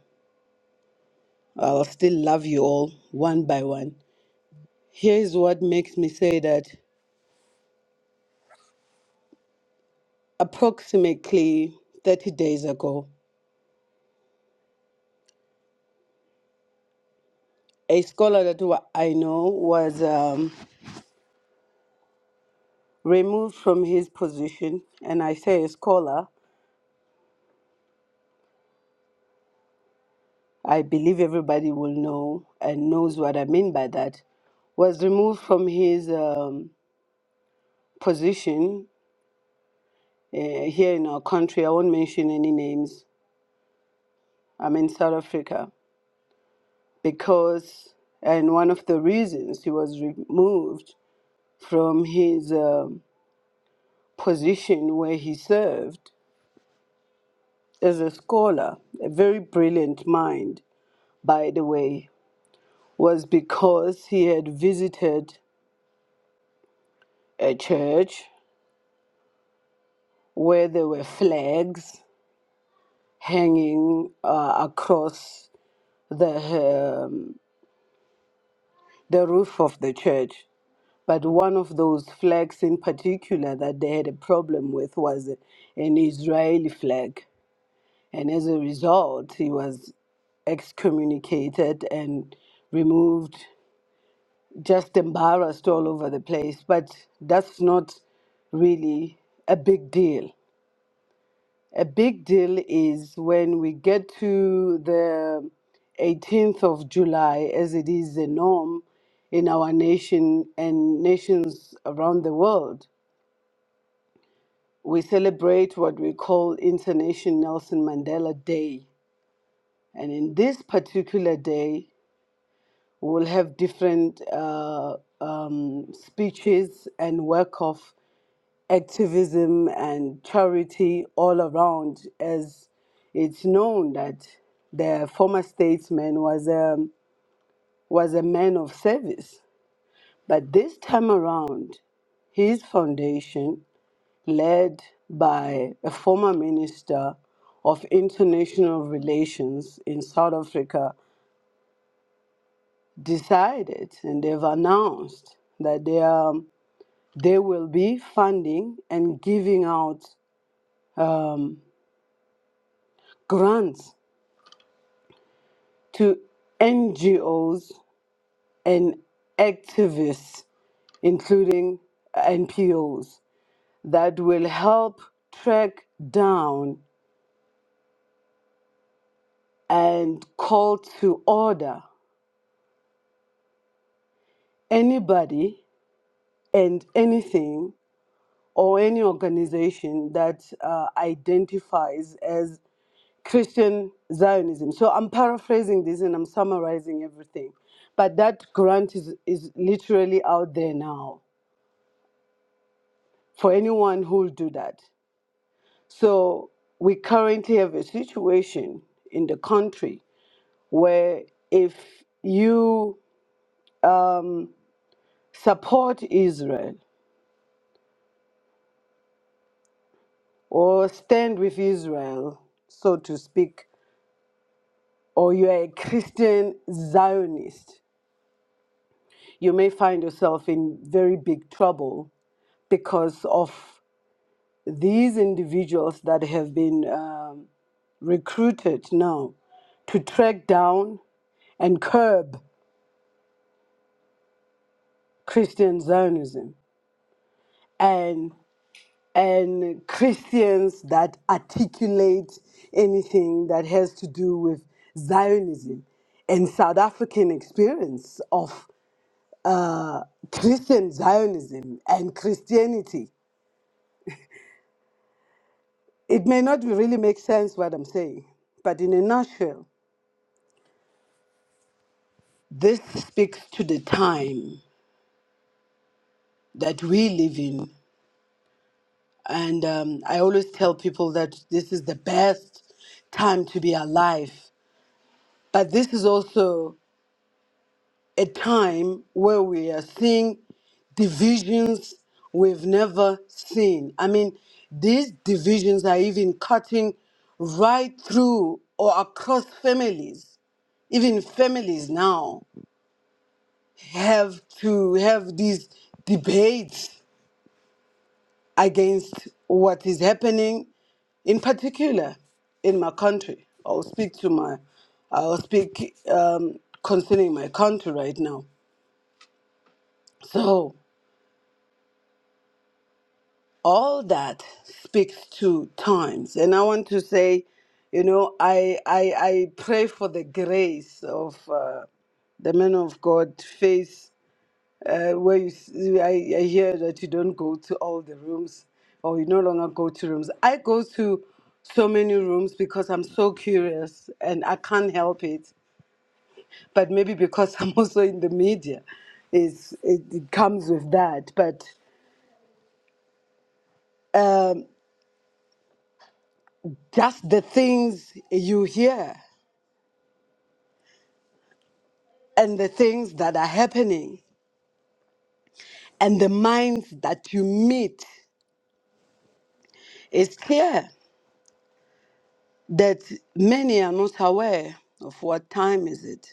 F: I'll still love you all one by one. Here's what makes me say that approximately 30 days ago, a scholar that wa- I know was. Um, removed from his position, and I say a scholar, I believe everybody will know and knows what I mean by that, was removed from his um, position uh, here in our country. I won't mention any names. I'm in South Africa because, and one of the reasons he was removed from his um position where he served as a scholar, a very brilliant mind, by the way. was because he had visited a church where there were flags hanging uh, across the um, the roof of the church. But one of those flags in particular that they had a problem with was an Israeli flag, and as a result, he was excommunicated and removed, just embarrassed all over the place. But that's not really a big deal. A big deal is when we get to the 18th of July, as it is the norm in our nation and nations around the world, we celebrate what we call International Nelson Mandela Day. And in this particular day, we'll have different uh, um, speeches and work off activism and charity all around, as it's known that the former statesman was a, was a man of service. But this time around, his foundation, led by a former minister of international relations in South Africa, decided and they've announced that they, are, they will be funding and giving out um, grants to NGOs and activists, including NPOs, that will help track down and call to order anybody and anything or any organization that uh, identifies as Christian Zionism. So I'm paraphrasing this and I'm summarizing everything. But that grant is, is literally out there now for anyone who'll do that. So we currently have a situation in the country where if you support Israel or stand with Israel, so to speak, or you are a Christian Zionist, you may find yourself in very big trouble because of these individuals that have been um, recruited now to track down and curb Christian Zionism. And and Christians that articulate anything that has to do with Zionism and South African experience of uh, Christian Zionism and Christianity. It may not really make sense what I'm saying, but in a nutshell, this speaks to the time that we live in. And um, I always tell people that this is the best time to be alive. But this is also a time where we are seeing divisions we've never seen. I mean, these divisions are even cutting right through or across families. Even families now have to have these debates against what is happening, in particular in my country. I'll speak to my, I'll speak um, concerning my country right now. So, all that speaks to times and i want to say you know i i, I pray for the grace of uh, the man of god face uh, where you s- I, I hear that you don't go to all the rooms or you no longer go to rooms i go to so many rooms because i'm so curious and i can't help it but maybe because i'm also in the media it's, it, it comes with that but um, just the things you hear and the things that are happening and the minds that you meet. It's clear that many are not aware of what time is it.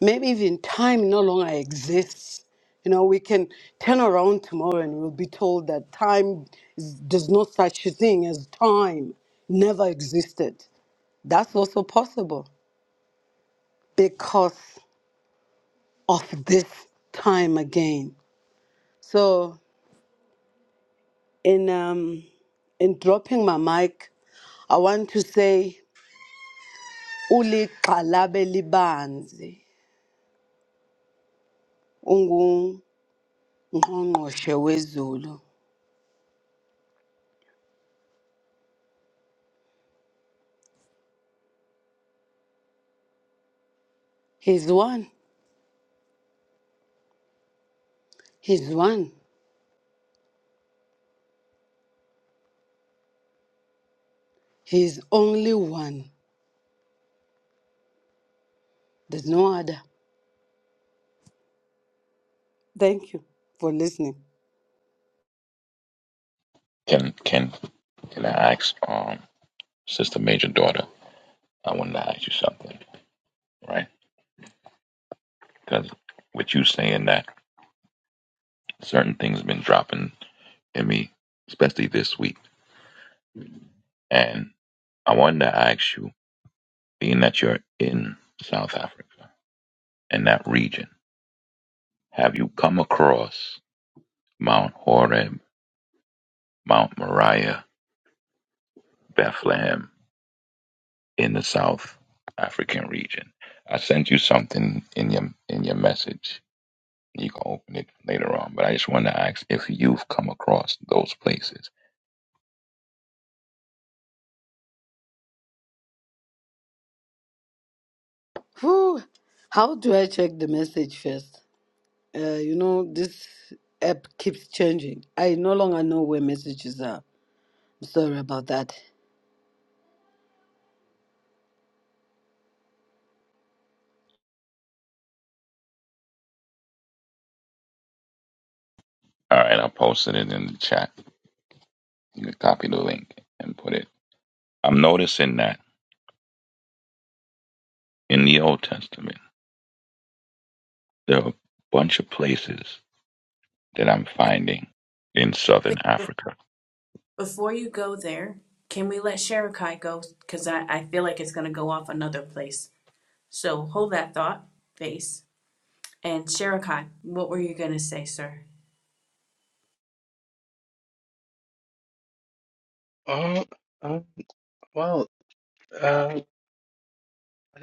F: Maybe even time no longer exists. You know, we can turn around tomorrow and we'll be told that time is, there's no such a thing as time, never existed. That's also possible because of this time again. So in um in dropping my mic i want to say "Uli ulixhalabe libanzi ungungqongqoshe wezulu he's one he's one he's only one there's no other thank you for listening
B: Can can can I ask, um, sister, major daughter? I wanted to ask you something, right? Because with you saying that certain things have been dropping in me, especially this week, and I wanted to ask you, being that you're in South Africa and that region, have you come across Mount Horeb, Mount Moriah, Bethlehem? in the South African region. I sent you something in your in your message. You can open it later on, but I just wanted to ask if you've come across those places.
F: Whew. how do i check the message first uh, you know this app keeps changing i no longer know where messages are I'm sorry about that
B: All right, I posted it in the chat. You can copy the link and put it. I'm noticing that in the Old Testament, there are a bunch of places that I'm finding in
A: But
B: Southern Africa.
A: before you go there, can we let Sherekai go? Because I, I feel like it's going to go off another place. So hold that thought, face. And Sherekai, what were you going to say, sir?
E: Uh, uh, well, uh,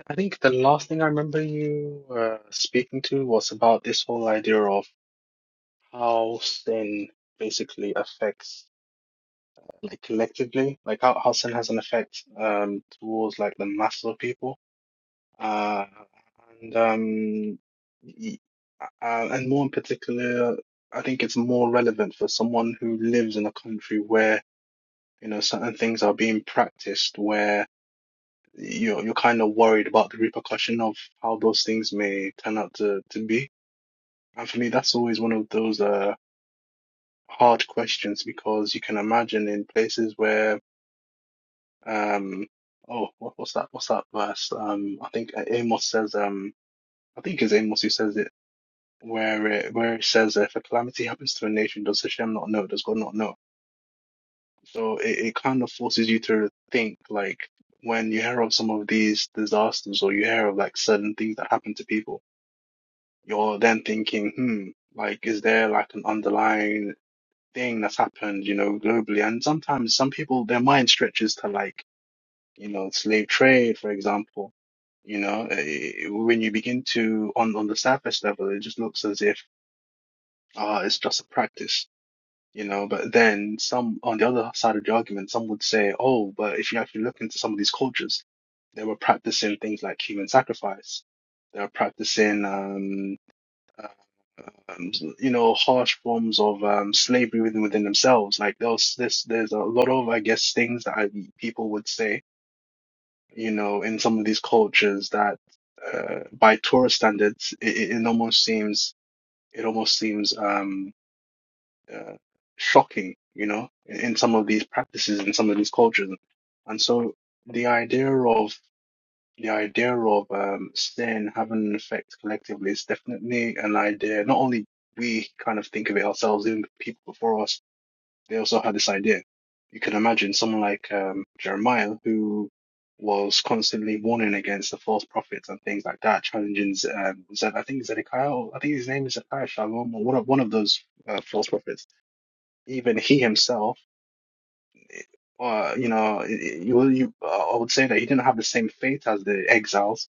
E: I think the last thing I remember you uh, speaking to was about this whole idea of how sin basically affects like collectively, like how, how sin has an effect um towards like the masses of people. Uh, and um, y- uh, and more in particular, I think it's more relevant for someone who lives in a country where You know, certain things are being practiced where you're you're kind of worried about the repercussion of how those things may turn out to to be. And for me, that's always one of those uh hard questions because you can imagine in places where um oh what, what's that what's that verse um I think uh, Amos says um I think it's Amos who says it where it where it says if a calamity happens to a nation does Hashem not know does God not know So it, it kind of forces you to think like when you hear of some of these disasters or you hear of like certain things that happen to people, you're then thinking, hmm, like is there like an underlying thing that's happened, you know, globally? And sometimes some people, their mind stretches to like, you know, slave trade, for example. You know, eh, when you begin to on on the surface level, it just looks as if uh it's just a practice you know. But then some, on the other side of the argument, some would say, oh, but if you actually look into some of these cultures, they were practicing things like human sacrifice. They were practicing, um, um, you know, harsh forms of um, slavery within within themselves. Like there's this, there's a lot of, I guess, things that I, people would say, you know, in some of these cultures that, uh, by Torah standards, it, it it almost seems, it almost seems. um, uh, shocking, you know, in, in some of these practices, in some of these cultures. And so the idea of the idea of um, sin having an effect collectively is definitely an idea. Not only we kind of think of it ourselves, even the people before us, they also had this idea. You can imagine someone like um, Jeremiah, who was constantly warning against the false prophets and things like that, challenging, um, Zed, I think Zedekiah, or I think his name is Zedekiah Shalom, or one of, one of those uh, false prophets even he himself, uh, you know, you, you, uh, I would say that he didn't have the same fate as the exiles,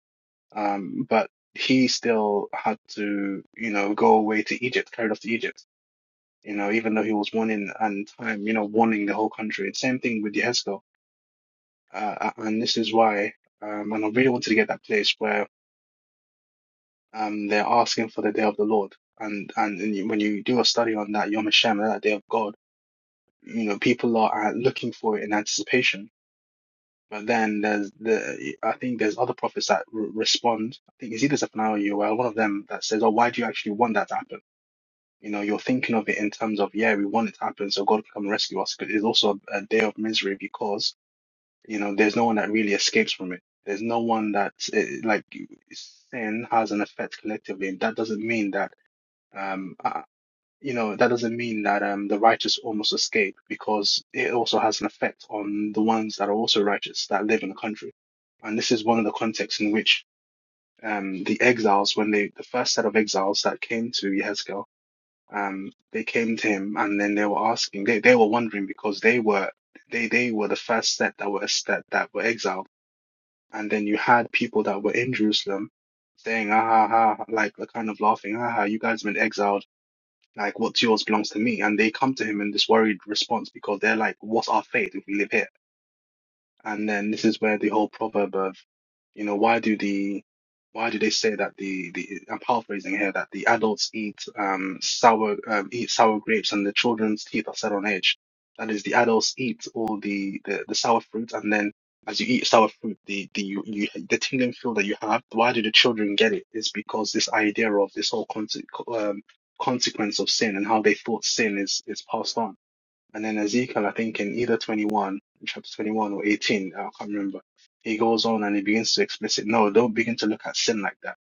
E: um, but he still had to, you know, go away to Egypt, carried off to Egypt, you know, even though he was warning and time, you know, warning the whole country. And same thing with Yehezkel. Uh, and this is why, um, and I really wanted to get that place where um, they're asking for the day of the Lord. And, and and when you do a study on that Yom Hashem, that day of God, you know, people are uh, looking for it in anticipation But then there's the I think there's other prophets that re respond. I think it's either Zephaniah or Yoel, one of them that says, "Oh, why do you actually want that to happen?" You know, you're thinking of it in terms of, "Yeah, we want it to happen, so God can come and rescue us." But it's also a day of misery because you know there's no one that really escapes from it. There's no one that eh, like sin has an effect collectively. That doesn't mean that. Um, you know, that doesn't mean that um, the righteous almost escape because it also has an effect on the ones that are also righteous that live in the country. And this is one of the contexts in which um, the exiles, when they, the first set of exiles that came to Yehezkel, um, they came to him and then they were asking, they, they were wondering because they were, they, they were the first set that were, that, that were exiled. And then you had people that were in Jerusalem saying, ah, ha, ha, like, the kind of laughing, ah, ha, you guys have been exiled like, what's yours belongs to me. And they come to him in this worried response because they're like, what's our fate if we live here? And then this is where the whole proverb of you know, why do the why do they say that the the I'm paraphrasing here that the adults eat um sour um eat sour grapes and the children's teeth are set on edge? That is, the adults eat all the the, the sour fruit, and then as you eat sour fruit, the the you, you the tingling feel that you have. Why do the children get it? It's because this idea of this whole conse- um, consequence of sin and how they thought sin is is passed on. And then Ezekiel, I think in either 21, in chapter 21 or 18, I can't remember, he goes on and he begins to explicit, no, don't begin to look at sin like that.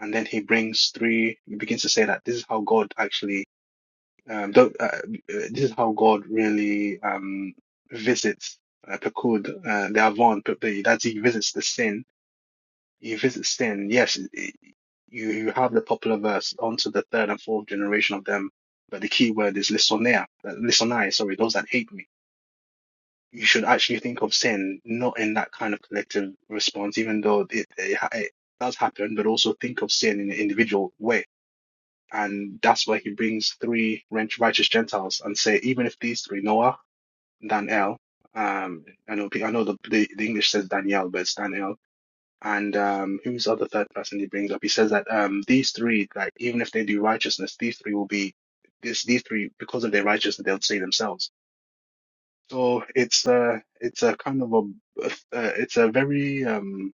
E: And then he brings three, he begins to say that this is how God actually, um, don't, uh, uh, this is how God really um, visits uh, Pekud, uh, the Avon, Pe- Pe- that he visits the sin. He visits sin. Yes, it- you, you have the popular verse onto the third and fourth generation of them, but the key word is lisonea, uh, lisonai, sorry, those that hate me you should actually think of sin not in that kind of collective response, even though it, it, ha- it does happen, but also think of sin in an individual way. And that's where he brings three righteous Gentiles and say, even if these three, Noah, Daniel, um, I know, I know the, the, the English says Daniel, but it's Daniel. And um, who's the other third person he brings up? He says that um, these three, like even if they do righteousness, these three will be this. These three, because of their righteousness, they'll save themselves. So it's a it's a kind of a uh, it's a very um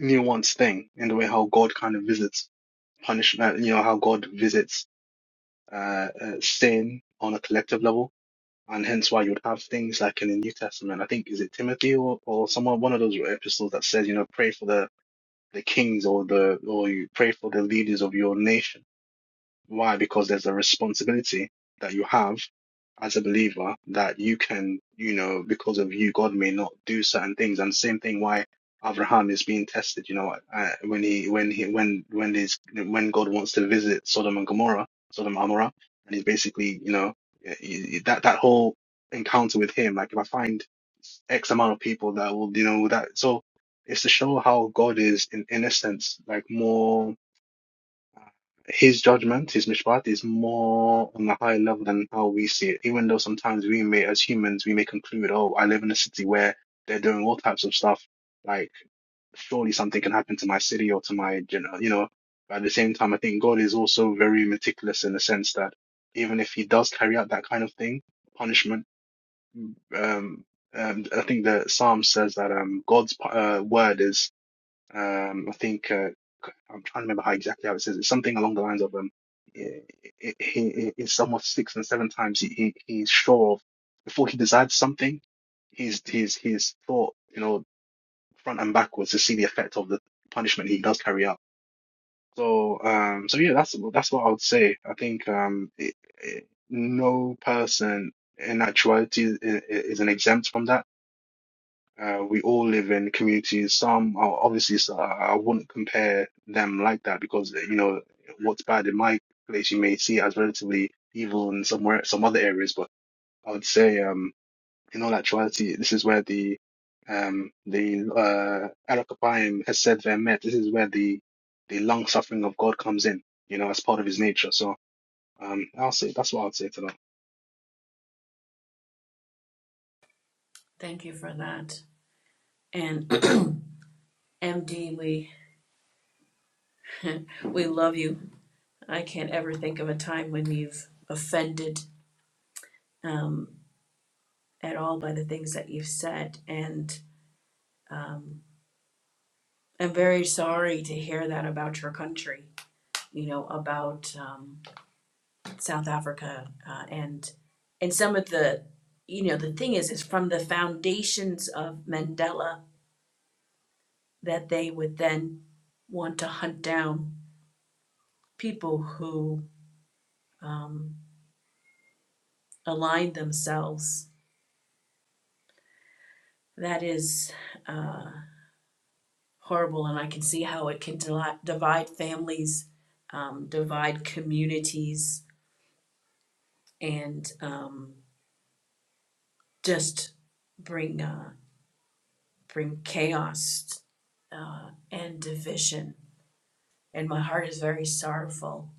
E: nuanced thing in the way how God kind of visits punishment, uh, you know, how God visits uh, uh sin on a collective level, and hence why you'd have things like in the New Testament. I think is it Timothy or or someone one of those epistles that says, you know, pray for the the kings or the or you pray for the leaders of your nation why? Because there's a responsibility that you have as a believer that you can, you know, because of you, God may not do certain things. And same thing, why Abraham is being tested, you know, uh, when he, when he, when, when his, when God wants to visit Sodom and Gomorrah, Sodom and Amorah, and he's basically, you know, eh, eh, that, that whole encounter with him, like if I find X amount of people that will, you know, that, so it's to show how God is in, in a sense, like more his judgment, his mishpat, is more on a higher level than how we see it. Even though sometimes we may, as humans, we may conclude, oh, I live in a city where they're doing all types of stuff. Like, surely something can happen to my city or to my, you know, you know. But at the same time, I think God is also very meticulous in the sense that even if he does carry out that kind of thing, punishment, um, um, I think the Psalm says that um, God's uh, word is um, I think uh, I'm trying to remember how exactly how it says it's Something along the lines of um, he, he is somewhat six and seven times he, he he's sure of before he decides something, he's he's he's thought you know front and backwards to see the effect of the punishment he does carry out. So um, so yeah, that's that's what I would say. I think um, it, it, no person in actuality is, is an exempt from that uh, we all live in communities. Some are obviously, so I I wouldn't compare them like that because, uh, you know, what's bad in my place, you may see as relatively evil in somewhere, some other areas. But I would say, um, in all actuality, this is where the, um, the, uh, Arakapayim has said their met. This is where the, the long suffering of God comes in, you know, as part of his nature. So, um, I'll say that's what I'd say to that.
A: Thank you for that. And MD, we we love you. I can't ever think of a time when you've offended um, at all by the things that you've said, and um, I'm very sorry to hear that about your country. you know, about um, South Africa uh, and and some of the, you know, the thing is, is from the foundations of Mandela that they would then want to hunt down people who um, align themselves. That is uh, horrible, and I can see how it can deli- divide families, um, divide communities, and um, just bring. Uh, bring chaos uh, and division. And my heart is very sorrowful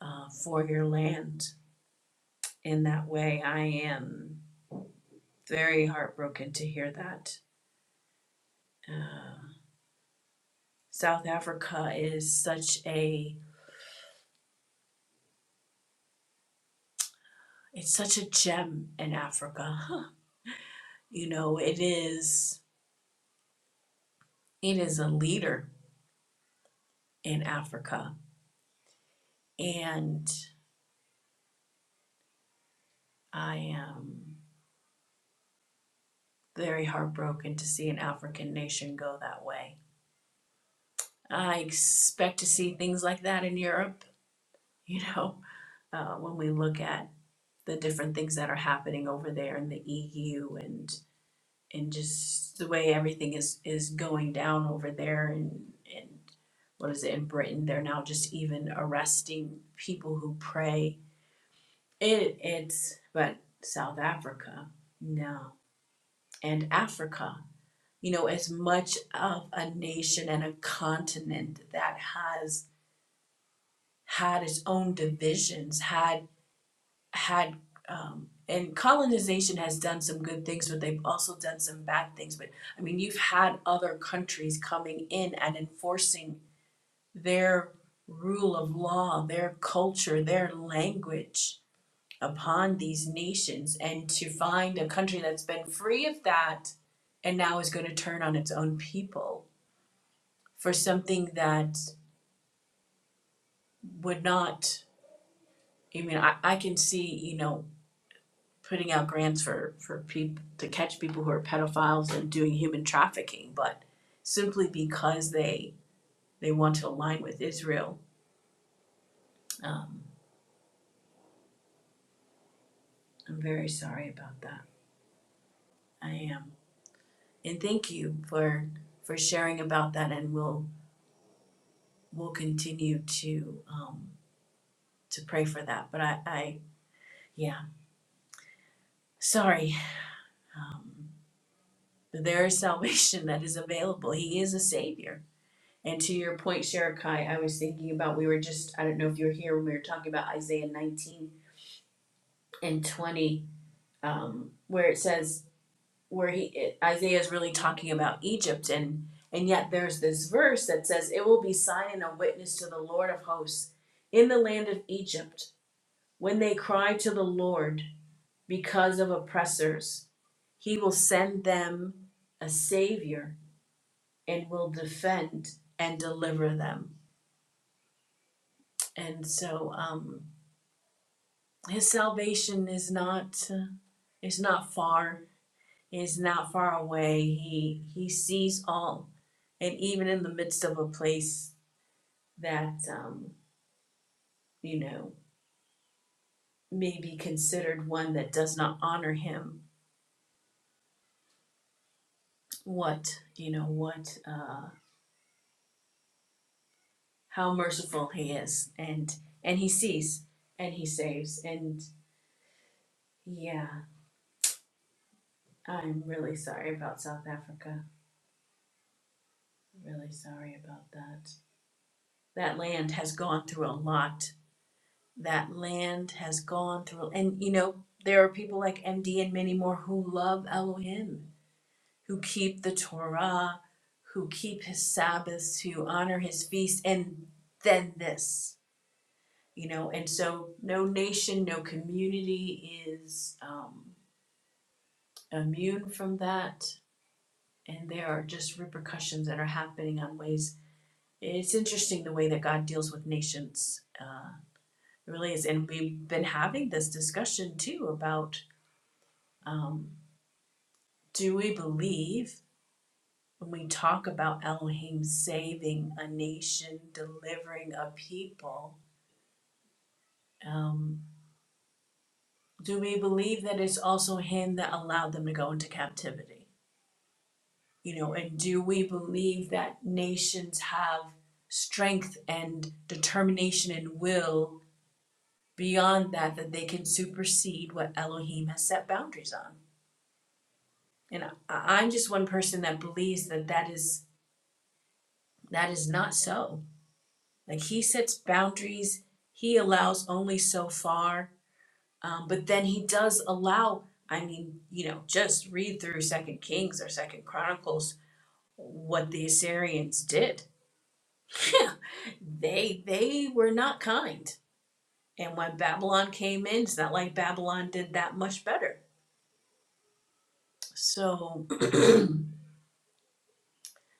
A: uh, for your land in that way. I am very heartbroken to hear that. Uh, South Africa is such a it's such a gem in Africa. Huh. You know, it is it is a leader in Africa, and I am very heartbroken to see an African nation go that way I expect to see things like that in Europe, you know, uh, when we look at the different things that are happening over there in the EU and and just the way everything is is going down over there and and what is it in Britain they're now just even arresting people who pray it it's but South Africa no and Africa you know as much of a nation and a continent that has had its own divisions, had had um, and colonization has done some good things, but they've also done some bad things. But I mean, you've had other countries coming in and enforcing their rule of law, their culture, their language upon these nations, and to find a country that's been free of that and now is going to turn on its own people for something that would not I mean, I, I can see, you know, putting out grants for for people to catch people who are pedophiles and doing human trafficking, but simply because they they want to align with Israel. Um, I'm very sorry about that. I am, and thank you for for sharing about that. And we'll we'll continue to um, to pray for that. But I, I yeah, sorry. Um, there is salvation that is available. He is a savior And to your point, Sherekai, I was thinking about we were just I don't know if you were here when we were talking about Isaiah 19 and 20, um, where it says where he it, Isaiah is really talking about Egypt and and yet there's this verse that says it will be sign and a witness to the Lord of hosts in the land of Egypt when they cry to the Lord because of oppressors he will send them a savior and will defend and deliver them. And so, um, His salvation is not uh, is not far, is not far away. He he sees all, and even in the midst of a place that um, you know may be considered one that does not honor him, what you know what uh, how merciful he is, and and he sees and he saves, and yeah, I'm really sorry about South Africa. Really sorry about that. That land has gone through a lot that land has gone through and you know there are people like md and many more who love elohim who keep the torah who keep his sabbaths who honor his feast and then this you know and so no nation no community is um, immune from that and there are just repercussions that are happening on ways it's interesting the way that god deals with nations uh, it really is and we've been having this discussion too about Um, do we believe when we talk about Elohim saving a nation, delivering a people, um, do we believe that it's also Him that allowed them to go into captivity? You know, and do we believe that nations have strength and determination and will beyond that, that they can supersede what Elohim has set boundaries on? And I, I'm just one person that believes that that is that is not so Like he sets boundaries, he allows only so far, um, but then he does allow. I mean, you know, just read through Second Kings or Second Chronicles what the Assyrians did. they they were not kind, and when Babylon came in, it's not like Babylon did that much better. So.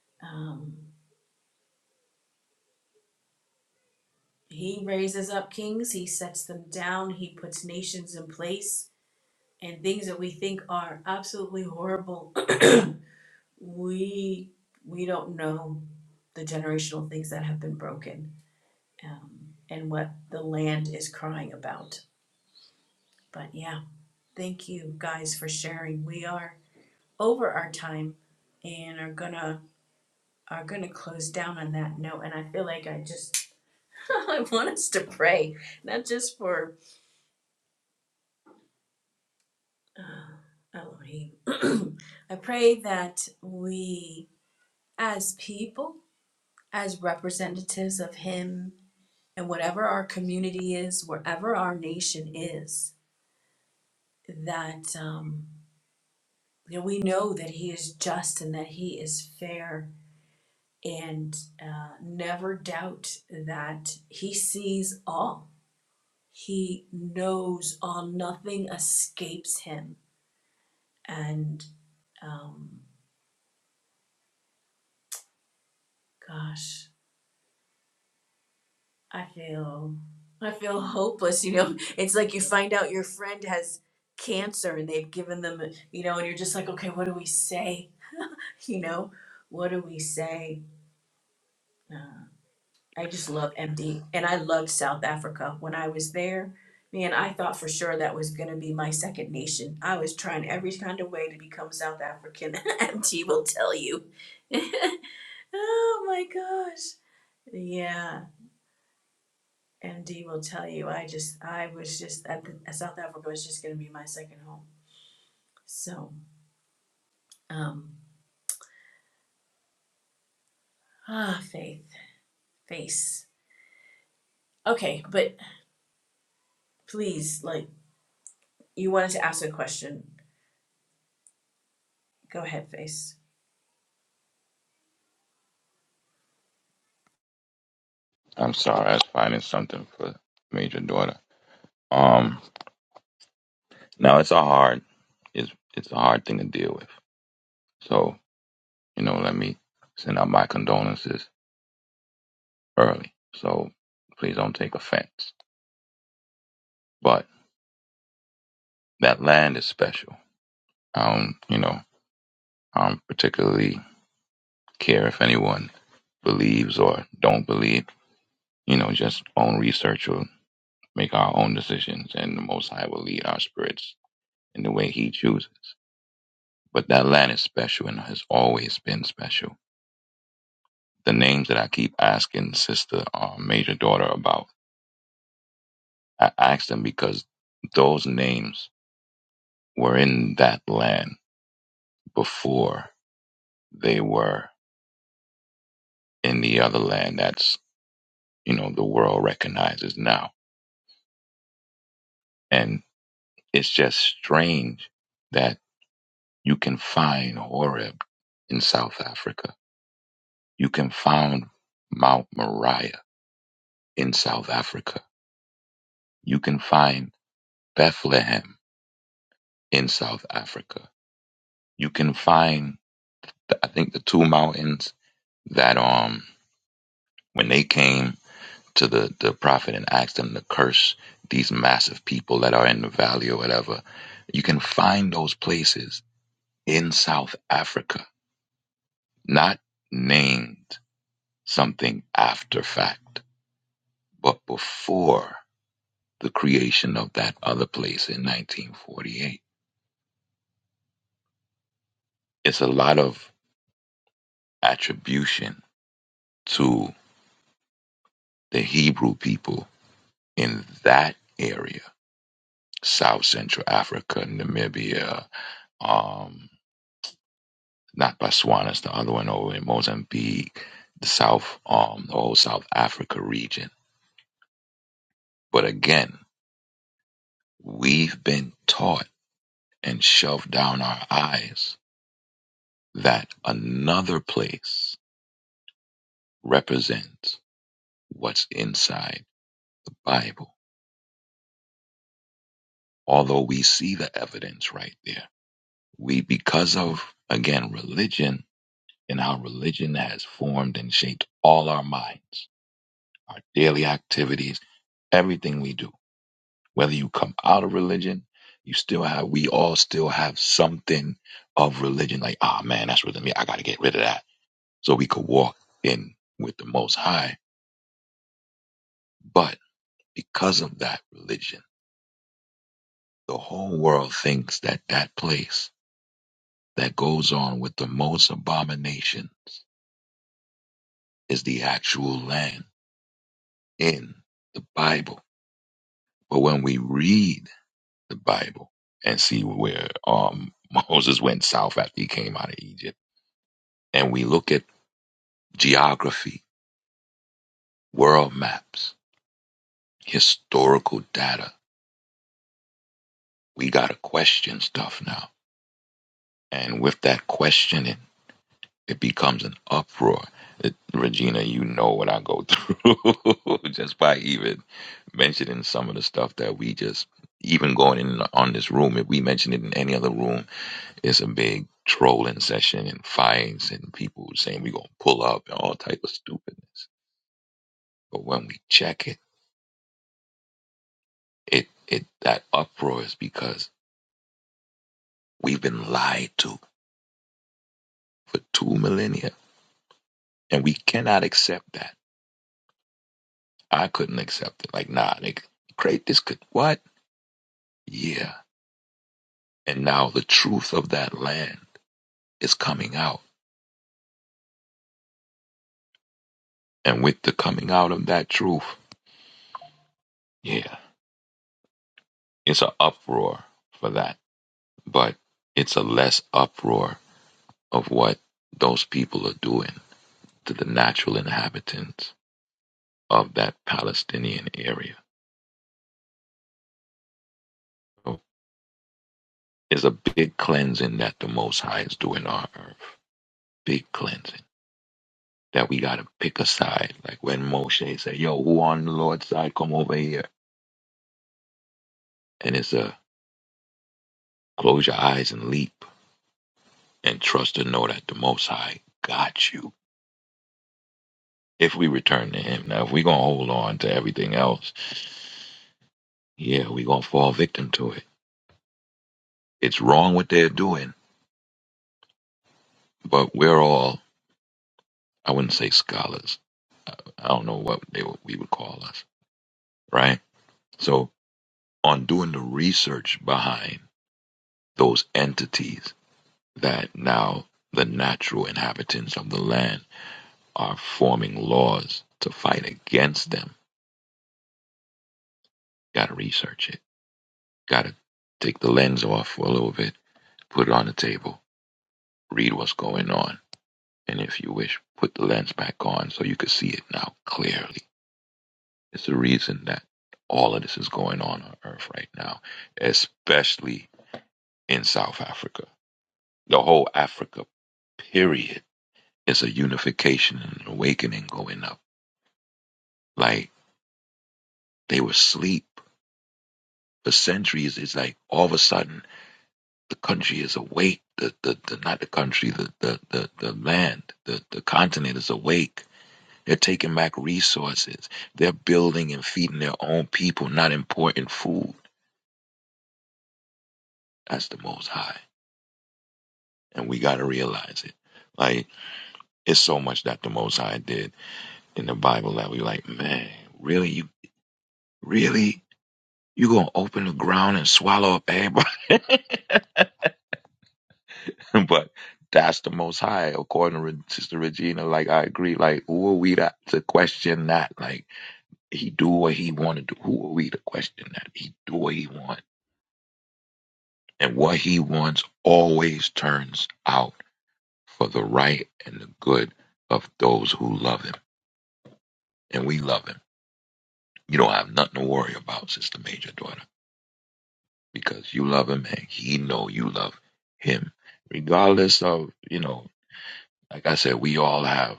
A: um, he raises up kings, he sets them down, he puts nations in place, and things that we think are absolutely horrible we we don't know the generational things that have been broken um, and what the land is crying about but yeah thank you guys for sharing we are over our time and are gonna are gonna close down on that note and i feel like i just i want us to pray not just for uh, elohim i pray that we as people as representatives of him and whatever our community is, wherever our nation is, that um, you know, we know that He is just and that He is fair, and uh, never doubt that He sees all. He knows all. Nothing escapes Him. And um, gosh, I feel I feel hopeless. You know, it's like you find out your friend has cancer and they've given them, you know, and you're just like, okay, what do we say? you know, what do we say? Uh, I just love empty. And I loved South Africa. When I was there, man, I thought for sure that was going to be my second nation. I was trying every kind of way to become South African. MD will tell you. oh my gosh. Yeah. MD will tell you. I just, I was just, at the, South Africa was just going to be my second home. So, um, ah, faith, face. Okay, but please, like, you wanted to ask a question. Go ahead, Face.
B: I'm sorry, I was finding something for major daughter. Um, now it's a hard, it's it's a hard thing to deal with. So you know, let me send out my condolences early. So please don't take offense. But that land is special. I don't, you know, I don't particularly care if anyone believes or don't believe. You know, just own research will make our own decisions, and the Most High will lead our spirits in the way He chooses. But that land is special and has always been special. The names that I keep asking sister, uh, major daughter about, I ask them because those names were in that land before they were in the other land that's you know the world recognizes now and it's just strange that you can find horeb in south africa you can find mount moriah in south africa you can find bethlehem in south africa you can find i think the two mountains that um when they came to the, the prophet and ask them to curse these massive people that are in the valley or whatever. You can find those places in South Africa, not named something after fact, but before the creation of that other place in 1948. It's a lot of attribution to the Hebrew people in that area, South Central Africa, Namibia, um. not Botswana. It's the other one over in Mozambique, the South, um, the whole South Africa region. But again, we've been taught and shoved down our eyes that another place represents what's inside the Bible. Although we see the evidence right there, we, because of, again, religion and how religion has formed and shaped all our minds, our daily activities, everything we do Whether you come out of religion, you still have, we all still have something of religion. Like, ah, man, that's religion. Yeah, I got to get rid of that. So we could walk in with the Most High. But because of that religion, the whole world thinks that that place that goes on with the most abominations is the actual land in the Bible. But when we read the Bible and see where um, Moses went south after he came out of Egypt, and we look at geography, world maps, historical data. We got to question stuff now. And with that questioning, it becomes an uproar. It, Regina, you know what I go through just by even mentioning some of the stuff that we just, even going in on this room, if we mention it in any other room, it's a big trolling session and fights and people saying we going to pull up and all type of stupidness. But when we check it, it, it that uproar is because We've been lied to for two millennia, and we cannot accept that. I couldn't accept it. Like, nah, nigga, great. this could what? Yeah. And now the truth of that land is coming out, and with the coming out of that truth, yeah, it's an uproar for that, but it's a less uproar of what those people are doing to the natural inhabitants of that Palestinian area. So It's a big cleansing that the Most High is doing on earth. big cleansing that we got to pick a side. Like when Moshe said, Yo, who on the Lord's side, come over here. And it's a close your eyes and leap and trust and know that the Most High got you if we return to Him. Now, if we're going to hold on to everything else, yeah, we're going to fall victim to it. It's wrong what they're doing, but we're all, I wouldn't say scholars. I don't know what they would, we would call us, right? So, on doing the research behind those entities, that now the natural inhabitants of the land are forming laws to fight against them. Got to research it. Got to take the lens off for a little bit, put it on the table, read what's going on, and if you wish, put the lens back on so you can see it now clearly. It's the reason that all of this is going on on Earth right now, especially in South Africa. The whole Africa period is a unification and an awakening going up. Like They were asleep for centuries. It's like all of a sudden the country is awake. The, the, the not the country, the, the, the, the land, the, the continent is awake. They're taking back resources. They're building and feeding their own people, not importing food. That's the Most High. And we got to realize it. Like, it's so much that the Most High did in the Bible that we like, man, really? You really? You gonna open the ground and swallow up everybody? but that's the most high, according to Re- Sister Regina. Like I agree. Like who are we to, to question that? Like he do what he want to do. Who are we to question that? He do what he want, and what he wants always turns out for the right and the good of those who love him, and we love him. You don't have nothing to worry about, Sister Major Daughter, because you love him and he know you love him, regardless of you know. Like I said, we all have.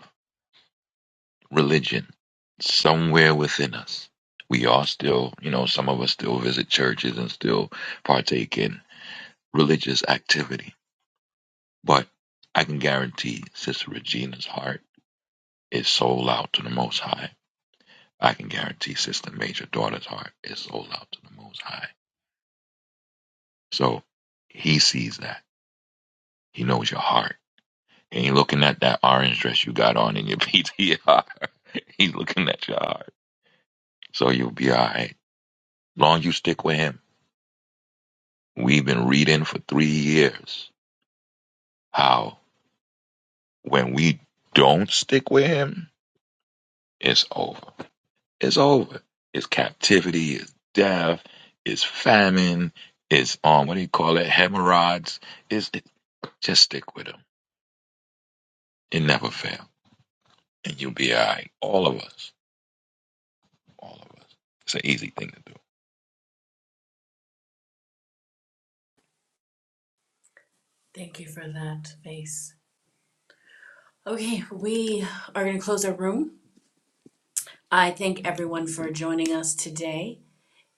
B: religion somewhere within us. We are still, you know, some of us still visit churches and still partake in religious activity. But I can guarantee Sister Regina's heart is sold out to the Most High. I can guarantee Sister Major Daughter's heart is sold out to the Most High. So he sees that. He knows your heart. He ain't looking at that orange dress you got on in your PTR. He's looking at your heart. So you'll be all right. Long you stick with him We've been reading for three years how when we don't stick with him, it's over. It's over. It's captivity, it's death, it's famine, it's um what do you call it? Hemorrhoids. It's it, just stick with him. It never fails. And you'll be all right. All of us. All of us. It's an easy thing to do.
A: Thank you for that face. Okay, we are going to close our room. I thank everyone for joining us today.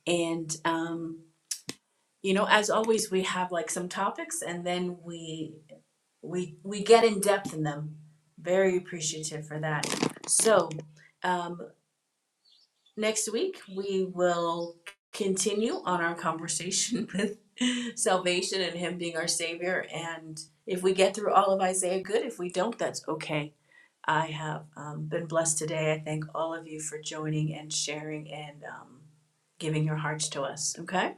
A: And um, you know, as always, we have like some topics, and then we we we get in depth in them. Very appreciative for that. So um, next week we will continue on our conversation with salvation and Him being our Savior. And if we get through all of Isaiah, good. If we don't, that's okay I have um, been blessed today. I thank all of you for joining and sharing and um, giving your hearts to us. Okay?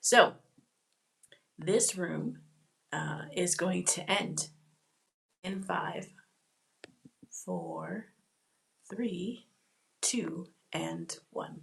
A: So, this room uh, is going to end in five, four, three, two, and one.